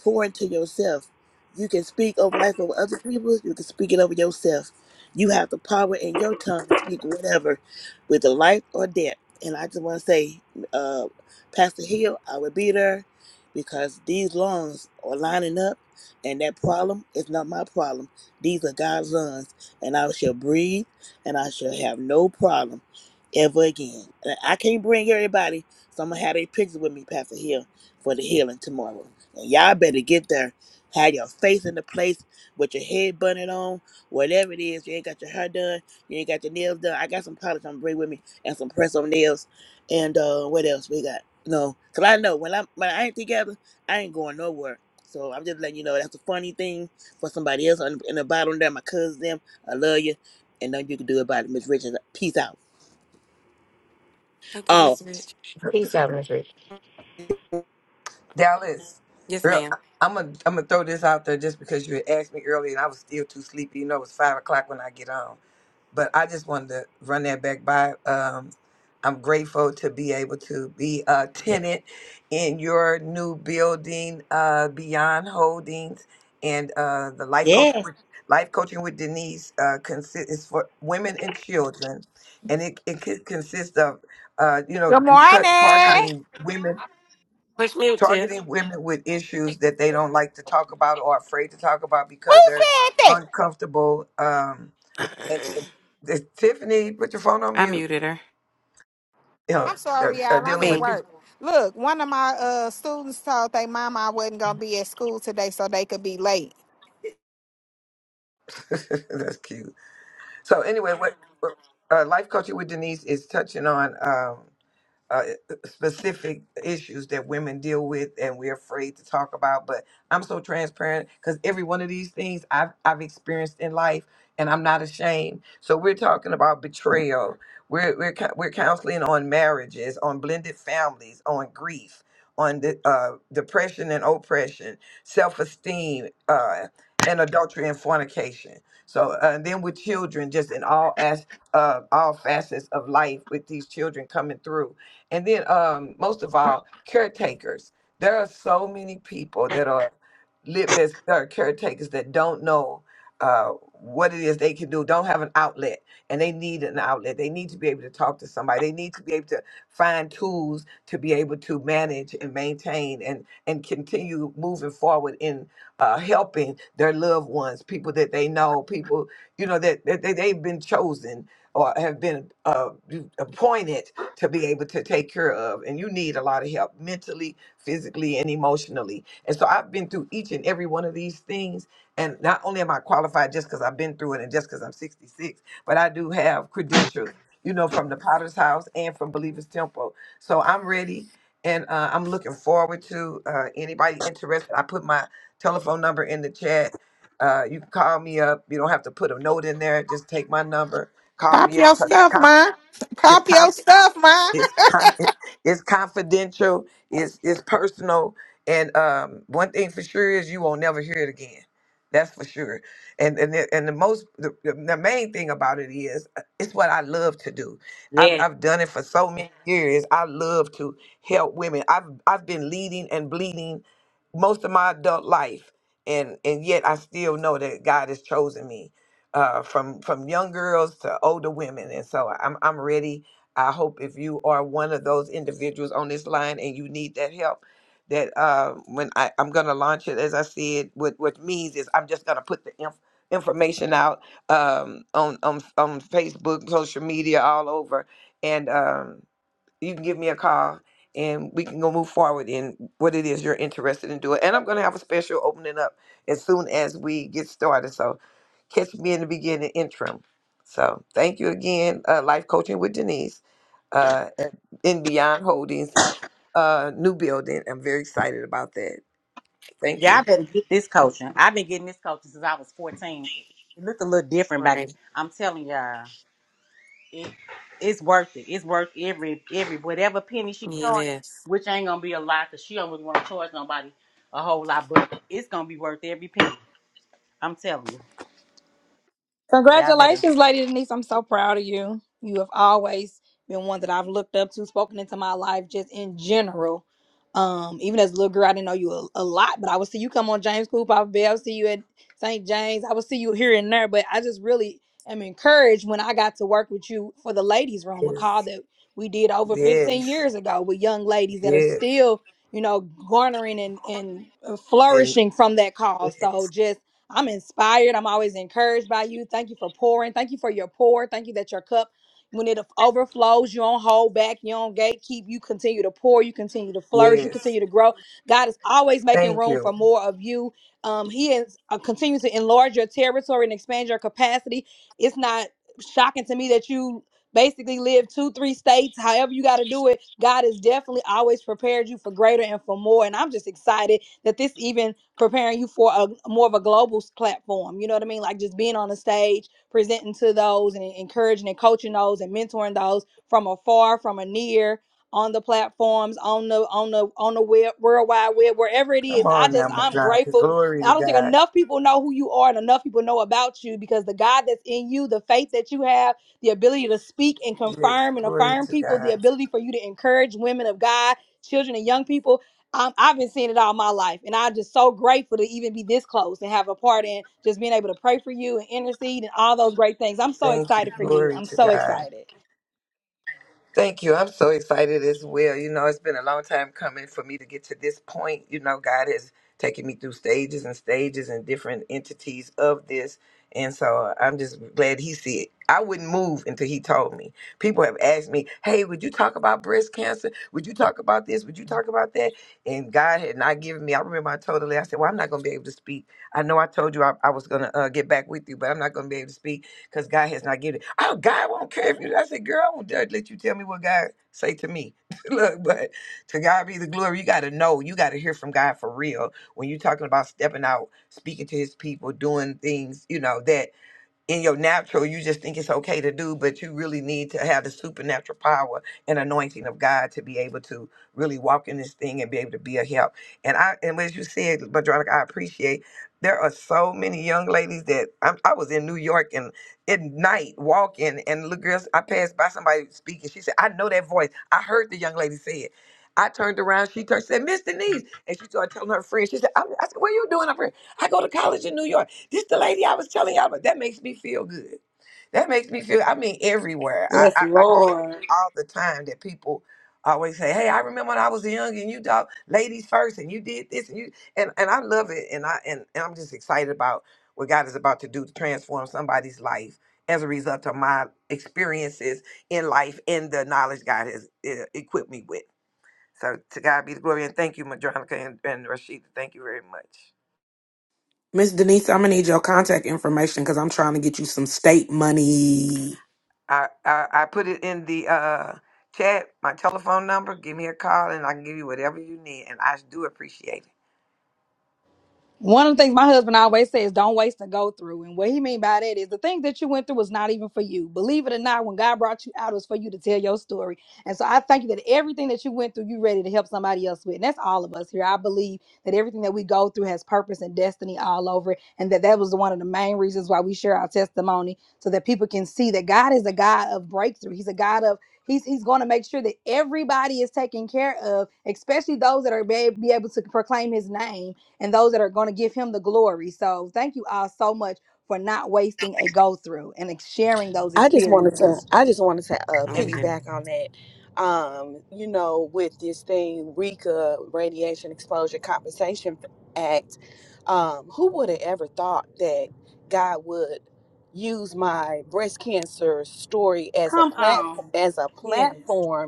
pour into yourself. You can speak over life over other people. You can speak it over yourself. You have the power in your tongue to speak whatever, whether life or death. And I just want to say, uh, Pastor Hill, I will be there because these lungs are lining up, and that problem is not my problem. These are God's lungs, and I shall breathe, and I shall have no problem ever again. And I can't bring everybody, so I'm gonna have a picture with me, Pastor Hill, for the healing tomorrow. Y'all better get there. Have your face in the place with your head bunted on, whatever it is. You ain't got your hair done. You ain't got your nails done. I got some polish I'm gonna bring with me and some press on nails. And uh, what else we got? No, cause I know when I am when I ain't together, I ain't going nowhere. So I'm just letting you know that's a funny thing for somebody else on, in the bottom there. My cousins, them, I love you, and nothing you can do about it. Miss Richards, peace out.
thank you,
Oh.
Miss Rich. Oh,
Peace out, Miss Rich.
Dallas,
Yes,
girl,
ma'am.
I'm gonna I'm gonna throw this out there just because you had asked me earlier, and I was still too sleepy. You know, it was five o'clock when I get on. but I just wanted to run that back by. Um, I'm grateful to be able to be a tenant in your new building, uh, Beyond Holdings, and uh, the life coaching.
Yes.
With, life coaching with Denise uh, consists is for women and children, and it it could consist of, uh, you know,
Good
we t-
morning.
targeting women.
Push mute, Tiff.
Targeting women with issues that they don't like to talk about or afraid to talk about
Who
because they're
said that?
uncomfortable. Um, and, and, and Tiffany, put your phone on
I
mute.
muted her.
You know,
I'm
uh,
sorry,
uh,
y'all. I'm
dealing
at
with
Me.
work.
people.
Look, one of my uh students told they mama I wasn't gonna be at school today, so they could be late.
That's cute. So anyway, what what, uh, life coaching with Denise is touching on. Um, uh, specific issues that women deal with and we're afraid to talk about. But I'm so transparent because every one of these things I've, I've experienced in life and I'm not ashamed. So we're talking about betrayal. We're, we're, cou- we're counseling on marriages, on blended families, on grief, on the, uh, depression and oppression, self-esteem, uh, and adultery and fornication. So uh, and then with children, just in all as uh, all facets of life, with these children coming through, and then um, most of all, caretakers. There are so many people that are lit as are caretakers that don't know uh, what it is they can do, don't have an outlet, and they need an outlet. They need to be able to talk to somebody. They need to be able to find tools to be able to manage and maintain and and continue moving forward in uh, helping their loved ones, people that they know, people you know that, that, that they've been chosen or have been uh, appointed to be able to take care of and you need a lot of help mentally physically and emotionally and so i've been through each and every one of these things and not only am i qualified just because i've been through it and just because i'm 66 but i do have credentials you know from the potter's house and from believers temple so i'm ready and uh, i'm looking forward to uh, anybody interested i put my telephone number in the chat uh, you can call me up you don't have to put a note in there just take my number call
Pop
me up
your
because it's
stuff, ma. Pop
confidential
your stuff, ma.
it's con- it's confidential it's it's personal and um one thing for sure is you won't never hear it again that's for sure and and the, and the most the, the the main thing about it is uh, it's what i love to do i've
Yes.
i've done it for so many years i love to help women i've i've been leading and bleeding most of my adult life and and yet i still know that god has chosen me uh, from from young girls to older women, and so I'm I'm ready I hope if you are one of those individuals on this line and you need that help, that uh, when I, I'm going to launch it, as I said, what what means is I'm just going to put the inf- information out um, on, on on Facebook, social media, all over, and. Um, you can give me a call and we can go move forward in what it is you're interested in doing. And I'm going to have a special opening up as soon as we get started. So catch me in the beginning interim. So thank you again, uh, Life Coaching with Denise uh, at- in Beyond Holdings, uh, new building. I'm very excited about that. Thank
Y'all
you.
better get this coaching. I've been getting this coaching since I was 14. It looked a little different back then.
Right.
I'm telling y'all, it, it's worth it. It's worth every every whatever penny she charges,
Yes.
which ain't gonna be a lot because she don't really want to charge nobody a whole lot, but it's gonna be worth every penny. I'm telling you. So y'all better
Congratulations, Lady Denise. I'm so proud of you. You have always been one that I've looked up to, spoken into my life just in general. Um, even as a little girl, I didn't know you a, a lot, but I would see you come on James Coop. I would be, I would see you at St. James. I would see you here and there, but I just really am encouraged when I got to work with you for the ladies' room, a call
Yes,
that we did over 15
yes,
years ago with young ladies that are
yes,
still, you know, garnering and, and uh,
and
flourishing from that call.
yes,
So just I'm inspired. I'm always encouraged by you. Thank you for pouring. Thank you for your pour. Thank you that your cup, when it overflows, you don't hold back, you don't gatekeep. You continue to pour, you continue to flourish, you
yes.
continue to grow. God is always making
Thank
room for
you.
more of you. Um, he is uh, continuing to enlarge your territory and expand your capacity. It's not shocking to me that you basically live two, three states, however you got to do it. God has definitely always prepared you for greater and for more. And I'm just excited that this even preparing you for a more of a global s- platform. You know what I mean? Like just being on the stage, presenting to those and encouraging and coaching those and mentoring those from afar, from a near, on the platforms, on the on the on the web, world wide web, wherever it is.
Come
I
on
just
now, my
I'm
Madonna.
grateful.
Glory
I
to
don't think
God.
enough people know who you are and enough people know about you because the God that's in you, the faith that you have, the ability to speak and
Yes,
confirm and
glory
affirm
to
people,
God.
the ability for you to encourage women of God, children and young people i I've been seeing it all my life, and I'm just so grateful to even be this close and have a part in just being able to pray for you and intercede and all those great things. I'm so
Thank you.
excited for you.
Glory
I'm
to
so
God.
excited.
Thank you. I'm so excited as well. You know, it's been a long time coming for me to get to this point. You know, God has taken me through stages and stages and different entities of this. And so I'm just glad he see it. I wouldn't move until he told me. People have asked me, hey, would you talk about breast cancer? Would you talk about this? Would you talk about that? And God had not given me. I remember I told her, I said, well, I'm not going to be able to speak. I know I told you I, I was going to uh, get back with you, but I'm not going to be able to speak because God has not given it. Oh, God won't care if you. I said, girl, I won't dare let you tell me what God say to me. Look, but to God be the glory. You got to know. You got to hear from God for real. When you're talking about stepping out, speaking to his people, doing things, you know, that in your natural, you just think it's okay to do, but you really need to have the supernatural power and anointing of God to be able to really walk in this thing and be able to be a help. And I, and as you said, Madronica, I appreciate there are so many young ladies that I'm, I was in New York and at night walking, and little girls, I passed by somebody speaking. She said, I know that voice. I heard the young lady say it. I turned around, she turned, said, Miss Denise. And she started telling her friends, she said, I, I said, what are you doing up here? I go to college in New York. This the lady I was telling y'all about. That makes me feel good. That makes me feel. I mean, everywhere. I I, I do it all the time. That people always say, "Hey, I remember when I was young and you dog ladies first, and you did this and you and and I love it, and I and, and I'm just excited about what God is about to do to transform somebody's life as a result of my experiences in life and the knowledge God has uh, equipped me with. So to God be the glory, and thank you, Madronica and, and Rashida. Thank you very much.
Miss Denise, I'm gonna need your contact information because I'm trying to get you some state money.
I, I I put it in the uh chat, my telephone number. Give me a call, and I can give you whatever you need. And I do appreciate it.
One of the things my husband always says, don't waste and go through. And what he mean by that is the things that you went through was not even for you. Believe it or not, when God brought you out, it was for you to tell your story. And so I thank you that everything that you went through, you ready to help somebody else with. And that's all of us here. I believe that everything that we go through has purpose and destiny all over it. And that that was one of the main reasons why we share our testimony so that people can see that God is a God of breakthrough. He's a God of He's, he's going to make sure that everybody is taken care of, especially those that are be, be able to proclaim his name and those that are going to give him the glory. So thank you all so much for not wasting a go through and sharing those
I just wanted to,
experiences.
I just wanted to uh,
And be-
Mm-hmm.
piggyback on that. Um, you know, with this thing, RECA, Radiation Exposure Compensation Act. Um, who would have ever thought that God would use my breast cancer story as a
Come
plat
on.
as a
Yes.
platform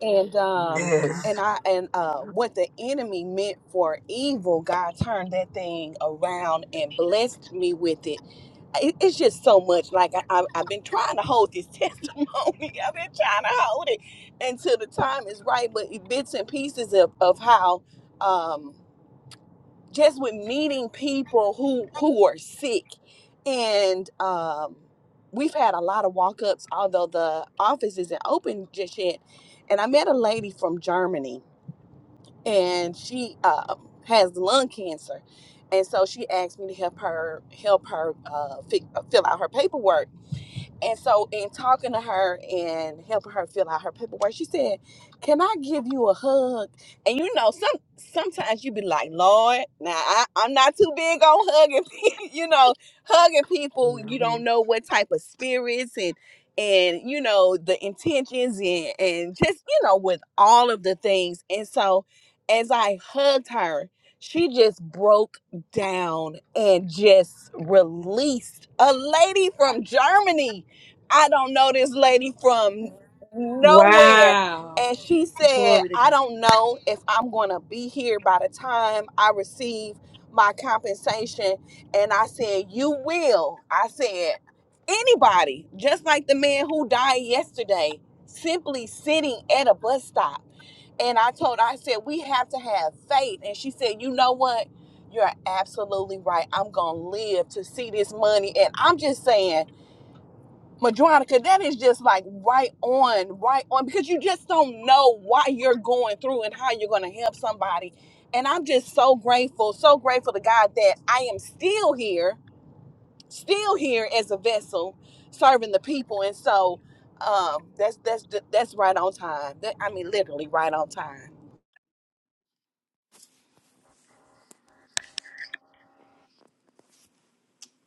and um
Mm-hmm.
yes,
and i and uh what the enemy meant for evil god turned that thing around and blessed me with it, It- it's just so much like I, I i've been trying to hold this testimony i've been trying to hold it until the time is right but it- bits and pieces of of how um just with meeting people who who are sick and um we've had a lot of walk-ups although the office isn't open just yet and i met a lady from germany and she uh, has lung cancer and so she asked me to help her help her uh, fi- uh, fill out her paperwork and so, in talking to her and helping her fill out her paperwork, she said, "Can I give you a hug?" And you know, some sometimes you be like, "Lord, now I, I'm not too big on hugging. pe- you know, hugging people. You don't
Mhm.
know what type of spirits and and you know the intentions and and just you know with all of the things." And so, as I hugged her, she just broke down and just released a lady from Germany I don't know this lady from nowhere.
Wow.
And she said,
Glory to
I
God.
don't know if I'm going to be here by the time I receive my compensation. And I said, You will. I said, Anybody, just like the man who died yesterday, simply sitting at a bus stop. And I told her, I said, We have to have faith. And she said, You know what? You're absolutely right. I'm going to live to see this money. And I'm just saying, Madronica, that is just like right on, right on, because you just don't know what you're going through and how you're going to help somebody. And I'm just so grateful, so grateful to God that I am still here, still here as a vessel serving the people. And so um, that's that's that's right on time. That, I mean, literally right on time.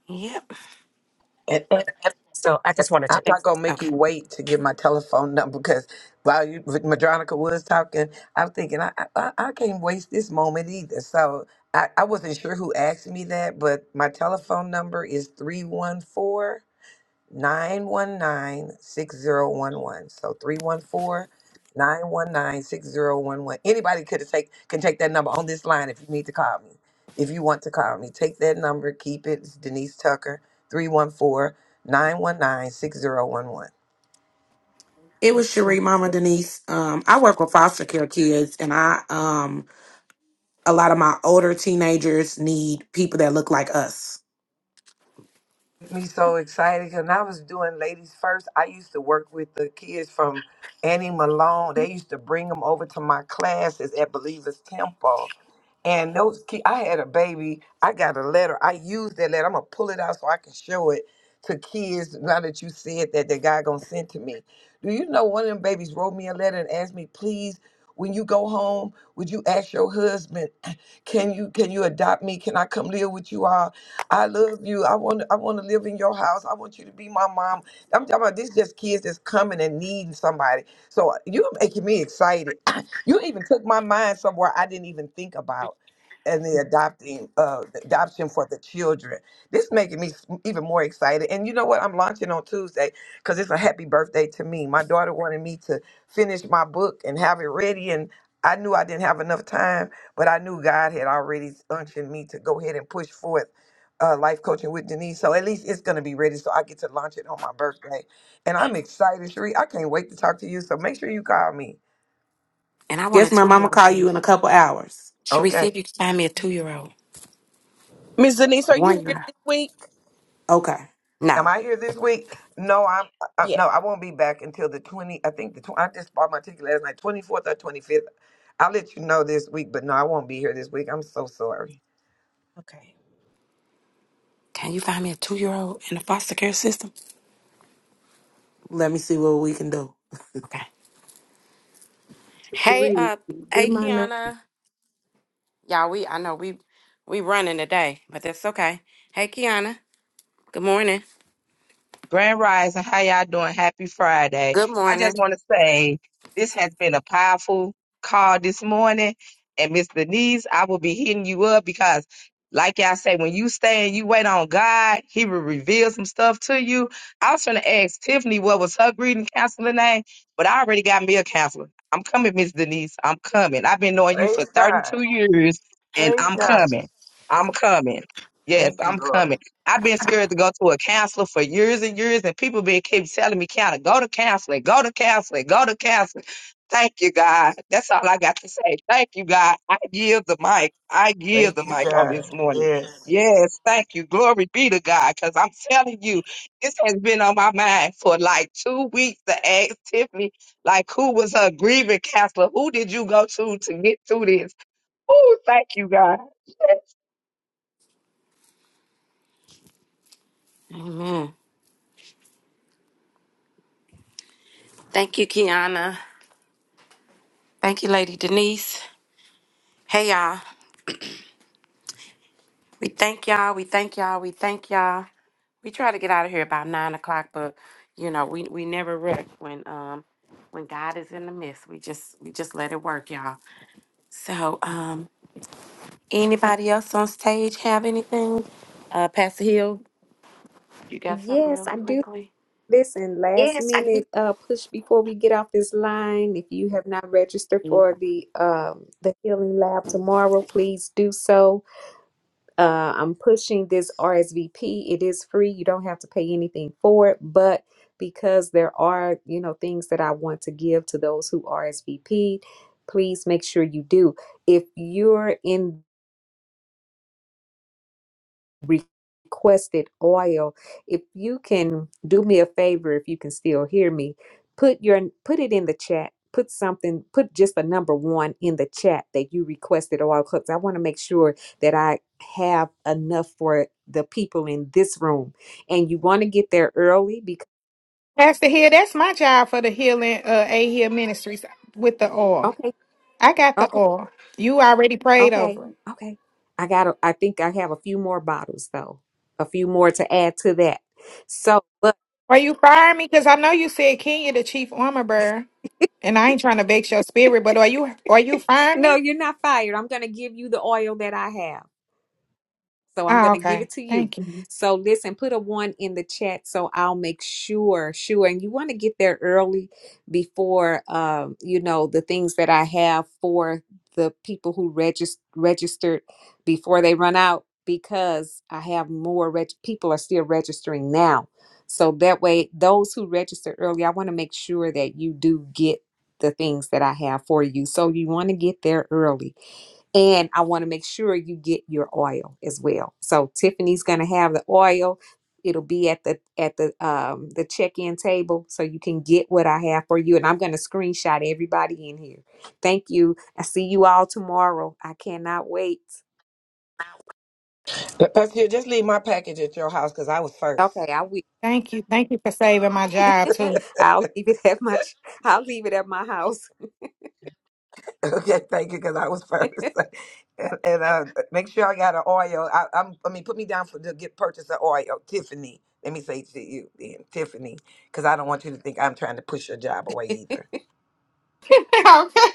Yep.
and, and,
So I
and
just wanted
I'm
to
Thank-
not gonna make
Okay.
you wait to get my telephone number because while you Madronica was talking, I'm thinking I I, I can't waste this moment either. So I, I wasn't sure who asked me that, but my telephone number is three one four. 919 6011. So 314, 919 6011. Anybody could take can take that number on this line if you need to call me. If you want to call me, take that number, keep it. It's Denise Tucker, 314 919 6011.
It was
Thanks.
Cherie, Mama Denise. Um, I work with foster care kids, and I um a lot of my older teenagers need people that look like us.
me so excited. and I was doing Ladies First, I used to work with the kids from Annie Malone. They used to bring them over to my classes at Believers Temple. And those kids, I had a baby. I got a letter. I used that letter. I'm gonna pull it out so I can show it to kids. Now that you said that, that God gonna send to me. Do you know one of them babies wrote me a letter and asked me, please, when you go home, would you ask your husband, can you can you adopt me? Can I come live with you all? I love you. I want I want to live in your house. I want you to be my mom. I'm talking about this just kids that's coming and needing somebody. So you're making me excited. you even took my mind somewhere I didn't even think about. And the adopting uh the adoption for the children. This making me s- even more excited. And you know what? I'm launching on Tuesday because it's a happy birthday to me. My daughter wanted me to finish my book and have it ready and I knew I didn't have enough time, but I knew God had already unctioned me to go ahead and push forth uh, life coaching with Denise. So at least it's going to be ready. So I get to launch it on my birthday. And I'm excited, Sheree. I can't wait to talk to you. So make sure you call me.
And I want a
Yes,
two
ma'am. I'm
year
gonna
old.
call you in a couple hours.
Sharif, see if
Okay.
you can find me a two year old.
Miss Denise,
A
are
One
you here
year.
this week?
Okay,
Am
No.
I here this week? No, I'm, I'm
Yeah.
no, I won't be back until the 20. I think the 20, I just bought my ticket last night, 24th or 25th. I'll let you know this week, but no, I won't be here this week. I'm so sorry.
Okay.
Can you find me a two year old in the foster care system?
let me see what we can do.
Okay. Hey, uh, hey, Kiana. Y'all, we, I know we, we running today, but that's okay. Hey, Kiana. Good morning.
Grand Rising, how y'all doing? Happy Friday.
Good
I
morning.
just want to say this has been a powerful call this morning. And Miss Denise, I will be hitting you up because, like y'all say, when you stay and you wait on God, He will reveal some stuff to you. I was going to ask Tiffany what was her greeting counselor name, but I already got me a counselor. I'm coming, Miss Denise. I'm coming. I've been knowing you for
Praise God.
32 years, and
Praise
I'm
God.
coming. I'm coming. Yes,
Thank you,
I'm
Lord.
coming. I've been scared to go to a counselor for years and years, and people been keep telling me, "Counter, go to counseling, go to counseling, go to counseling." Thank you, God. That's all I got to say. Thank you, God. I give the mic. I give
Thank
the
you,
mic on this
God.
morning.
Yes.
Yes, thank you. Glory be to God. Because I'm telling you, this has been on my mind for like two weeks to ask Tiffany, like, who was her grieving counselor? Who did you go to to get through this? Oh, thank you, God.
Amen. Thank you, Kiana. Thank you, Lady Denise. Hey, y'all. We thank y'all. We thank y'all. We thank y'all. We try to get out of here about nine o'clock, but you know, we, we never wreck when um when God is in the midst. We just we just let it work, y'all. So um anybody else on stage have anything? Uh Pastor Hill, you got something
Yes,
really
I do.
quickly?
Listen, last minute uh, push before we get off this line. If you have not registered
Mm.
for the um, the healing lab tomorrow, please do so. Uh, I'm pushing this RSVP. It is free. You don't have to pay anything for it, but because there are you know things that I want to give to those who RSVP, please make sure you do. If you're in requested oil. If you can do me a favor, if you can still hear me, put your put it in the chat. Put something, put just a number one in the chat that you requested oil because I want to make sure that I have enough for the people in this room. And you want to get there early because
Pastor Hill, that's my job for the healing uh A Hill Ministries with the oil.
okay,
I got the
okay,
oil. You already prayed
okay,
over. it.
okay. I got to I think I have a few more bottles though. A few more to add to that. So, but
Are you firing me? Because I know you said Kenya the chief armor bearer, and I ain't trying to vex your spirit, but are you are you firing
No,
me?
you're not fired. I'm going to give you the oil that I have. So I'm
Oh,
going to give it
okay.
to you.
Thank you.
So listen, put a one in the chat so I'll make sure, sure. And you want to get there early before, um, you know, the things that I have for the people who regis- registered before they run out because I have more reg- people are still registering now. So that way, those who registered early, I want to make sure that you do get the things that I have for you. So you want to get there early and I want to make sure you get your oil as well. So Tiffany's gonna have the oil. It'll be at the at the um the check-in table so you can get what I have for you. And I'm gonna screenshot everybody in here. Thank you. I see you all tomorrow. I cannot wait.
Pastor, just leave my package at your house because I was first.
Okay, I will.
Thank you. Thank you for saving my job too.
I'll leave it at my ch- I'll leave it at my house.
Okay, thank you, because I was first. and and uh, make sure I got an oil. I, I'm, I mean, put me down for to get purchase an oil, Tiffany. Let me say to you, then, Tiffany, because I don't want you to think I'm trying to push your job away either.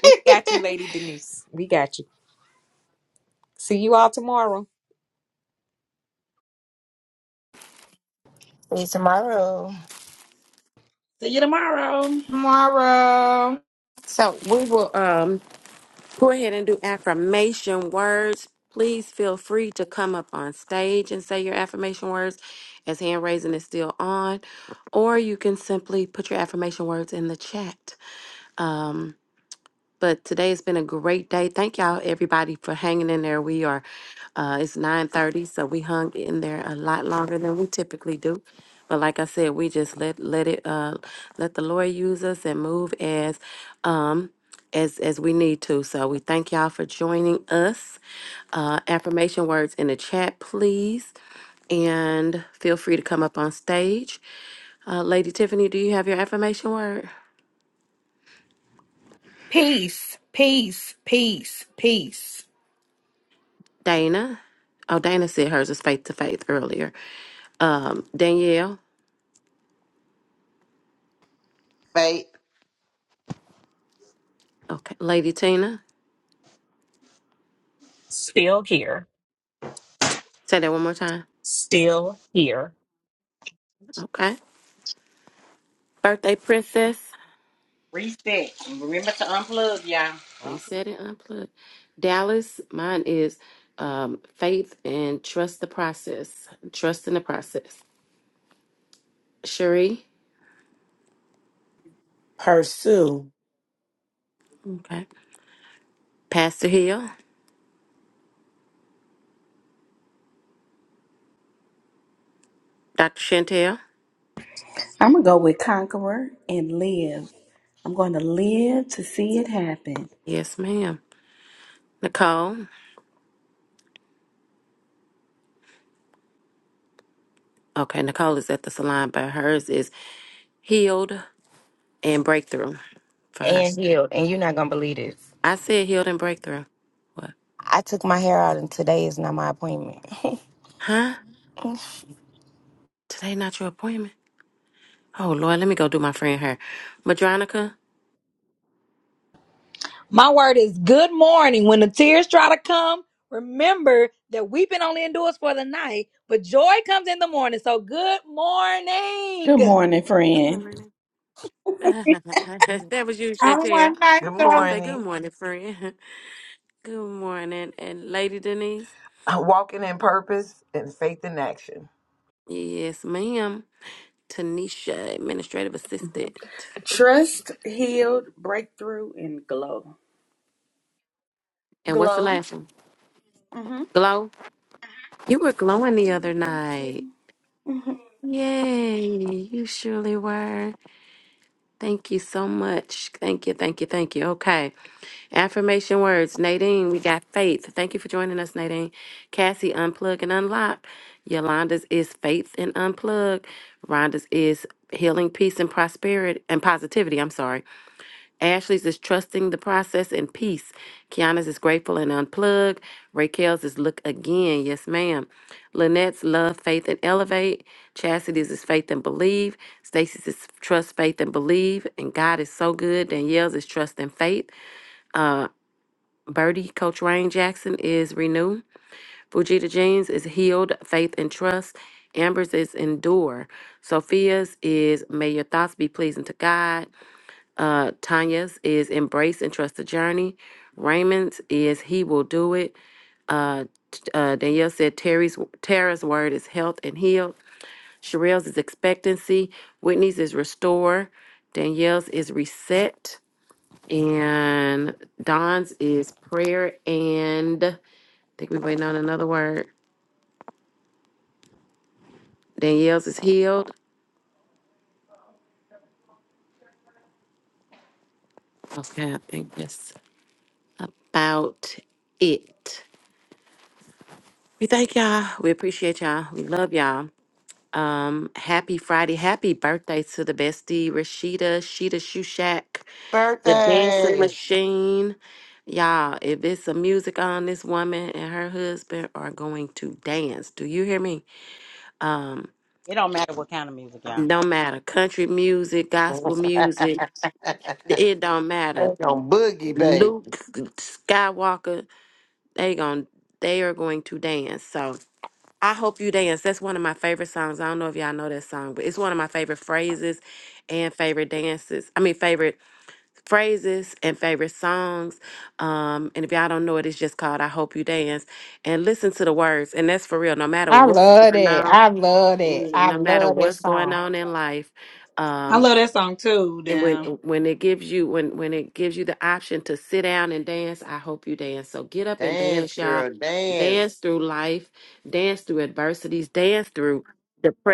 We got you, Lady Denise. We got you. See you all tomorrow.
See you tomorrow.
See you tomorrow.
Tomorrow.
So we will um go ahead and do affirmation words. Please feel free to come up on stage and say your affirmation words as hand raising is still on, or you can simply put your affirmation words in the chat. Um, But today has been a great day. Thank y'all, everybody, for hanging in there. We are, uh, it's nine thirty, so we hung in there a lot longer than we typically do. But like I said, we just let let it uh, let the Lord use us and move as um, as as we need to. So we thank y'all for joining us. Uh, affirmation words in the chat, please, and feel free to come up on stage. Uh, Lady Tiffany, do you have your affirmation word?
Peace. Peace. Peace. Peace.
Dana. Oh, Dana said hers is faith to faith earlier. Um, Danielle.
Fate
Okay. Lady Tina.
still here,
Say that one more time.
still here.
Okay. Birthday princess.
reset. And remember to unplug, y'all. Unplug.
Reset and unplug. Dallas. Mine is um, faith and trust the process. Trust in the process. Cherie.
Pursue.
Okay. Pastor Hill. Dr. Chantel.
I'm going to go with Conqueror and live. I'm going to live to see it happen.
Yes, ma'am. Nicole. Okay. Nicole is at the salon, but hers is healed and breakthrough for her.
And healed. And you're not gonna believe this.
I said healed and breakthrough. What?
I took my hair out, and today is not my appointment.
Huh? Today not your appointment? Oh Lord, let me go do my friend hair. Madronica.
My word is good morning. When the tears try to come, remember that weeping only endures for the night, but joy comes in the morning. So good morning.
Good morning,
Good
friend.
morning. that was you,
I'm
Chantel.
one night
Good
Chantel
song.
say good
morning.
morning, friend. Good morning. And Lady Denise.
Walking in purpose and faith in action.
Yes, ma'am. Tanisha, administrative assistant.
Trust, healed, breakthrough, and glow.
And what's the
Glow.
last one?
Mm-hmm.
Glow. You were glowing the other
Thank
night.
you. Mhm.
Yay, you surely were. Thank you so much. Thank you, thank you, thank you. Okay. Affirmation words. Nadine, we got faith. Thank you for joining us, Nadine. Cassie, unplug and unlock. Yolanda's is faith and unplug. Rhonda's is healing, peace, and prosperity and positivity. I'm sorry. Ashley's is trusting the process and peace. Kiana's is grateful and unplug. Raquel's is look again. Yes, ma'am. Lynette's love, faith, and elevate. Chastity's is faith and believe. Stacy's is trust, faith, and believe. And God is so good. Danielle's is trust and faith. Birdie, Coach Rain Jackson is renew. Fujita Jeans is healed, faith and trust. Amber's is endure. Sophia's is may your thoughts be pleasing to God. Uh, Tanya's is embrace and trust the journey. Raymond's is he will do it. Uh, t- uh, Danielle said Terry's Tara's word is health and healed. Sherelle's is expectancy. Whitney's is restore. Danielle's is reset. And Don's is prayer and think we're waiting on another word. Danielle's is healed. Okay, I think that's about it. We thank y'all. We appreciate y'all. We love y'all. Um, happy Friday. Happy birthday to the bestie, Rashida, Sheeta Shushak, the dancing
birthday.
machine. Y'all, if it's some music on, this woman and her husband are going to dance. Do you hear me? Um,
It don't matter what kind of music, y'all.
no matter country music, gospel
That's
music, it don't matter.
on boogie, baby.
Luke Skywalker, they going they are going to dance. So I hope you dance. That's one of my favorite songs. I don't know if y'all know that song, but it's one of my favorite phrases and favorite dances. I mean favorite phrases and favorite songs. Um, and if y'all don't know it, it's just called I Hope You Dance. And listen to the words. And that's for real. No matter
I
what's
love
going
it.
on,
I love it.
yeah,
I
no matter
love that
what's going
song.
on in life,
I
um,
love that song too,
and when
damn.
when it gives you when when it gives you the option to sit down and dance i hope you dance so get up and
Dance,
dance y'all
girl,
dance
dance.
through life dance through adversities dance through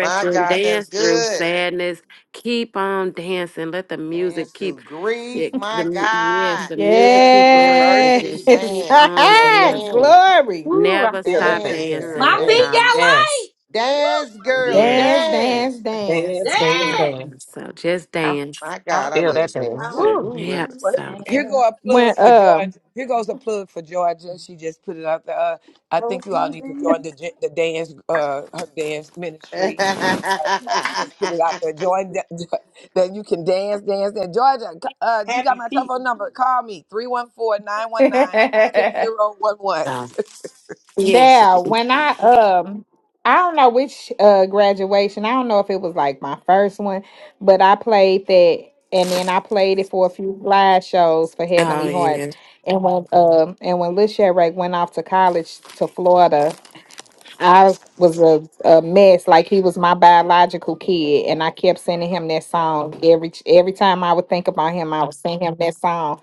My God, that's
dance through
good.
sadness keep on dancing let the music
Dance
keep
through grief,
it the
my
mu- yes
God.
the music
Dance
keep
through
going and
Yes.
adversity,
just keep
dance,
on
girl,
dancing
dance.
Glory.
Ooh, I
never
feel that
stop
thing,
Dance,
girl.
girl,
My
dancing
feet
dance.
Dance,
y'all
got light.
yes.
Woo,
Dance,
my feet
girl,
Dance,
yes
got light.
dance,
dance.
dance.
Dance, dance,
yeah.
Yeah.
dance.
so just
I,
dance
My
I
God, I
feel
love to
that thing.
dance
I
too.
hope
Woo.
Ooh.
yep
you
Well,
so
here
dance.
go a
When
plug for
um
Georgia. Here goes a plug for Georgia. She just put it out there. Uh, I
Hope
think you all
you
need to
dance.
join the gen- the dance uh her dance ministry. Uh, Georgia
I-
just put it out there. Join that, that you can dance, dance, dance. Georgia, c- uh, you
Happy
got my
feet.
telephone number. Call me three one four nine one nine six zero one one.
Yes.
Yeah, when I um I don't know which uh graduation. I don't know if it was like my first one, but I played that and then I played it for a few live shows for
Oh,
Heavenly Hearts.
yeah.
And when um and when Lil Sherrick went off to college to Florida, I was a, a mess, like he was my biological kid, and I kept sending him that song every every time I would think about him. I would sing him that song.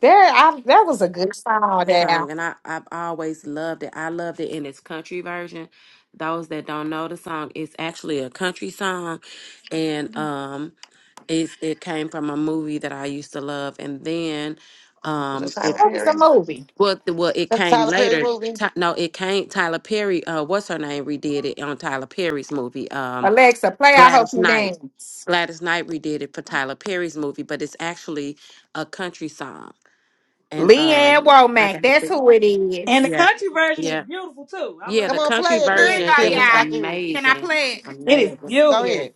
There, I that was a good song.
the
There,
song, and I I've always loved it. I loved it in its country version. Those that don't know the song, it's actually a country song, and um, it's it came from a movie that I used to love, and then
Was
um,
that
it
Tyler
what was the
Perry?
movie?
well, the- well it
That's
came
Tyler Perry
later.
movie.
Ty, no, it came Tyler Perry. Uh, what's her name? Redid it on Tyler Perry's movie. Um,
Alexa, play "I Hope
Gladys
You
Knight.
Dance."
Gladys Knight redid it for Tyler Perry's movie, but it's actually a country song, and
Leanne
um, I
Womack,
got.
that's who it
And the
is.
Yeah,
country version is
yeah,
beautiful too. I
yeah.
love
The
Come
that
on,
country
country
play it
Here
version.
you
then,
version
go,
is
Tiffany. So I
y'all.
can hear you.
Can I
amazing,
play it?
It is
amazing.
Go
Yeah.
beautiful.
ahead.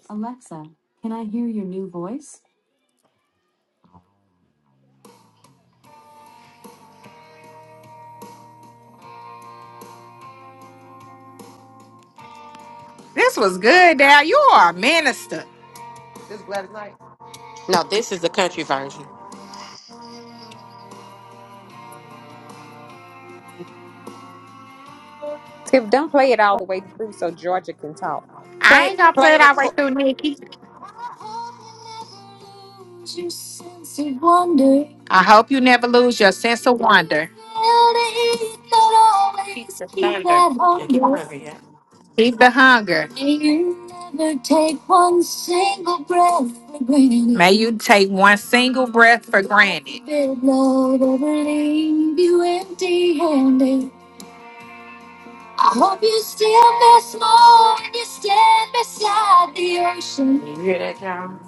This was good, Dad. You are a minister.
This is Gladys Knight.
No, this is the country version.
Tiff, don't play it all the way through so Georgia can talk.
I
Play,
ain't gonna play
play
it
the
all
co-
right through, Nikki. Your sense of wonder. I hope you never lose your sense of wonder.
keep the
Keep
thunder
that
and keep the
hunger.
hunger. Yeah,
Keep the hunger. May you never take one single breath for granted. May you take one single breath for granted. Let the blood ever leave you empty-handed. I hope you still miss more when you stand beside the ocean.
you hear that, y'all?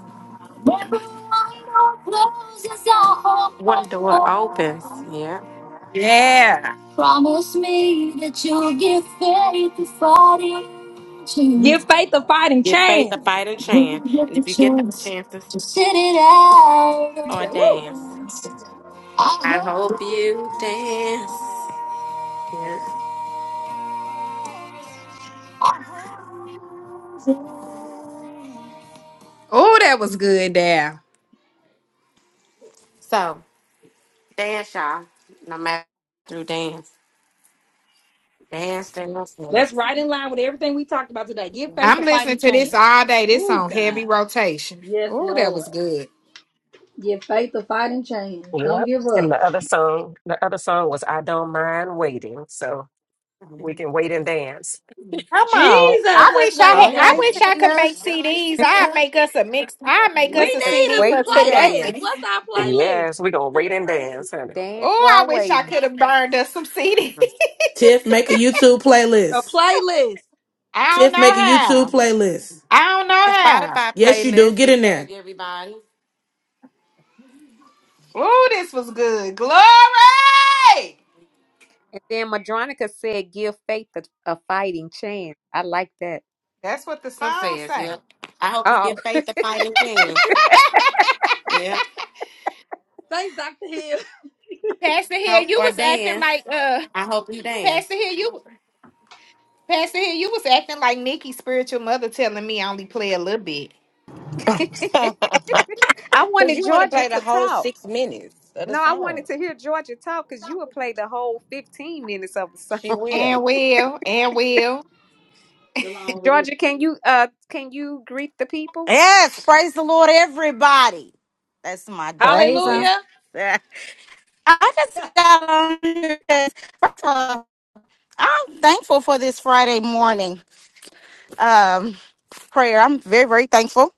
Remember, our door closes our
One door opens.
home.
Yeah,
Promise me that you'll give faith to fighting
Give
chance
faith a fighting
give faith a
chance.
fighting
when
chance,
you get
and
the
if you get the
chance
chances
to sit it out.
Do
or
that. Woo!
dance,
I
I
hope.
hope you dance. Yeah. So dance, y'all. No matter through dance, dance, dance,
That's right in line with everything we talked about today. Give faith a fighting chance. Woo, God. Yes,
Oh, that was
Lord.
good.
Give faith a fighting chance. Don't
Yep.
give
And
up.
the other song, the other song was I Don't Mind Waiting. So we can
dance.
wait and dance.
Come on.
Jesus,
I
let's
wish I
wait and
All
had I
right,
wish
dance.
I could
Tina.
make CDs. I'd make us a mix. I'd make
We
us a
Yes,
need a
CD for
wait and
today.
playlist.
dance.
What's our playlist?
Yes, we're
We
gonna
need
wait and dance,
a
honey.
Dance
Oh,
while
I wish I
waiting.
could have burned us some CD.
Tiff, make a YouTube
playlist. A
playlist.
playlist.
I don't
Tiff,
know
make a YouTube
how.
playlist.
I don't know
the
how.
Spotify
Yes, you do.
playlist
Get
and
in there.
tag everybody.
Oh, this was good. Glory!
And then Madronica said, give faith a, a fighting chance. I like that.
That's what the
I'm
song
saying,
say.
yeah. I hope you
Oh,
get faith to fight and chance. Yeah.
Thanks, Dr. Hill.
Pastor Hill,
Hope
you
or
was acting
dance.
like uh
I hope you
Pastor
dance.
Hill, you Pastor Hill, you was acting like Nikki's spiritual mother telling me I only play a little bit.
I
So
wanted
you want to
Georgia
play the
to
whole
talk.
six minutes of the
No, I wanted
song?
to hear Georgia talk because you would play the whole 15 minutes of the song.
She
And
will.
will, and will.
The long version.
Georgia, can you uh can you greet the people?
Yes, praise the Lord, everybody. That's my deep
Praise him.
voice.
Hallelujah.
I
Yeah,
just got on here. 'cause, First of all, I'm thankful for this Friday morning um, prayer. I'm very, very thankful.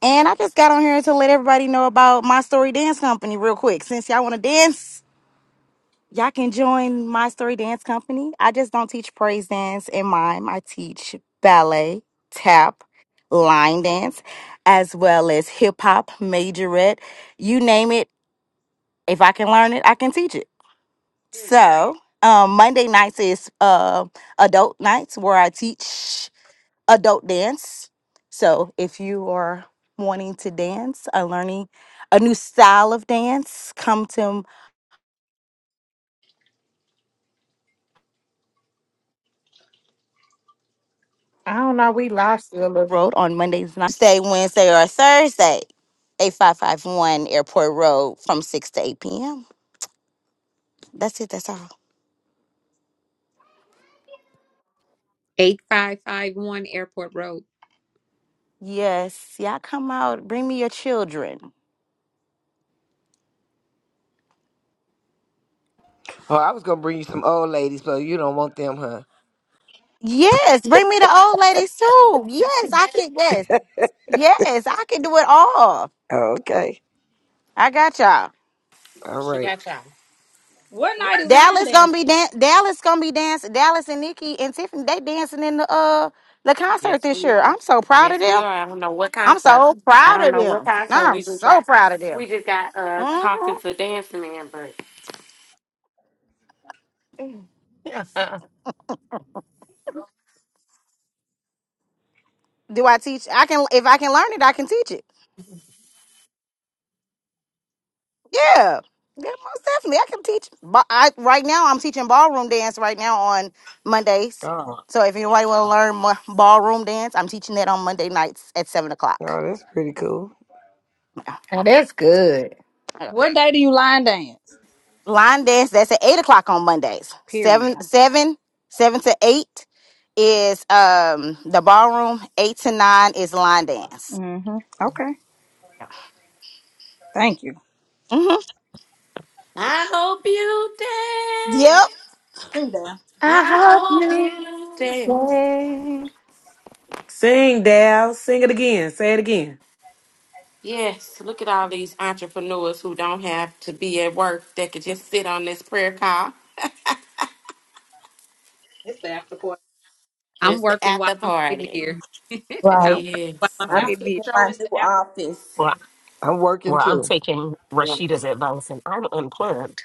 And I just got on here to let everybody know about my story dance company real quick. Since y'all want to dance, Y'all can join my story dance company. I just don't teach praise dance and mime. I teach ballet, tap, line dance, as well as hip hop, majorette, you name it. If I can learn it, I can teach it.
Period.
So um, Monday nights is uh, adult nights where I teach adult dance. So if you are wanting to dance, or learning a new style of dance, come to Road on Mondays, nights, Tuesday, Wednesday, or Thursday, 8551 Airport Road from 6 to 8 p.m. That's it. That's all.
8551 Airport Road.
Yes. Y'all come out. Bring me your children.
Oh, I was gonna bring you some old ladies, but you don't want them, huh?
Yes. Bring me the old ladies too. Yes. I can. Yes. Yes. I can do it all.
Oh, Okay.
I got y'all.
All
She
right.
got y'all.
What night is line
Dallas gonna be
dancing?
dan- Dallas gonna be dancing. Dallas and Nikki and Tiffany they dancing in the uh the concert
Yes,
this
we
year.
are.
I'm so proud of
Yes, we
them.
are. I don't know what
I'm
concert.
so
I
proud
don't
of
know what
them.
concert
I'm
we just
so
got.
proud of them.
We just got uh
Mm-hmm.
talking to Dance Man, but
but
Do I teach? I can if I can learn it, I can teach it. Yeah, yeah, most definitely, I can teach. But I right now I'm teaching ballroom dance right now on Mondays.
Oh,
So if anybody want to learn mo- ballroom dance, I'm teaching that on Monday nights at seven
oh,
o'clock.
that's pretty cool.
Yeah.
Now that's good.
yeah.
What day do you line dance?
Line dance that's at eight o'clock on Mondays.
Period.
Seven, seven, seven to eight is um the ballroom. Eight to nine is line dance.
Mm-hmm. Okay. Thank you.
Mm-hmm.
I hope you
Yep,
dance.
Sing that.
Uh-huh.
I hope you dance.
Sing, Dal. Sing it again. Say it again.
Yes, look at all these entrepreneurs who don't have to be at work that could just sit on this prayer call.
It's the after party.
I'm
It's the
working while
after
I'm sitting
party.
here. I'm working while
Yes.
I'm
I'm
So,
sitting
After the
here.
sitting in
show,
my
it's
new
the after.
office.
Well,
I'm working
well, I'm
too.
taking
yeah.
Rashida's advice and I'm unplugged.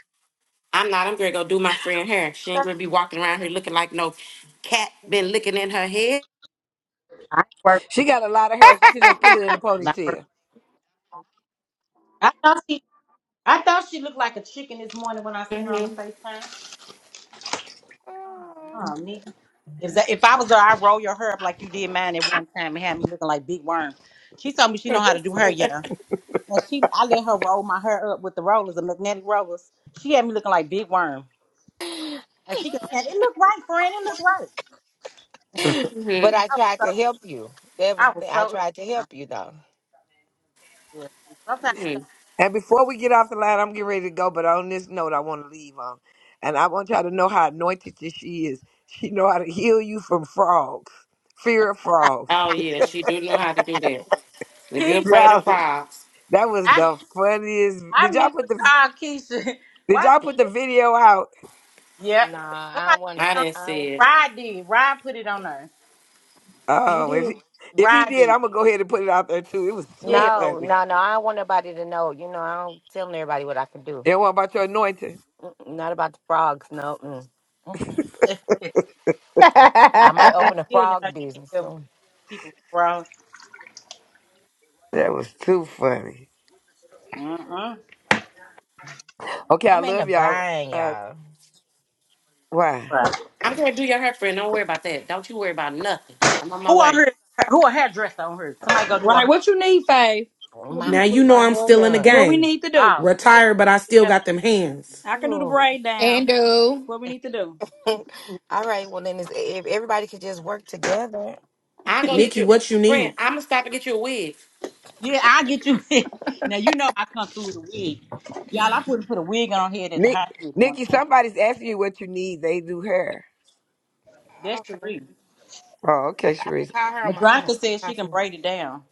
I'm not. I'm gonna go do my friend hair. She ain't gonna
Happy
be walking around here looking like no cat been licking in her head.
I work.
She got a lot of hair. She could just pull it in the
Not
ponytail.
work. I thought she I thought she looked like a chicken this morning when I seen her on
hmm
the FaceTime. Oh, Nikki. If that, if I was her, I'd roll your hair up like you did mine at one time and had me looking like big worm. She told me she know how to do her, yeah. And she I let her roll my hair up with the rollers, the magnetic rollers. She had me looking like big worm. And she kept saying, It looked right, friend, it looked right.
hmm
I tried
So
to help you. That was
I
the
was
thing. I
so
tried to
upset.
help you though.
Yeah.
hmm
And before we get off the line, I'm getting ready to go. But on this note, I want to leave on, and I want y'all to know how anointed that she is. She know how to heal you from frogs, fear of frogs.
Oh yeah, she do know how to do that. If you're
Keisha,
afraid of
Y'all,
frogs,
that was
I
the funniest.
I
Did y'all
meant to
put the
call Keisha.
Did
why?
y'all put the video out?
Yeah.
Nah, I
Somebody put
wanna.
I
it on.
didn't
I
see
wa-
it.
Rod did. Rod put it on her.
He
Oh, if
did.
he, if he
Rod
did,
did.
I'm gonna go ahead and put it out there too. It was too
Yeah.
no,
funny.
no, no. I don't want nobody to know. You know, I don't tell everybody what I can do.
And what about your anointing?
Mm-mm, not about the frogs. No. Mm. Mm-mm.
I
I
bet
might
that's
open a
good. And I
frog business
give
soon.
people bro.
That was too funny.
Mm-mm.
Okay, I
I'm in the
love y'all.
bind,
Uh,
y'all.
why,
Right.
I'm gonna do your hair, friend. Don't worry about that. Don't you worry about nothing. I'm on
Who
my
on
way.
her? Who a hairdresser on her? Somebody go do a
Right.
her.
What you need, Faye? What
My I
we
Now you
need
know
my
I'm
hair
still in the
done.
what we
game.
need to do?
Oh yeah.
Retired, but I still
Yeah.
got them hands.
I can do the
Ooh.
braid down. What we need to do?
All right. Well, then it's, if everybody could just work together.
I'll go get
Nikki,
you,
what you need?
friend. I'm gonna stop and get you a
Yeah. I get you. now you know I come through with a wig. Y'all, I wouldn't put a wig on her head at the
Nick,
hospital one
Nikki?
time.
Somebody's asking you what you need. They do hair.
That's
Okay,
Cherie.
Oh, okay,
I
Sharice.
can call her on my own.
Madronka says she can
Awesome.
braid it down.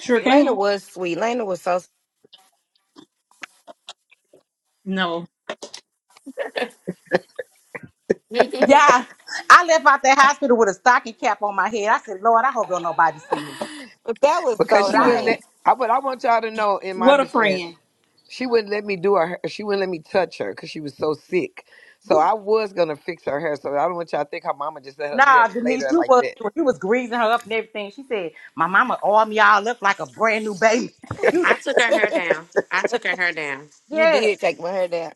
Sure
Lena
can.
was sweet. Lena was so. s-
No. Yeah, I left out that hospital with a stocking cap on my head. I said, Lord, I hope don't nobody see me.
but that was
because
so
But
she
I
wig.
had
wouldn't
nice.
let. I but I want y'all to know, in my
What a
defense,
friend.
she wouldn't let me do her. hair- She wouldn't let me touch her because she was so sick. So I was gonna fix her hair. So I don't want y'all to think her mama just let her
nah,
live
Denise,
later
you
like
was
that.
you was greasing her up and everything. She said, My mama arm y'all up like a brand new baby. You
I
did-
took her hair down. I took her hair down.
You
yeah.
did take my hair down,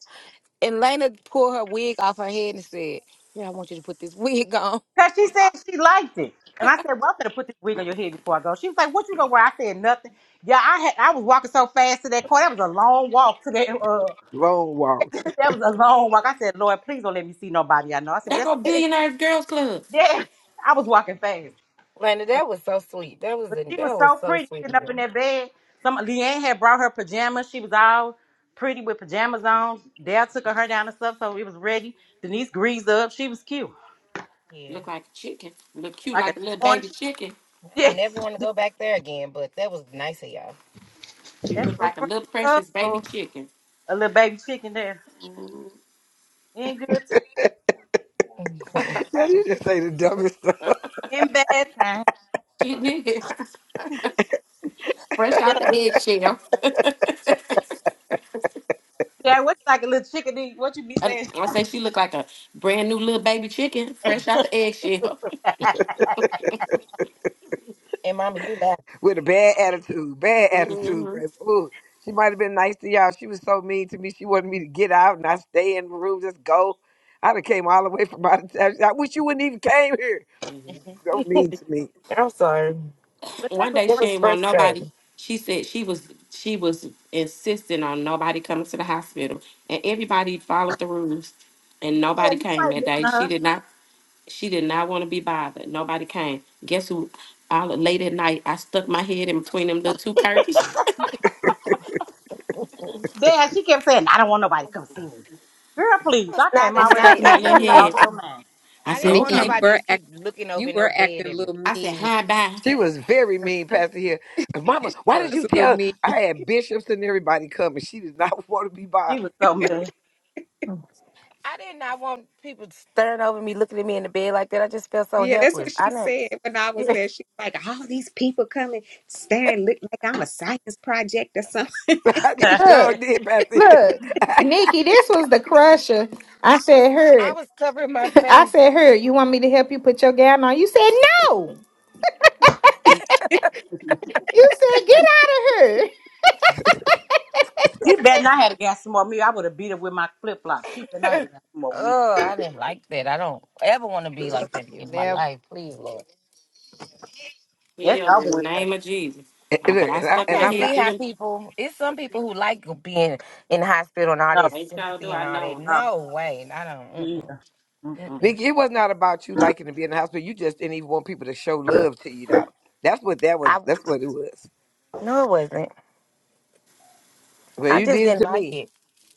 and Lena pulled her wig off her head and said, "Here, I want you to put this wig on."
Cause she said she liked it. And I said, Well, I'm gonna put this wig on your head before I go. She was like, What you gonna wear? I said nothing. Yeah, I had I was walking so fast to that court. That was a long walk to that uh
Long walk.
that was a long walk. I said, Lord, please don't let me see nobody I know. I said, but
That
that's
go billionaires girls club.
yeah, I was walking fast.
Lena, that was so sweet. That was
But
a,
she was
that was
so
so
pretty
sweet
sitting
of
up in
you.
that bed. Some Leanne had brought her pajamas. She was all pretty with pajamas on. Dad took her down and stuff, so it was ready. Denise greased up. She was cute,
Yeah,
Look like a chicken. Look cute
like a
like a little
newborn
baby
chicken.
chicken.
I
Yeah,
don't never want to go back there again. But that was nice of y'all.
She
that's
look
what
like a
friends
little
are
precious baby
for.
chicken.
A little baby chicken there
Mm,
in good time,
Mhm.
now she just say the dumbest stuff
in bad time.
She did. Fresh out the eggshell.
Yeah, what's like a little chicken? eat? What you be
And
saying?
I say she look like a brand new little baby chicken, fresh out the eggshell.
and Mama, you laughed.
with a bad attitude. Bad attitude, baby. Ooh, she might have been nice to y'all. She was so mean to me. She wanted me to get out and I stay in the room, just go. I'd have came all the way from out of town. I wish you wouldn't even came here.
Mhm.
So mean to me.
I'm sorry.
But that's
One
what
day
It
she
friends.
was
ain't want nobody.
frustrating.
She said she was she was insisting on nobody coming to the hospital, and everybody followed the rules, and
Yeah,
nobody came
nobody
that
listen
day.
to
She
her.
did not she did not want to be bothered. Nobody came. Guess who? All late at night, I stuck my head in between them little two curtains.
That
Dad, she kept saying, "I don't want nobody to come see me." Girl, please,
was
I
not
came
a
I
out with
stuck
night.
my
I
Texas.
little
didn't
You
like.
head.
lost your mind.
I
I
And
said,
didn't
I'm
want
Nikki, you
"Okay."
coming.
nobody to
were
just
act-
keep looking over
you
in no
were
bed
acting a
at me.
little
I said,
mean,
"Hi, bye."
She was very mean, Pastor here. Mama,
she
why did
was
you
a little
tell
mean.
I had bishops and everybody coming? She did not want to be
She was
bothered.
so mad.
I did not want people staring over me, looking at me in the bed like that. I just felt so
Yeah, that's what
helpless. I
she
didn't.
said when I was
yeah,
there. She's like, all these people coming, staring, look like I'm a science project or something.
she sure
look,
did, Pastor. Hill.
look. Nikki, this was the crusher. I said her.
I was covering my
I
face.
said, her, you want me to help you put your gown on? You said, no. You said, get out of here.
you bet not had a got some more of me. I would have beat her with my flip flop. She bet not had a got some more of me.
oh, I didn't like that. I don't ever want to be like that
You
in my
never.
life. Please, Lord.
That's
Healed in the
over with. baby.
name of Jesus.
And,
I,
and
but
look,
I
and I,
I
stuck
and
my
can't
I'm
head
not.
see
through
how
them.
people. It's some people who like being in the hospital and all
No,
this
They sure
sympathy
do.
and
I
all
know
that.
'em.
no,
No way. I don't.
me
Mm-mm,
either. Mm-mm.
mm-mm.
Nikki, it was not about you liking to be in the hospital. You just didn't even want people to show love to you, though. That's what that was.
I
That's what it was.
no, it wasn't.
Well,
I
you
just
did it
didn't
to
like
me.
it.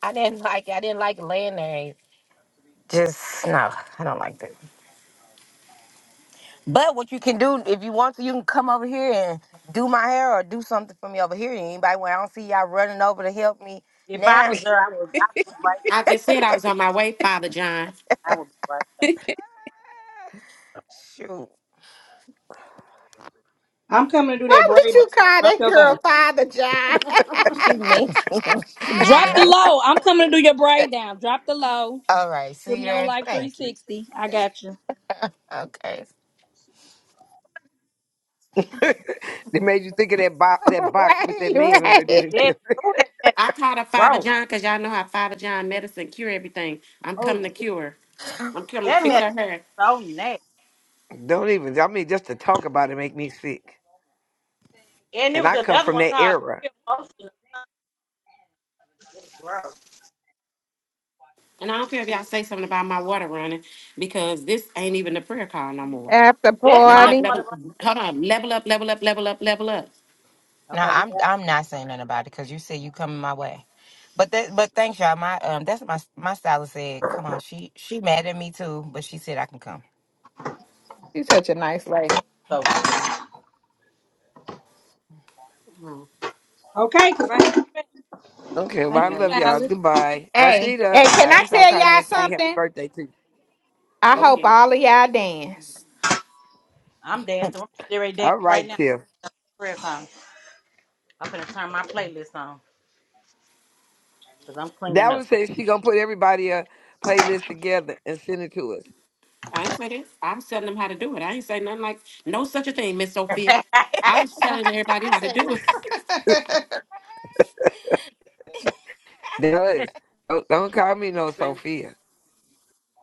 I didn't like. it. I didn't like laying there. Just no, I don't like that. But what you can do if you want to, you can come over here and do my hair or do something for me over here. Anybody when I don't see y'all running over to help me
If I was
now.
there, I would, I would be right there.
I just said I was on my way, Father John.
I would be right there.
Shoot.
I'm coming to do that
Why
braid
would
down.
you call
Drop
that
your low.
girl Father John?
She mean. she
Drop the
right,
mean.
low. I'm coming to do your braid down. Drop the low.
All right,
Put
see
me on
there.
life
Thank you.
360. I got you.
Okay.
they made you think of that, bo- that box with that man on it,
right.
didn't
Yeah.
it?
Oh, that mess is
I called her Father
gross.
John because y'all know how Father John medicine cure everything. I'm coming
Oh,
to cure. I'm coming to
that
fix
Now
mess
her hair.
is so nasty.
Don't even. I mean, just to talk about it make me sick.
And there
And
was
I come
another
from
one
that
called
era.
Pure Motion. Gross.
And I don't care if y'all say something about my water running because this ain't even a prayer call no more.
After
That's
Level
my
up,
party.
level
water.
up.
right-
Hold on. Level up, level up, level up, level up.
Okay, this is
I'm I'm not saying nothing about it because you said you coming my way. But that but thanks y'all. My um that's what my my stylist said, come on, she she mad at me too, but she said I can come.
She's such a nice lady.
so
Oh,
Okay, because I have to go.
Okay,
thank
well, I
wouldn't
you,
that
love
look
y'all.
this?
stylist.
Goodbye.
Hey,
Rashida,
hey, can
I
I
guess I'll
tell
call you
y'all
and sing happy
something?
birthday to you.
I
Go
okay.
hope
ahead.
all of y'all dance.
I'm dancing. I'm getting ready to dance
All
right
right,
now.
Tiff.
Prayer time. I'm gonna turn my playlist on because I'm cleaning up.
Dallas says she gonna put everybody a playlist together and send it to us.
I ain't say this. I'm telling them how to do it. I ain't say nothing like no such a thing, Miss Sophia. I'm telling everybody how to do it.
Dallas, don't, don't call me no
Man.
Sophia.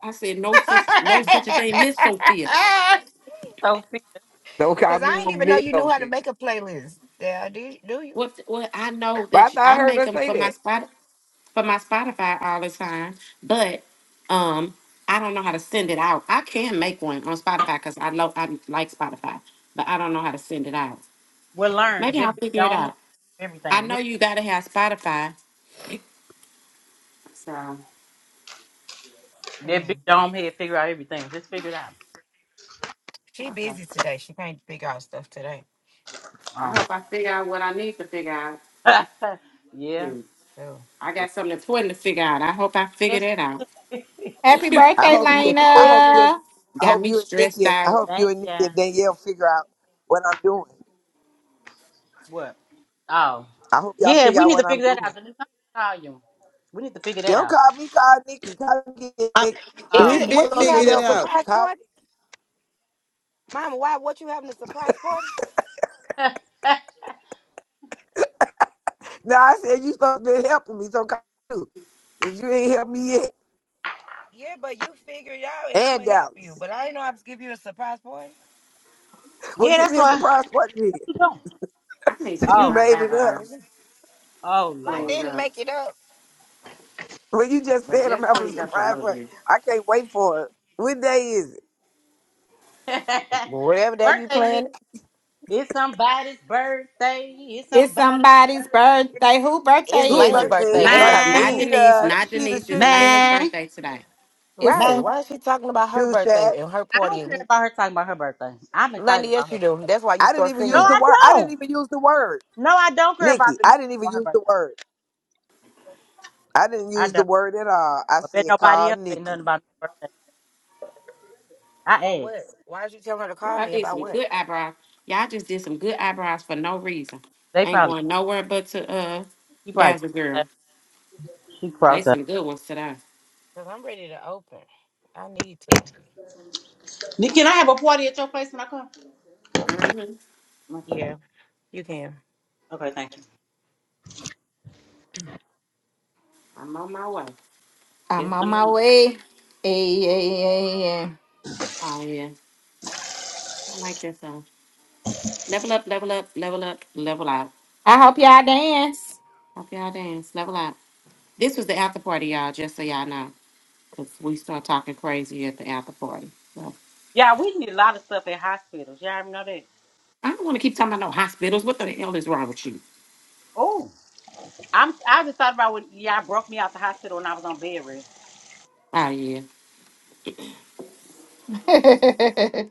I said no such no such a thing, Miss Sophia.
Sophia.
Don't call
Cause
me
I ain't
no
even know
Miss
you knew how to
Sophia.
make a playlist. Yeah, do you, do you?
What? What? I know
But I
that you,
thought I
I
heard
make
her
them
say
for my
that.
spot. for my Spotify all the time, but um, I don't know how to send it out. I can make one on Spotify because I love I like Spotify, but I don't know how to send it out.
We'll learn 'cause
Maybe I'll
that big
figure it
dome head,
out. I
everything.
know
Yeah,
you gotta have Spotify. Um,
that big
Mm.
dome head figure out everything. Just figure it out.
She
okay.
busy today. She can't figure out stuff today.
I
Um,
hope I figure out what I need to figure out.
yeah,
Shoot,
So
I got something important to figure out. I hope I figure
especially,
that out.
Happy
I hope you. I
Lena.
hope you.
especially
And, I
got
hope
me
you and
stressed
Nikki. And, I
out.
hope you
thank
and Nikki and
you.
Danielle figure out what I'm doing.
What? Oh,
I hope y'all
yeah.
figure
We
out
need to
what I'm
figure that
doing.
out. The new volume. We need to figure that
Don't
out.
call me, call Nikki. Call
I,
Nikki.
is
Oh,
we
She
it
been
what you
supposed to
figure
having
it
a
help
out.
me.
surprise
Call
party, Mama? Why? What you having a surprise party?
Now I said you supposed to be helping me, so call you. Cause you ain't helped me yet.
Yeah, but you figure it out, and I'ma
And
help you.
Dallas.
But I didn't know I was give you a surprise party.
Well,
yeah.
give
That's
me a
why.
surprise party then,
Keep going.
I need to
since
get
you
Oh
my
lord.
made it
No,
up.
eyebrows
it's-
Oh
I
lord.
cleaned
didn't
up,
make it up.
Well, you just
but
said I'm
just
having a
cleaned up a
surprise
little
party.
bit.
I can't wait for it. What day is it?
Whatever day you
birthday. is-
plan,
It's somebody's birthday. It's
It's
somebody's
somebody's
birthday.
birthday. Who birthday
it's
Who
is
Lena's
it?
birthday
birthday.
is it?
That's how
Lena's
Mine.
not
rude.
Denise,
Rashida,
not
Sheeta
Denise. It's
Shoe Shack.
Lena's
Mine.
birthday today.
It's
Mine.
Right.
some.
Why is she talking about her
Shoe
birthday
Shack.
and her
I
party?
don't care
And
about her talking about her birthday. I'm
Lena,
excited about
yes,
her
you do.
birthday.
That's why you
I didn't
start
even
No,
singing
use
it.
the
I
word. I didn't
don't.
even use the word.
No, I don't care about
Nikki,
the new
I didn't
talking
even
about her
use the
birthday.
word. I didn't
I
use the
don't.
word at all. I
But bet
said
nobody
call
else say nothing
Nikki.
about her birthday.
For
I
what?
asked.
Why is you telling her to
Well,
call
I
me
did
about
some
what?
good eyebrows. Y'all just did some good eyebrows for no reason.
They
Ain't
probably
going nowhere but to uh
she probably crossed
Dazzle Girl.
up. She
They
crossed up.
some good ones today.
Because I'm ready to open. I need to.
Nick, Can I have a party at your place when I come?
Mm-hmm.
Yeah, you can.
Okay, thank you.
I'm on my way.
I'm
Just
on my
did.
way. Hey, yeah, yeah, yeah.
Oh yeah. I like this song. Level up, level up, level up, level out.
I hope y'all dance.
Hope y'all dance. Level out. This was the after party, y'all, just so y'all know. Cause we start talking crazy at the after party. So
Yeah, we need a lot of stuff at hospitals. Y'all already know that.
I don't want to keep talking about no hospitals. What the hell is wrong with you?
Oh, I'm. I just thought about when y'all broke me out the hospital when I was on bed rest.
Oh yeah.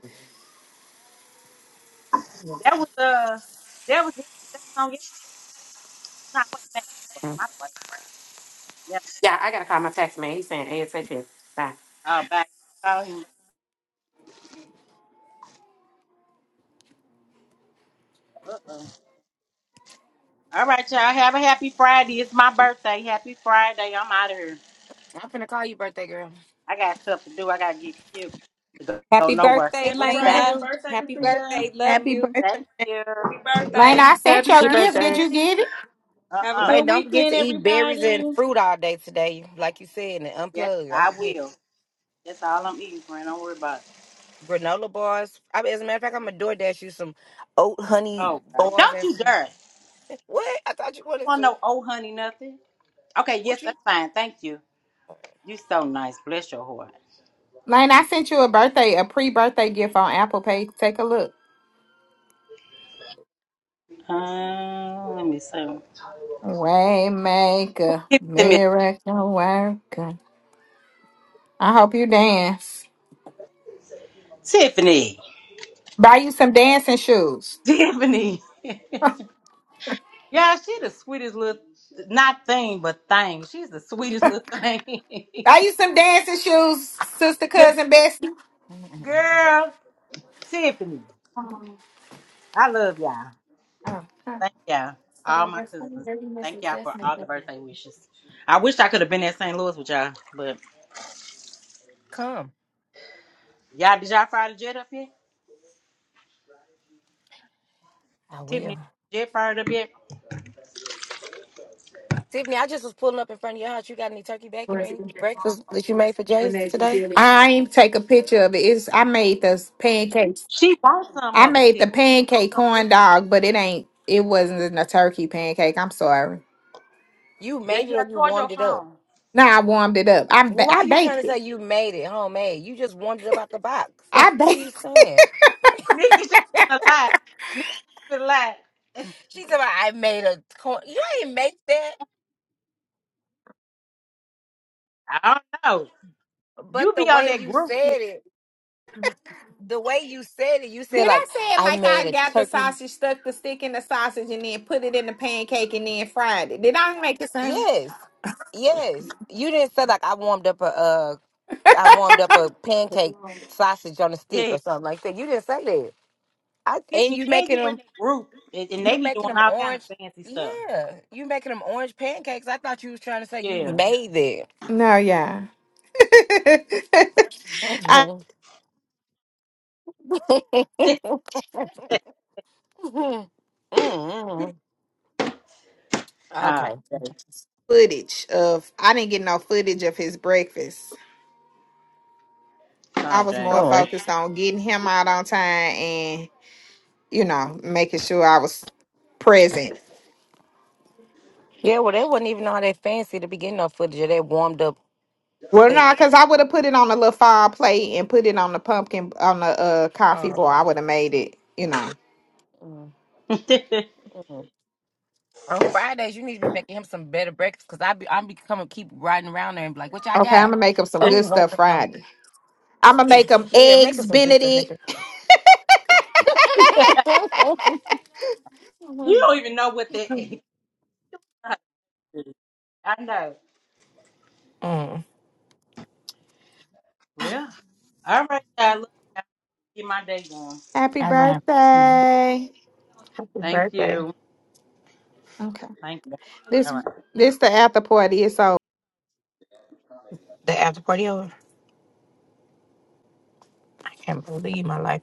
That was uh, that was that was on yesterday. No, wait, wait, sorry,
Mm.
my brain. Yeah,
Yeah, I gotta call my tax man. He's saying ASAP. Bye.
uh, back. Oh, yeah. All right, y'all. Have a happy Friday. It's my birthday. Happy Friday. I'm out of here.
I'm finna call you, birthday girl.
I got stuff to do. I got to get cute to go, go
Happy
nowhere.
birthday,
Happy
What you
Happy
Friday,
birthday.
gotta
That,
happy
Lena.
do?
birthday,
Happy
Rashida.
birthday. Love
Happy
you.
birthday.
thank you.
Happy
Lane,
birthday.
I sent
Happy
your gift. Did
birthday.
you
birthday.
get it?
Have a
Uh-uh.
Like,
good
don't forget
weekend,
to eat berries and
everybody.
fruit all day today, like you said, and
Yes,
unplug. Don't
I
forget
will. That's all I'm eating, friend. Don't worry about it.
granola bars. I mean, as a matter of fact, I'm gonna DoorDash you some oat honey
Oh, God.
bars
Don't
and
you
some.
dare.
What? I thought you wanted
want
to.
no old honey nothing? Okay, yes,
What you?
that's fine. Thank you.
right.
You so nice. Bless your heart.
Lane, I sent you a birthday, a pre-birthday gift on Apple Pay. Take a look.
Um, let me see.
Waymaker,
Who- Tiffany.
miracle worker. I hope you dance.
Tiffany.
Buy you some dancing shoes.
Tiffany. Yeah, she the sweetest little not thing but thing. She's the sweetest little thing.
Buy you some dancing shoes, sister,
Girl,
cousin, Bessie.
girl, Tiffany, I love y'all. Thank y'all, all my cousins. Thank y'all for all the birthday wishes. I wish I could have been at St. Louis with y'all, but
Come.
y'all did y'all fire the jet up yet?
I
Tiffany,
will.
jet fired up yet?
Tiffany, I just was pulling up in front of your house. You got any turkey bacon or any breakfast that you made for Jay's today?
I ain't take a picture of it. It's I made the pancakes.
She wants some
I
of it,
made the
Tiffany. She
pancake
wants some of it.
corn dog, but it ain't. It wasn't a turkey pancake. I'm sorry.
You
Then
made
you
it or you
toward your
warmed it up?
phone.
Now I warmed it up. I
Well,
ba-
why
I
are you trying
baked
to
it.
say you made it homemade? You just warmed it up out the box.
I
What are
baked.
you saying?
Nikki, she's gonna lie. Nikki's gonna lie.
She said, "Well, I made a corn. You ain't make that.
I don't know.
But
You
the
be on
way
that
you
group. Tiffany.
said it, Mhm. the way you said it, you said,
Did I
like,
say it
I
like
made
I
a
got the
turkey.
sausage, stuck the stick in the sausage, and then put it in the pancake and then fried it? Did I make it sound?
Yes. Yes. You didn't say, like, I warmed up a uh, I warmed up a pancake sausage on a stick
Yeah.
or something like that. You didn't say that. I
Excuse
and
me,
you
and
making
you in
them
that group, and, and they
you
be
making
doing
them
all kind of
orange.
fancy stuff.
Yeah, you making them orange pancakes. I thought you was trying to say you
Yeah.
made that.
No, yeah. I
Mm-hmm. hmm.
Ah,
okay.
dang.
footage of I didn't get no footage of his breakfast. I
oh
was more
dang.
Mm.
focused on getting him out on time and you know making sure I was present.
Yeah, well, they wasn't even all that fancy to begin no footage of that warmed up
Well,
thing.
no, because I would have put it on a little fire plate and put it on the pumpkin on the uh,
Oh,
coffee boy.
okay.
I would have made it, you know.
Mm,
you
mm. On Fridays, you need to be making him some better breakfast because I be I be coming keep riding around there and be like, "What y'all
Okay, I'm
got?"
gonna make them some
Don't
good
even want
stuff
to know.
Friday. I'm gonna make them
yeah, make
eggs
us some good stuff
Benedict
nigga.
don't even know what that is. I know.
Mm,
Well, all right, I look. Get my day going.
all right. Happy
Thank
birthday.
you. Thank you. All right.
The after party over. I can't believe my life.